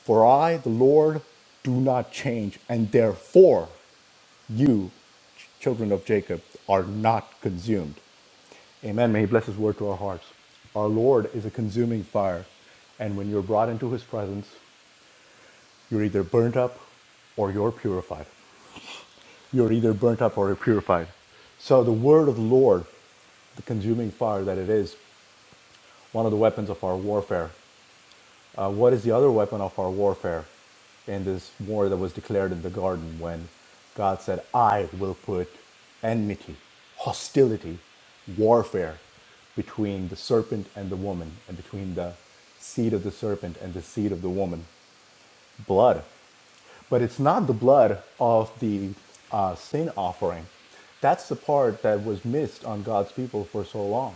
[SPEAKER 5] For I, the Lord, do not change, and therefore you, children of Jacob, are not consumed. Amen. May He bless His word to our hearts. Our Lord is a consuming fire, and when you're brought into His presence, you're either burnt up or you're purified. You're either burnt up or you're purified. So the word of the Lord, the consuming fire that it is, one of the weapons of our warfare. uh, what is the other weapon of our warfare in this war that was declared in the garden when God said, I will put enmity, hostility, warfare between the serpent and the woman, and between the seed of the serpent and the seed of the woman, blood but it's not the blood of the uh, sin offering. That's the part that was missed on God's people for so long.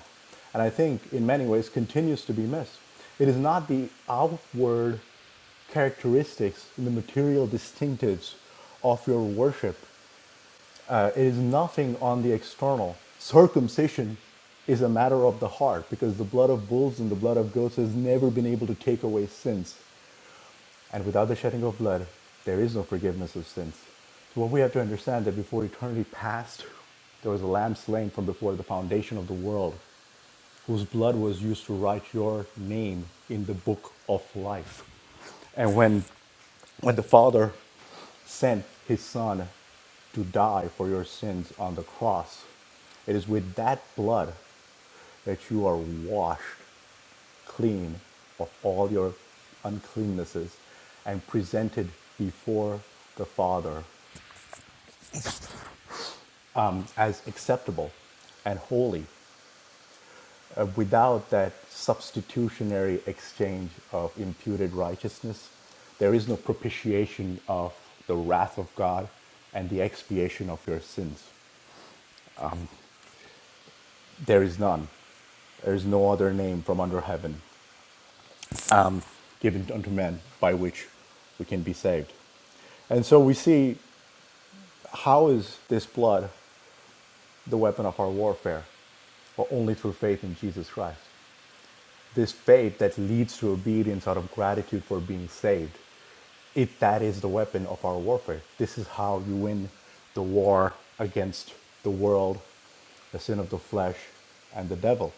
[SPEAKER 5] And I think in many ways continues to be missed. It is not the outward characteristics, the material distinctives of your worship. Uh, it is nothing on the external. Circumcision is a matter of the heart because the blood of bulls and the blood of goats has never been able to take away sins. And without the shedding of blood, there is no forgiveness of sins. So what we have to understand that before eternity passed, there was a lamb slain from before the foundation of the world, whose blood was used to write your name in the book of life. And when when the Father sent his Son to die for your sins on the cross, it is with that blood that you are washed clean of all your uncleannesses and presented before the Father um, as acceptable and holy uh, without that substitutionary exchange of imputed righteousness. There is no propitiation of the wrath of God and the expiation of your sins. There is none. There is no other name from under heaven given unto men by which we can be saved. And so we see how is this blood the weapon of our warfare, but only through faith in Jesus Christ. This faith that leads to obedience out of gratitude for being saved. It that is the weapon of our warfare. This is how you win the war against the world, the sin of the flesh, and the devil.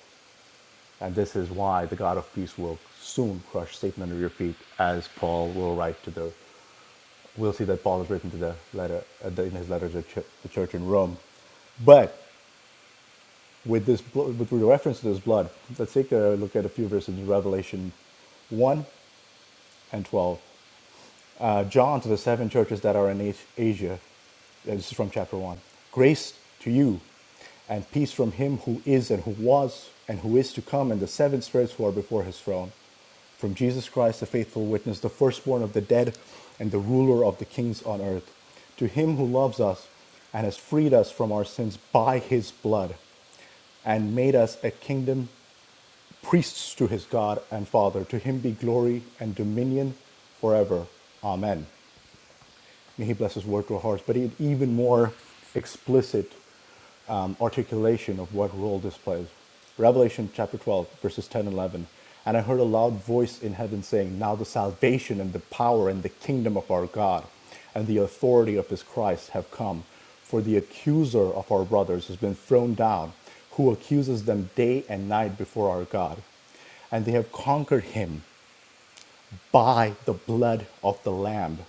[SPEAKER 5] And this is why the God of peace will soon crush Satan under your feet, as Paul will write to the. We'll see that Paul has written to the letter uh, in his letter to the church in Rome. But with this with reference to this blood. Let's take a look at a few verses in Revelation one and twelve. Uh, John to the seven churches that are in Asia. Uh, This is from chapter one. Grace to you, and peace from Him who is and who was and who is to come, and the seven spirits who are before His throne, from Jesus Christ, the faithful witness, the firstborn of the dead, and the ruler of the kings on earth. To Him who loves us and has freed us from our sins by His blood and made us a kingdom priests to his God and Father. To him be glory and dominion forever. Amen. May he bless his word to our hearts, but e- even more explicit um, articulation of what role this plays. Revelation chapter 12, verses 10 and 11. And I heard a loud voice in heaven saying, Now the salvation and the power and the kingdom of our God and the authority of his Christ have come. For the accuser of our brothers has been thrown down, who accuses them day and night before our God. And they have conquered him by the blood of the Lamb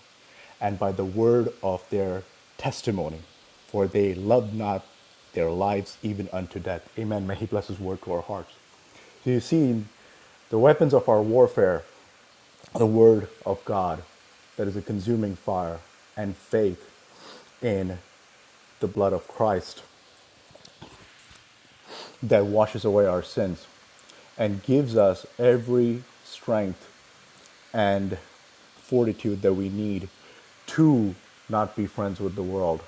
[SPEAKER 5] and by the word of their testimony, for they loved not their lives even unto death. Amen. May He bless His word to our hearts. So you see, the weapons of our warfare, the word of God that is a consuming fire, and faith in the blood of Christ that washes away our sins and gives us every strength and fortitude that we need to not be friends with the world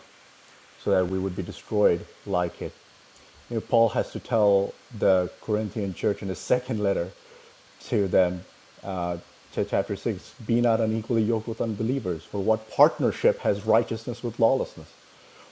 [SPEAKER 5] so that we would be destroyed like it. You know, Paul has to tell the Corinthian church in the second letter to them, uh, to chapter 6, be not unequally yoked with unbelievers, for what partnership has righteousness with lawlessness?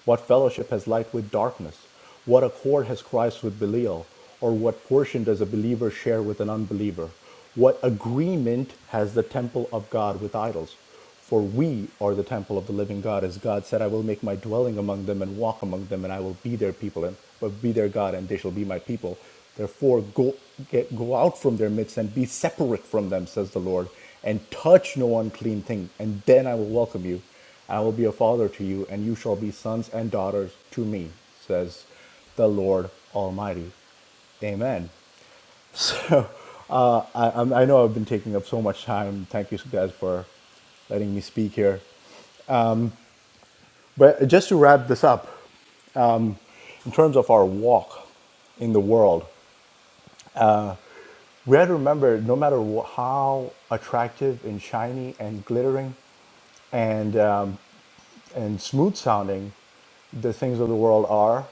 [SPEAKER 5] What fellowship has light with darkness? What accord has Christ with Belial? Or what portion does a believer share with an unbeliever? What agreement has the temple of God with idols? For we are the temple of the living God, as God said, I will make my dwelling among them and walk among them, and I will be their people and will be their God, and they shall be my people. Therefore, go, get, go out from their midst and be separate from them, says the Lord, and touch no unclean thing, and then I will welcome you. I will be a father to you, and you shall be sons and daughters to me, says the Lord Almighty. Amen. So uh, I, I'm- I know I've been taking up so much time. Thank you guys for letting me speak here. But just to wrap this up, in terms of our walk in the world, we have to remember no matter wh- how attractive and shiny and glittering and, um, and smooth sounding the things of the world are,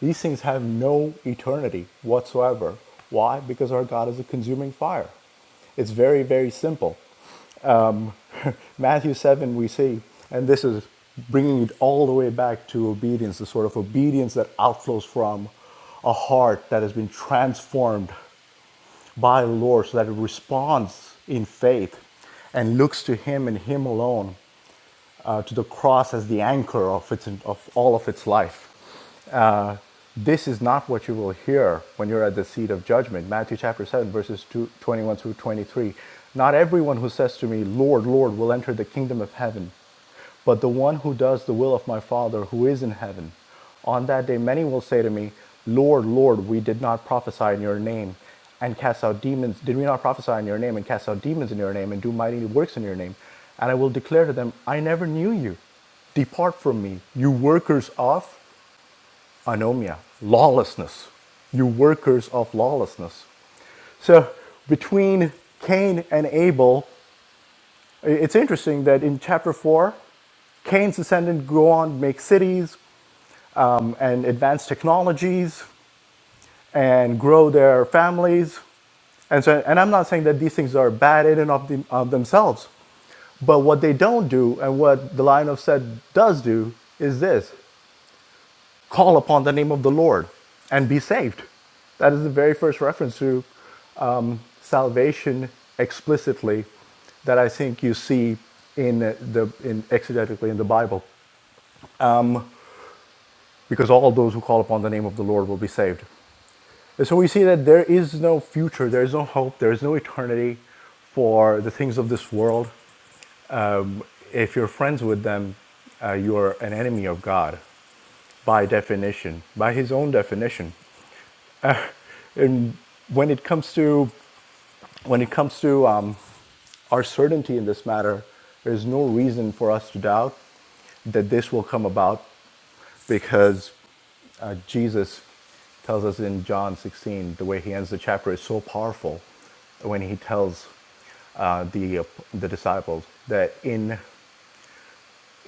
[SPEAKER 5] these things have no eternity whatsoever. Why? Because our God is a consuming fire. It's very, very simple. Matthew 7, we see, and this is bringing it all the way back to obedience, the sort of obedience that outflows from a heart that has been transformed by the Lord so that it responds in faith and looks to Him and Him alone, uh, to the cross as the anchor of, its, of all of its life. This is not what you will hear when you're at the seat of judgment. Matthew chapter 7, verses 2, 21 through 23. Not everyone who says to me, Lord, Lord, will enter the kingdom of heaven, but the one who does the will of my Father who is in heaven. On that day, many will say to me, Lord, Lord, we did not prophesy in your name and cast out demons. Did we not prophesy in your name and cast out demons in your name and do mighty works in your name? And I will declare to them, I never knew you. Depart from me, you workers of anomia, lawlessness. You workers of lawlessness. So between Cain and Abel, it's interesting that in chapter 4, Cain's descendants go on to make cities um, and advance technologies and grow their families. And so, and I'm not saying that these things are bad in and of, them, of themselves, but what they don't do and what the line of said does do is this call upon the name of the Lord and be saved. That is the very first reference to salvation explicitly that I think you see in uh, the in exegetically in the Bible, because all those who call upon the name of the Lord will be saved. And so we see that there is no future, there is no hope, there is no eternity for the things of this world. Um, if you're friends with them, uh, you are an enemy of God by definition, by His own definition. And when it comes to When it comes to um, our certainty in this matter, there's no reason for us to doubt that this will come about because uh, Jesus tells us in John 16, the way he ends the chapter is so powerful when he tells uh, the, uh, the disciples that in,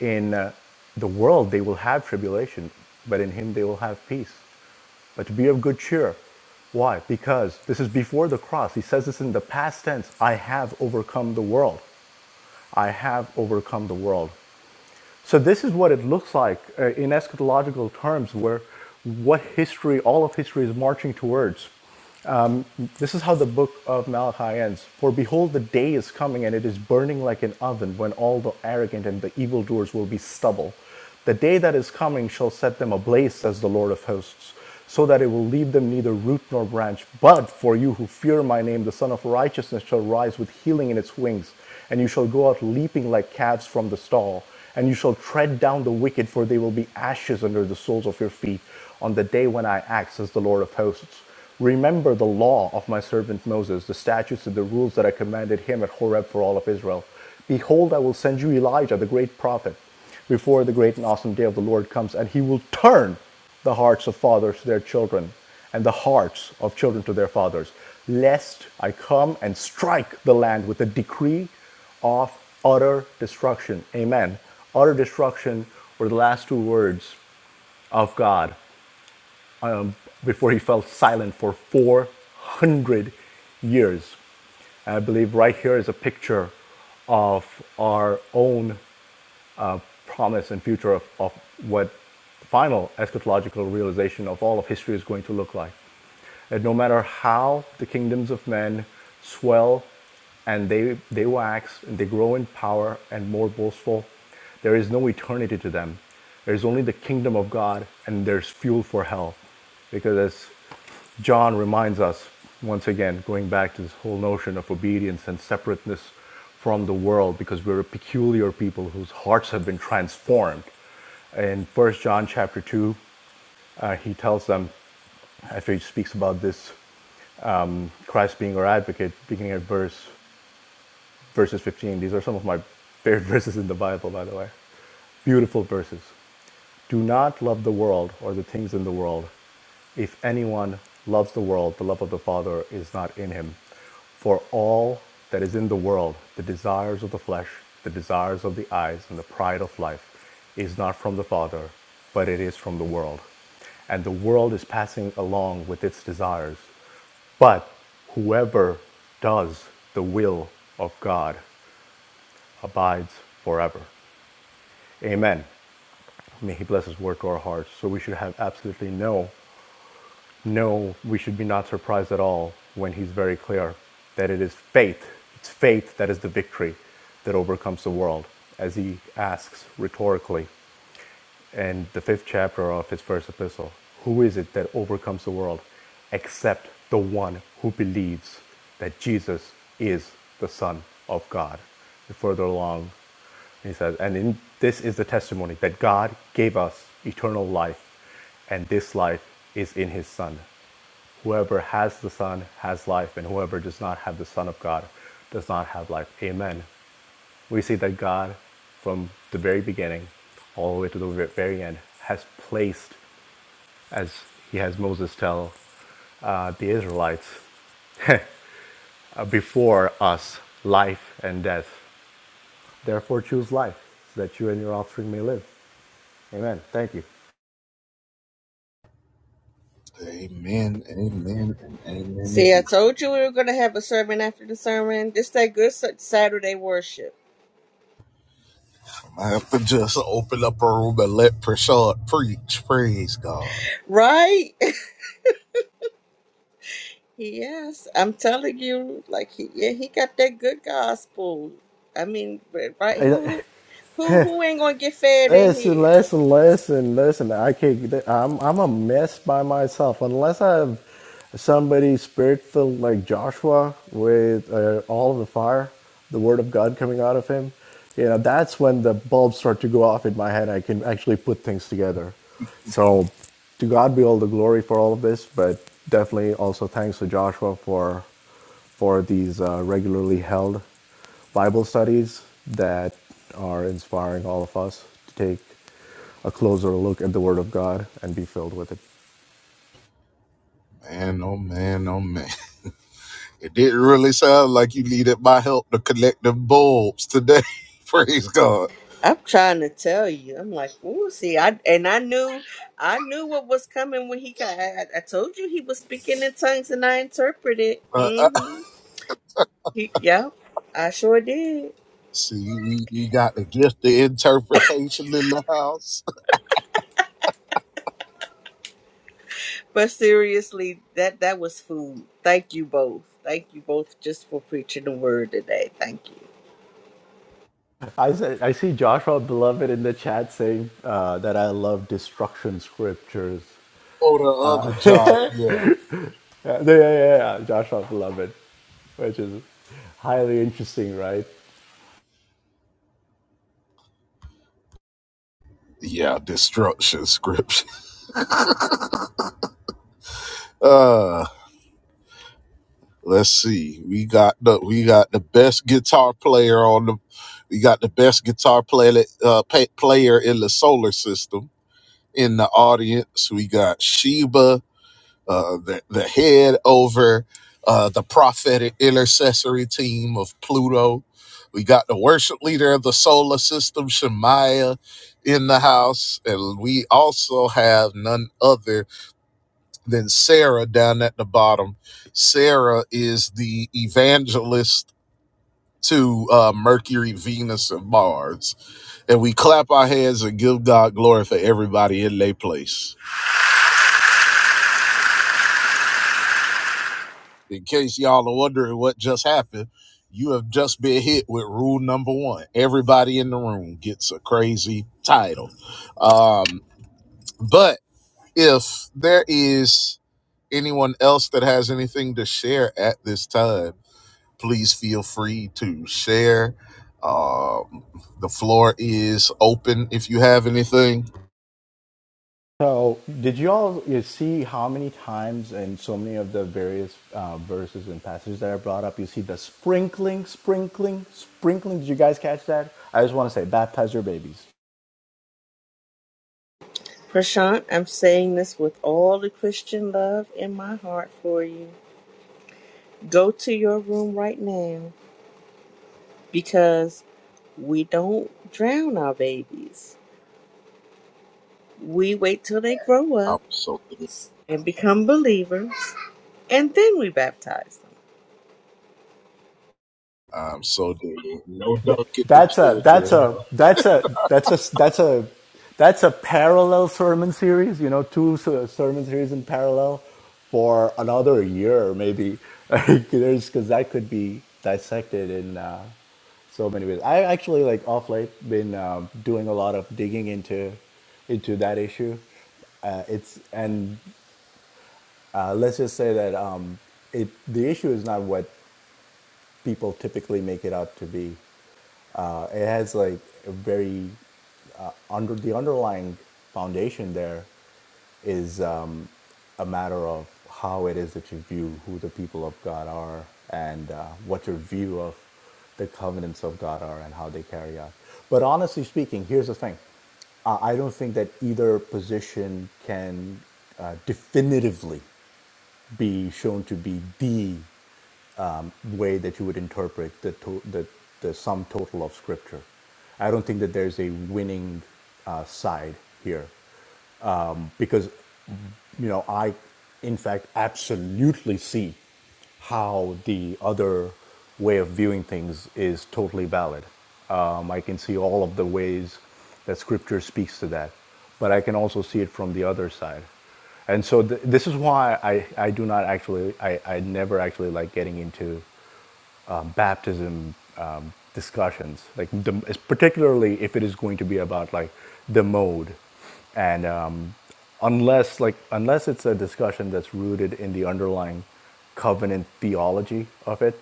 [SPEAKER 5] in uh, the world they will have tribulation, but in him they will have peace. But to be of good cheer. Why? Because this is before the cross. He says this in the past tense I have overcome the world. I have overcome the world. So this is what it looks like uh, in eschatological terms, where what history, all of history, is marching towards. This is how the book of Malachi ends. For behold, the day is coming, and it is burning like an oven, when all the arrogant and the evildoers will be stubble. The day that is coming shall set them ablaze, says the Lord of hosts, so that it will leave them neither root nor branch. But for you who fear my name, the Son of Righteousness shall rise with healing in its wings, and you shall go out leaping like calves from the stall. And you shall tread down the wicked, for they will be ashes under the soles of your feet on the day when I act, says the Lord of hosts. Remember the law of my servant Moses, the statutes and the rules that I commanded him at Horeb for all of Israel. Behold, I will send you Elijah, the great prophet, before the great and awesome day of the Lord comes, and he will turn the hearts of fathers to their children, and the hearts of children to their fathers, lest I come and strike the land with a decree of utter destruction. Amen. Utter destruction were the last two words of God before he fell silent for 400 years. I believe right here is a picture of our own promise and future of, of what the final eschatological realization of all of history is going to look like. That no matter how the kingdoms of men swell and they, they wax and they grow in power and more boastful, there is no eternity to them. There's only the kingdom of God and there's fuel for hell. Because as John reminds us, once again, going back to this whole notion of obedience and separateness from the world, because we're a peculiar people whose hearts have been transformed. In 1 John chapter 2, uh, he tells them, after he speaks about this, Christ being our advocate, beginning at verse verses 15. These are some of my favorite verses in the Bible, by the way. Beautiful verses. Do not love the world or the things in the world. If anyone loves the world, the love of the Father is not in him. For all that is in the world, the desires of the flesh, the desires of the eyes, and the pride of life, is not from the Father, but it is from the world. And the world is passing along with its desires. But whoever does the will of God abides forever. Amen. May He bless His work to our hearts. So we should have absolutely no, no, we should be not surprised at all when He's very clear that it is faith, it's faith that is the victory that overcomes the world, as He asks rhetorically and the fifth chapter of his first epistle. Who is it that overcomes the world except the one who believes that Jesus is the Son of God? And further along, he says, and in, this is the testimony that God gave us eternal life, and this life is in his Son. Whoever has the Son has life, and whoever does not have the Son of God does not have life. Amen we see that God, from the very beginning all the way to the very end, has placed, as he has Moses tell uh, the Israelites, uh, before us life and death. Therefore, choose life so that you and your offspring may live. Amen. Thank you.
[SPEAKER 1] Amen, amen, and amen
[SPEAKER 4] See, I
[SPEAKER 1] again.
[SPEAKER 4] told you we were going to have a sermon after the sermon. This that good Sa- Saturday worship,
[SPEAKER 1] I have to just open up a room and let Prashad preach. Praise God.
[SPEAKER 4] right? yes, I'm telling you, like he, yeah, he got that good gospel. I mean, but, right?
[SPEAKER 5] I
[SPEAKER 4] Who, who, who who ain't going to get fed in
[SPEAKER 5] Listen,
[SPEAKER 4] here?
[SPEAKER 5] listen, listen, listen. I can't. I'm I'm a mess by myself unless I have somebody spirit filled like Joshua with uh, all of the fire, the word of God coming out of him. You know, that's when the bulbs start to go off in my head. I can actually put things together. So, to God be all the glory for all of this, but definitely also thanks to Joshua for for these uh, regularly held Bible studies that are inspiring all of us to take a closer look at the Word of God and be filled with it.
[SPEAKER 1] Man, oh man, oh man. It didn't really sound like you needed my help to connect them bulbs today. Praise God.
[SPEAKER 4] I'm trying to tell you. I'm like, ooh, see, I and I knew, I knew what was coming when he got. I, I I told you he was speaking in tongues and I interpreted.
[SPEAKER 1] Uh, uh,
[SPEAKER 4] Mm-hmm. He, yep, I sure did.
[SPEAKER 1] see, we, we got the gift of interpretation in the house.
[SPEAKER 4] But seriously, that that was food. Thank you both. Thank you both just for preaching the word today. Thank you.
[SPEAKER 5] I, said, I see Joshua Beloved in the chat saying uh, that I love destruction scriptures.
[SPEAKER 1] Oh, the other job, yeah.
[SPEAKER 5] Yeah, yeah, yeah, yeah, yeah, Joshua Beloved, which is highly interesting, right?
[SPEAKER 1] Yeah, destruction scripture. Uh let's see. We got the we got the best guitar player on the we got the best guitar player uh pa- player in the solar system in the audience. We got Sheba uh, the, the head over uh, the prophetic intercessory team of Pluto. We got the worship leader of the solar system, Shemaiah, in the house. And we also have none other than Sarah down at the bottom. Sarah is the evangelist to uh, Mercury, Venus, and Mars. And we clap our hands and give God glory for everybody in their place. In case y'all are wondering what just happened, you have just been hit with rule number one. Everybody in the room gets a crazy title. Um, but if there is anyone else that has anything to share at this time, please feel free to share. Um, the floor is open if you have anything.
[SPEAKER 5] So, did you all you see how many times in so many of the various uh, verses and passages that I brought up, you see the sprinkling, sprinkling, sprinkling? Did you guys catch that? I just want to say, baptize your babies.
[SPEAKER 4] Prashant, I'm saying this with all the Christian love in my heart for you. Go to your room right now because we don't drown our babies. We wait till they grow
[SPEAKER 1] I'm
[SPEAKER 4] up
[SPEAKER 1] so dead.
[SPEAKER 4] and become believers, and then we baptize them.
[SPEAKER 1] I'm so dead. No dunking the
[SPEAKER 5] That's a that's
[SPEAKER 1] children.
[SPEAKER 5] a that's a that's a that's a that's a parallel sermon series. You know, two sermon series in parallel for another year, maybe. There's because that could be dissected in uh, so many ways. I actually like off late been um, doing a lot of digging into into that issue. Uh, it's and uh, let's just say that um, it the issue is not what people typically make it out to be. Uh, it has like a very uh, under the underlying foundation there is um, a matter of how it is that you view who the people of God are and uh, what your view of the covenants of God are and how they carry out. But honestly speaking, here's the thing. Uh, I don't think that either position can uh, definitively be shown to be the um, way that you would interpret the, to- the, the sum total of scripture. I don't think that there's a winning uh, side here because, you know, I, in fact, absolutely see how the other way of viewing things is totally valid. Um, I can see all of the ways that scripture speaks to that, but I can also see it from the other side. And so th- this is why I, I do not actually, I, I never actually like getting into baptism um, discussions, like the, particularly if it is going to be about like the mode, and um, unless like unless it's a discussion that's rooted in the underlying covenant theology of it,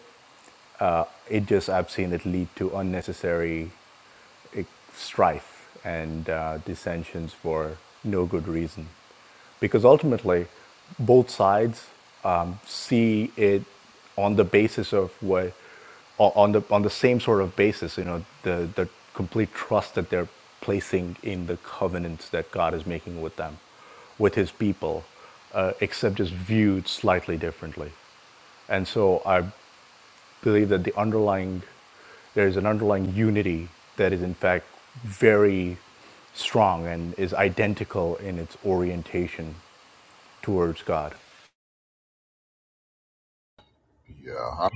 [SPEAKER 5] it just I've seen it lead to unnecessary strife and uh, dissensions for no good reason because ultimately both sides um, see it on the basis of what on the on the same sort of basis you know the the complete trust that they're placing in the covenants that God is making with them with his people uh, except just viewed slightly differently and so I believe that the underlying there is an underlying unity that is in fact very strong and is identical in its orientation towards God.
[SPEAKER 1] Yeah,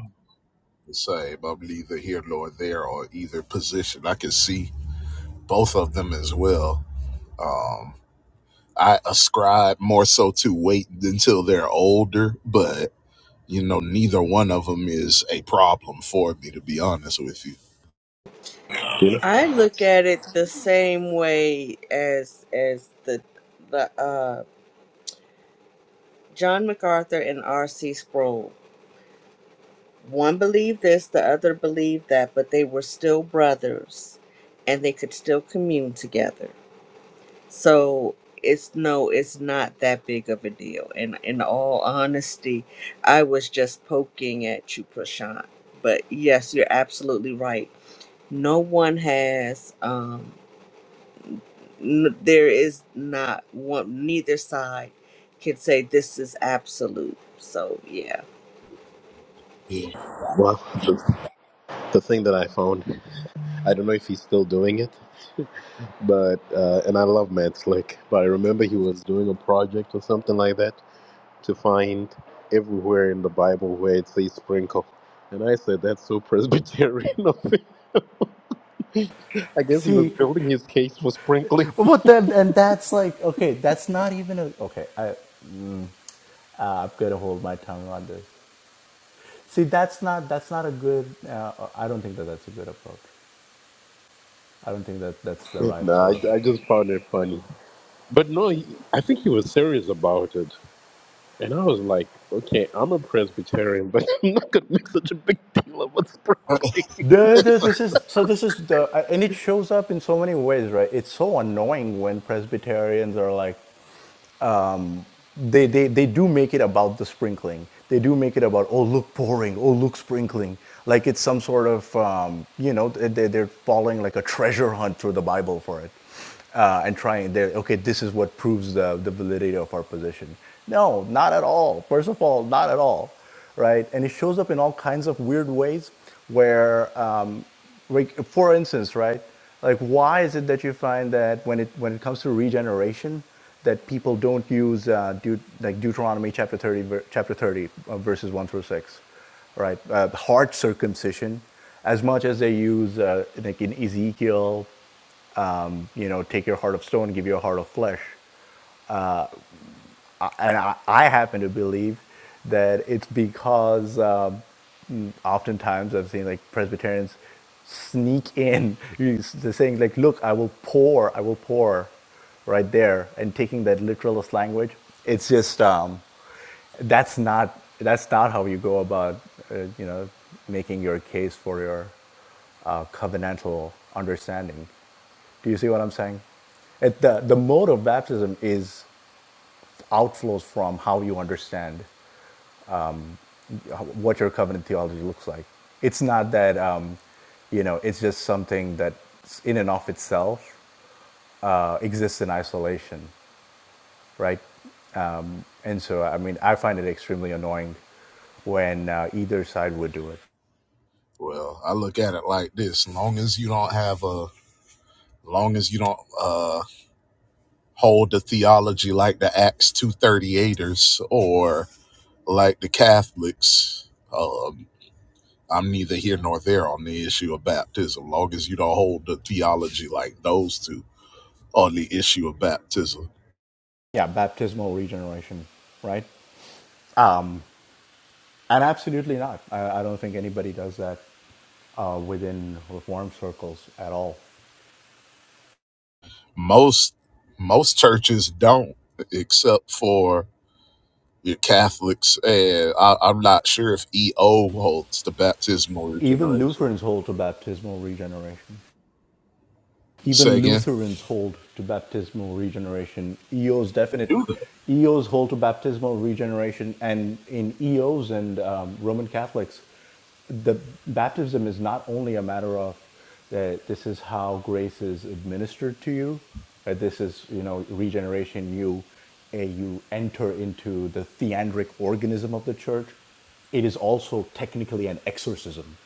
[SPEAKER 1] same. I'm neither here nor there or either position. I can see both of them as well. I ascribe more so to wait until they're older, but you know, neither one of them is a problem for me, to be honest with you.
[SPEAKER 6] You know,
[SPEAKER 4] I look at it the same way as as the the uh, John MacArthur and R.C. Sproul. One believed this, the other believed that, but they were still brothers, and they could still commune together. So it's no, it's not that big of a deal. And in all honesty, I was just poking at you, Prashant. But yes, you're absolutely right. No one has. Um, N- there is not one neither side can say this is absolute so yeah
[SPEAKER 1] Yeah.
[SPEAKER 6] Well, the, the thing that I found, I don't know if he's still doing it, but uh, and I love Matt Slick, but I remember he was doing a project or something like that, to find everywhere in the Bible where it says sprinkle. And I said, that's so Presbyterian of him. I guess he was
[SPEAKER 5] See,
[SPEAKER 6] building his case for sprinkling.
[SPEAKER 5] but then, and that's like, okay, that's not even a, okay, I, uh, I'm gonna hold my tongue on this. See, that's not, that's not a good, uh, I don't think that that's a good approach. I don't think that that's the right
[SPEAKER 6] nah, I,
[SPEAKER 5] sort of
[SPEAKER 6] I
[SPEAKER 5] approach.
[SPEAKER 6] just found it funny. But no, he, I think he was serious about it. And I was like, okay, I'm a Presbyterian, but I'm not going to make such a big deal about sprinkling.
[SPEAKER 5] The, the, this is, so this is the, and it shows up in so many ways, right? It's so annoying when Presbyterians are like, they, they, they do make it about the sprinkling. They do make it about, oh, look pouring, oh, look sprinkling. Like it's some sort of, um, you know, they, they're following like a treasure hunt through the Bible for it uh, and trying there. Okay, this is what proves the, the validity of our position. No, not at all. First of all, not at all, right? And it shows up in all kinds of weird ways. Where, um, like, for instance, right, like, why is it that you find that when it when it comes to regeneration, that people don't use uh, Deut- like Deuteronomy chapter thirty, ver- chapter thirty, uh, verses one through six, right? Uh, heart circumcision, as much as they use uh, like in Ezekiel you know, take your heart of stone, give you a heart of flesh. And I, I happen to believe that it's because um, oftentimes I've seen like Presbyterians sneak in, they're saying like, "Look, I will pour, I will pour," right there, and taking that literalist language. It's just um, that's not that's not how you go about, uh, you know, making your case for your uh, covenantal understanding. Do you see what I'm saying? It, the, the mode of baptism is outflows from how you understand what your covenant theology looks like. It's not that, um, you know, it's just something that in and of itself uh, exists in isolation, right? And so, I mean, I find it extremely annoying when uh, either side would do it.
[SPEAKER 1] Well, I look at it like this: long as you don't have a, long as you don't uh hold the theology like the Acts two thirty eighters or like the Catholics, um, I'm neither here nor there on the issue of baptism, long as you don't hold the theology like those two on the issue of baptism.
[SPEAKER 5] Yeah, baptismal regeneration, right? Um, and absolutely not. I, I don't think anybody does that uh, within Reformed circles at all.
[SPEAKER 1] Most most churches don't, except for your Catholics, and I, I'm not sure if EO holds the baptismal
[SPEAKER 5] Even
[SPEAKER 1] regeneration.
[SPEAKER 5] Lutherans hold to baptismal regeneration.
[SPEAKER 1] Say
[SPEAKER 5] Even
[SPEAKER 1] again.
[SPEAKER 5] Lutherans hold to baptismal regeneration. EOs definite.
[SPEAKER 1] Do the
[SPEAKER 5] EOs hold to baptismal regeneration, and in EOs and um, Roman Catholics, the baptism is not only a matter of that uh, this is how grace is administered to you, that uh, this is you know regeneration. You uh, you enter into the theandric organism of the church. It is also technically an exorcism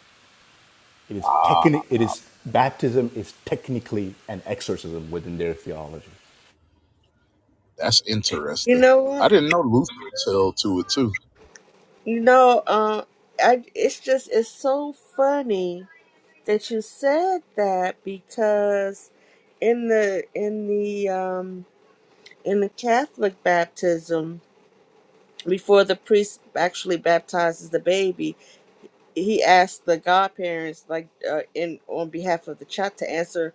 [SPEAKER 5] it is
[SPEAKER 1] ah,
[SPEAKER 5] techni- it is baptism is technically an exorcism within their theology.
[SPEAKER 1] that's
[SPEAKER 4] you
[SPEAKER 1] interesting.
[SPEAKER 4] know
[SPEAKER 1] I
[SPEAKER 4] what
[SPEAKER 1] didn't know Lutherans held to it too.
[SPEAKER 4] you know uh i it's just it's so funny that you said that because in the in the um in the catholic baptism before the priest actually baptizes the baby he asked the godparents like uh, in on behalf of the child to answer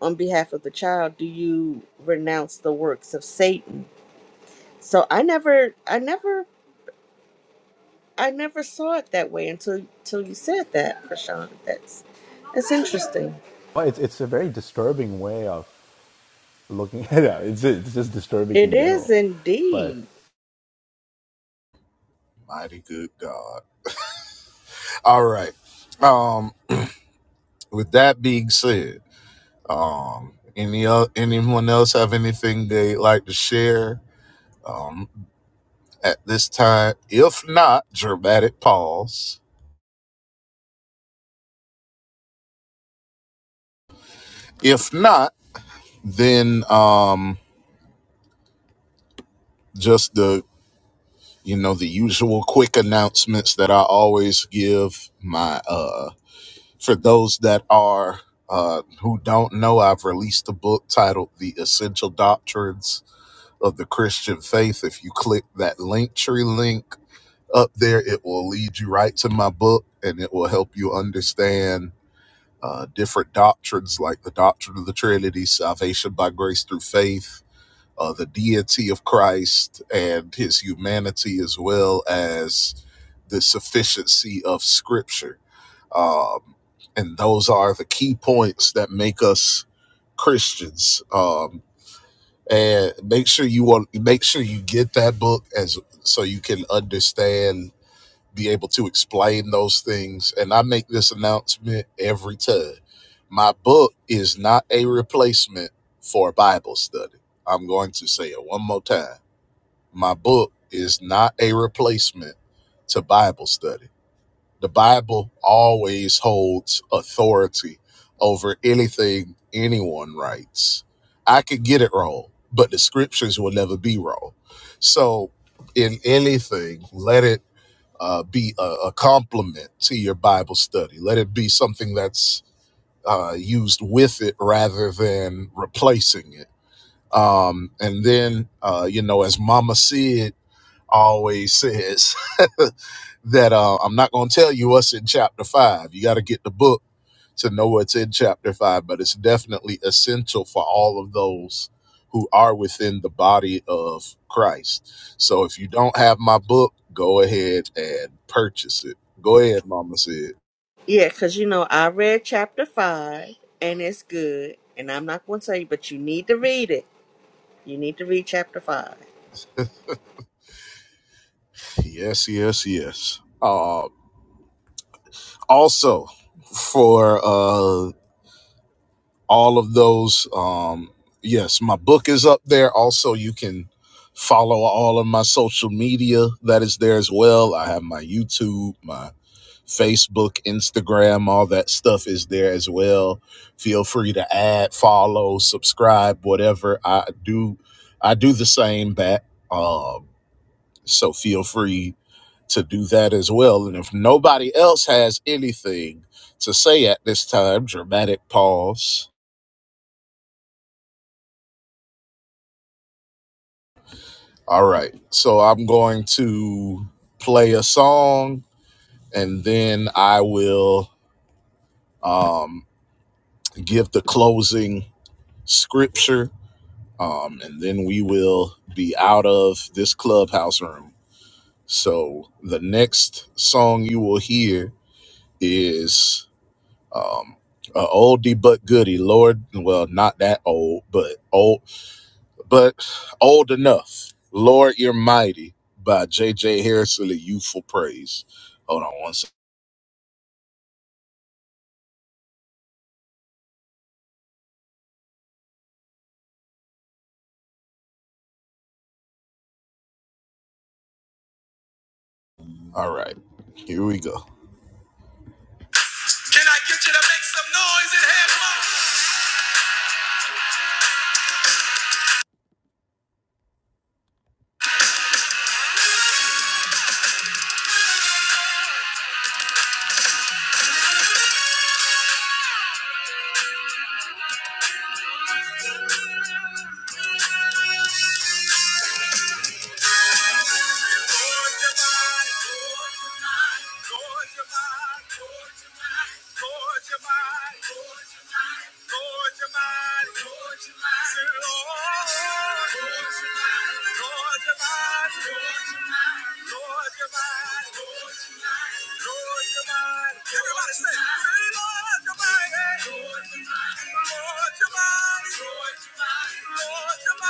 [SPEAKER 4] on behalf of the child do you renounce the works of satan so i never i never i never saw it that way until until you said that prashant that's that's interesting
[SPEAKER 5] Well, it's it's a very disturbing way of looking at it. It's it's just disturbing
[SPEAKER 4] it
[SPEAKER 5] in
[SPEAKER 4] is
[SPEAKER 5] general. But
[SPEAKER 4] indeed
[SPEAKER 1] Mighty good God. All right. Um, with that being said. Um, any el- anyone else have anything they'd like to share um, at this time? If not, dramatic pause. If not, then um, just the you know the usual quick announcements that I always give. My uh, for those that are uh, who don't know, I've released a book titled "The Essential Doctrines of the Christian Faith." If you click that link tree link up there. It will lead you right to my book and it will help you understand uh, different doctrines like the doctrine of the Trinity, salvation by grace through faith, uh, the deity of Christ and his humanity, as well as the sufficiency of Scripture. Um, and those are the key points that make us Christians. Um, and make sure you want make sure you get that book as so you can understand be able to explain those things. And I make this announcement every time. My book is not a replacement for a Bible study. I'm going to say it one more time. My book is not a replacement to Bible study. The Bible always holds authority over anything anyone writes. I could get it wrong, but the scriptures will never be wrong. So, in anything, let it uh, be a, a complement to your Bible study. Let it be something that's uh, used with it rather than replacing it. Um, and then, uh, you know, as Mama Sid always says, that uh, I'm not going to tell you what's in chapter five. You got to get the book to know what's in chapter five, but it's definitely essential for all of those who are within the body of Christ. So if you don't have my book, go ahead and purchase it. Go ahead, Mama said.
[SPEAKER 4] yeah because you know i read chapter five and it's good and i'm not going to tell you but you need to read it you need to read chapter five
[SPEAKER 1] Yes, yes, yes. Uh, also, for uh, all of those, um, yes, my book is up there. Also, you can follow all of my social media that is there as well. I have my YouTube, my. Facebook, Instagram, all that stuff is there as well. Feel free to add, follow, subscribe, whatever. I do I do the same back. Um, so feel free to do that as well. And if nobody else has anything to say at this time, dramatic pause. All right. So I'm going to play a song and then I will um give the closing scripture um, and then we will be out of this clubhouse room. So the next song you will hear is um, a oldie but goodie. Lord, well, not that old, but old, but old enough. Lord, you're mighty by J. J.J. Harrison, the Youthful Praise. Hold on one second. All right, here we go. Can I get you to make some noise in here? Everybody say, Lord, your body. Lord, your body. Lord, your body. Thank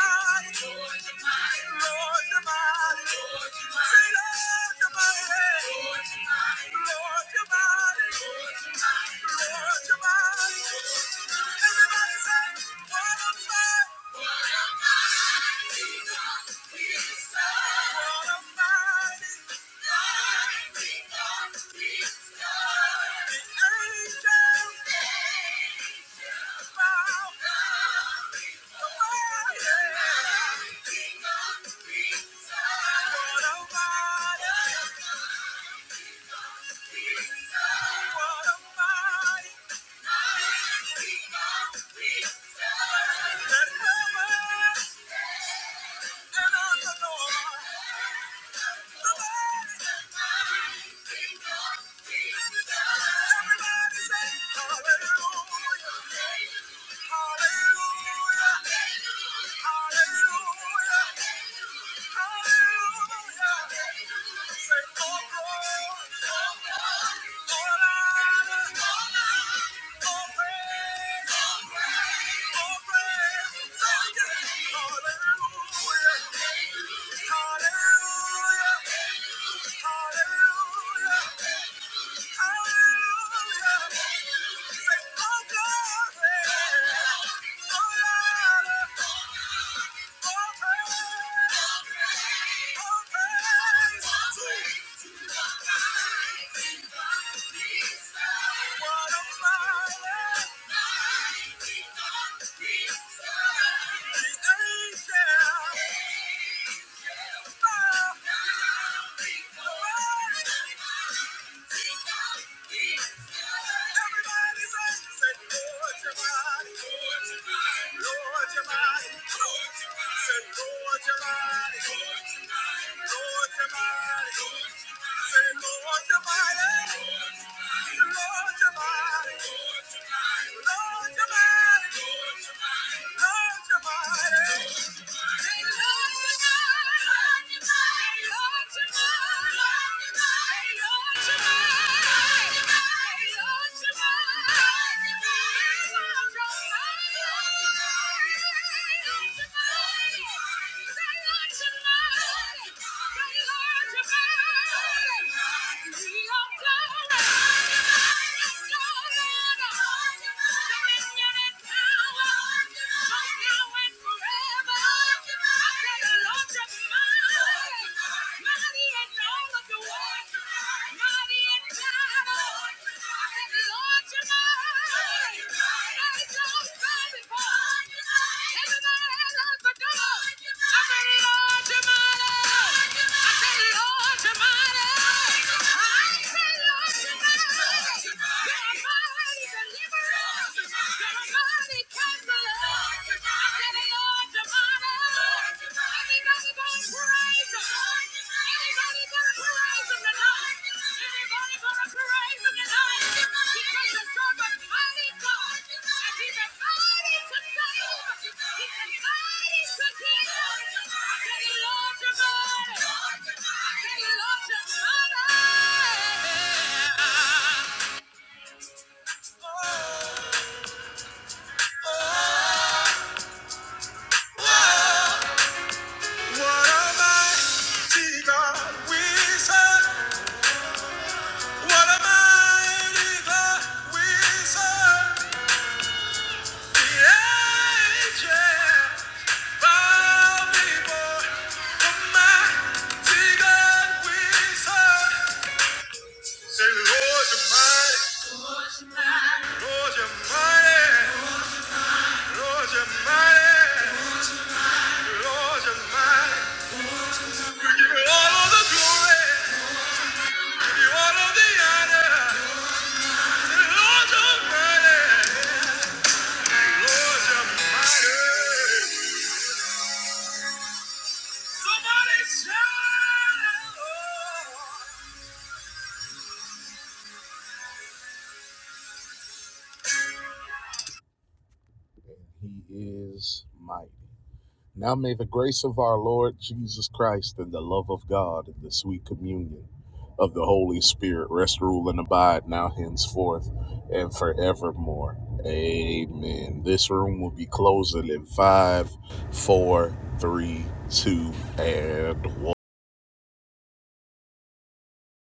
[SPEAKER 1] you. Everybody say Hallelujah. Yeah. Lord, your body. Lord, your body tonight, you. Deliverer! oh. What a mighty God we What a mighty God we The angels bow before the mighty God Say, Lord, you're mighty. Lord, you're mighty. Lord, you're mighty. Lord, you're mighty. We give you all of the glory. We give you all of the honor. He is mighty. Now may the grace of our Lord Jesus Christ and the love of God and the sweet communion of the Holy Spirit rest, rule, and abide now, henceforth, and forevermore. Amen. This room will be closing in five, four, three, two, and one.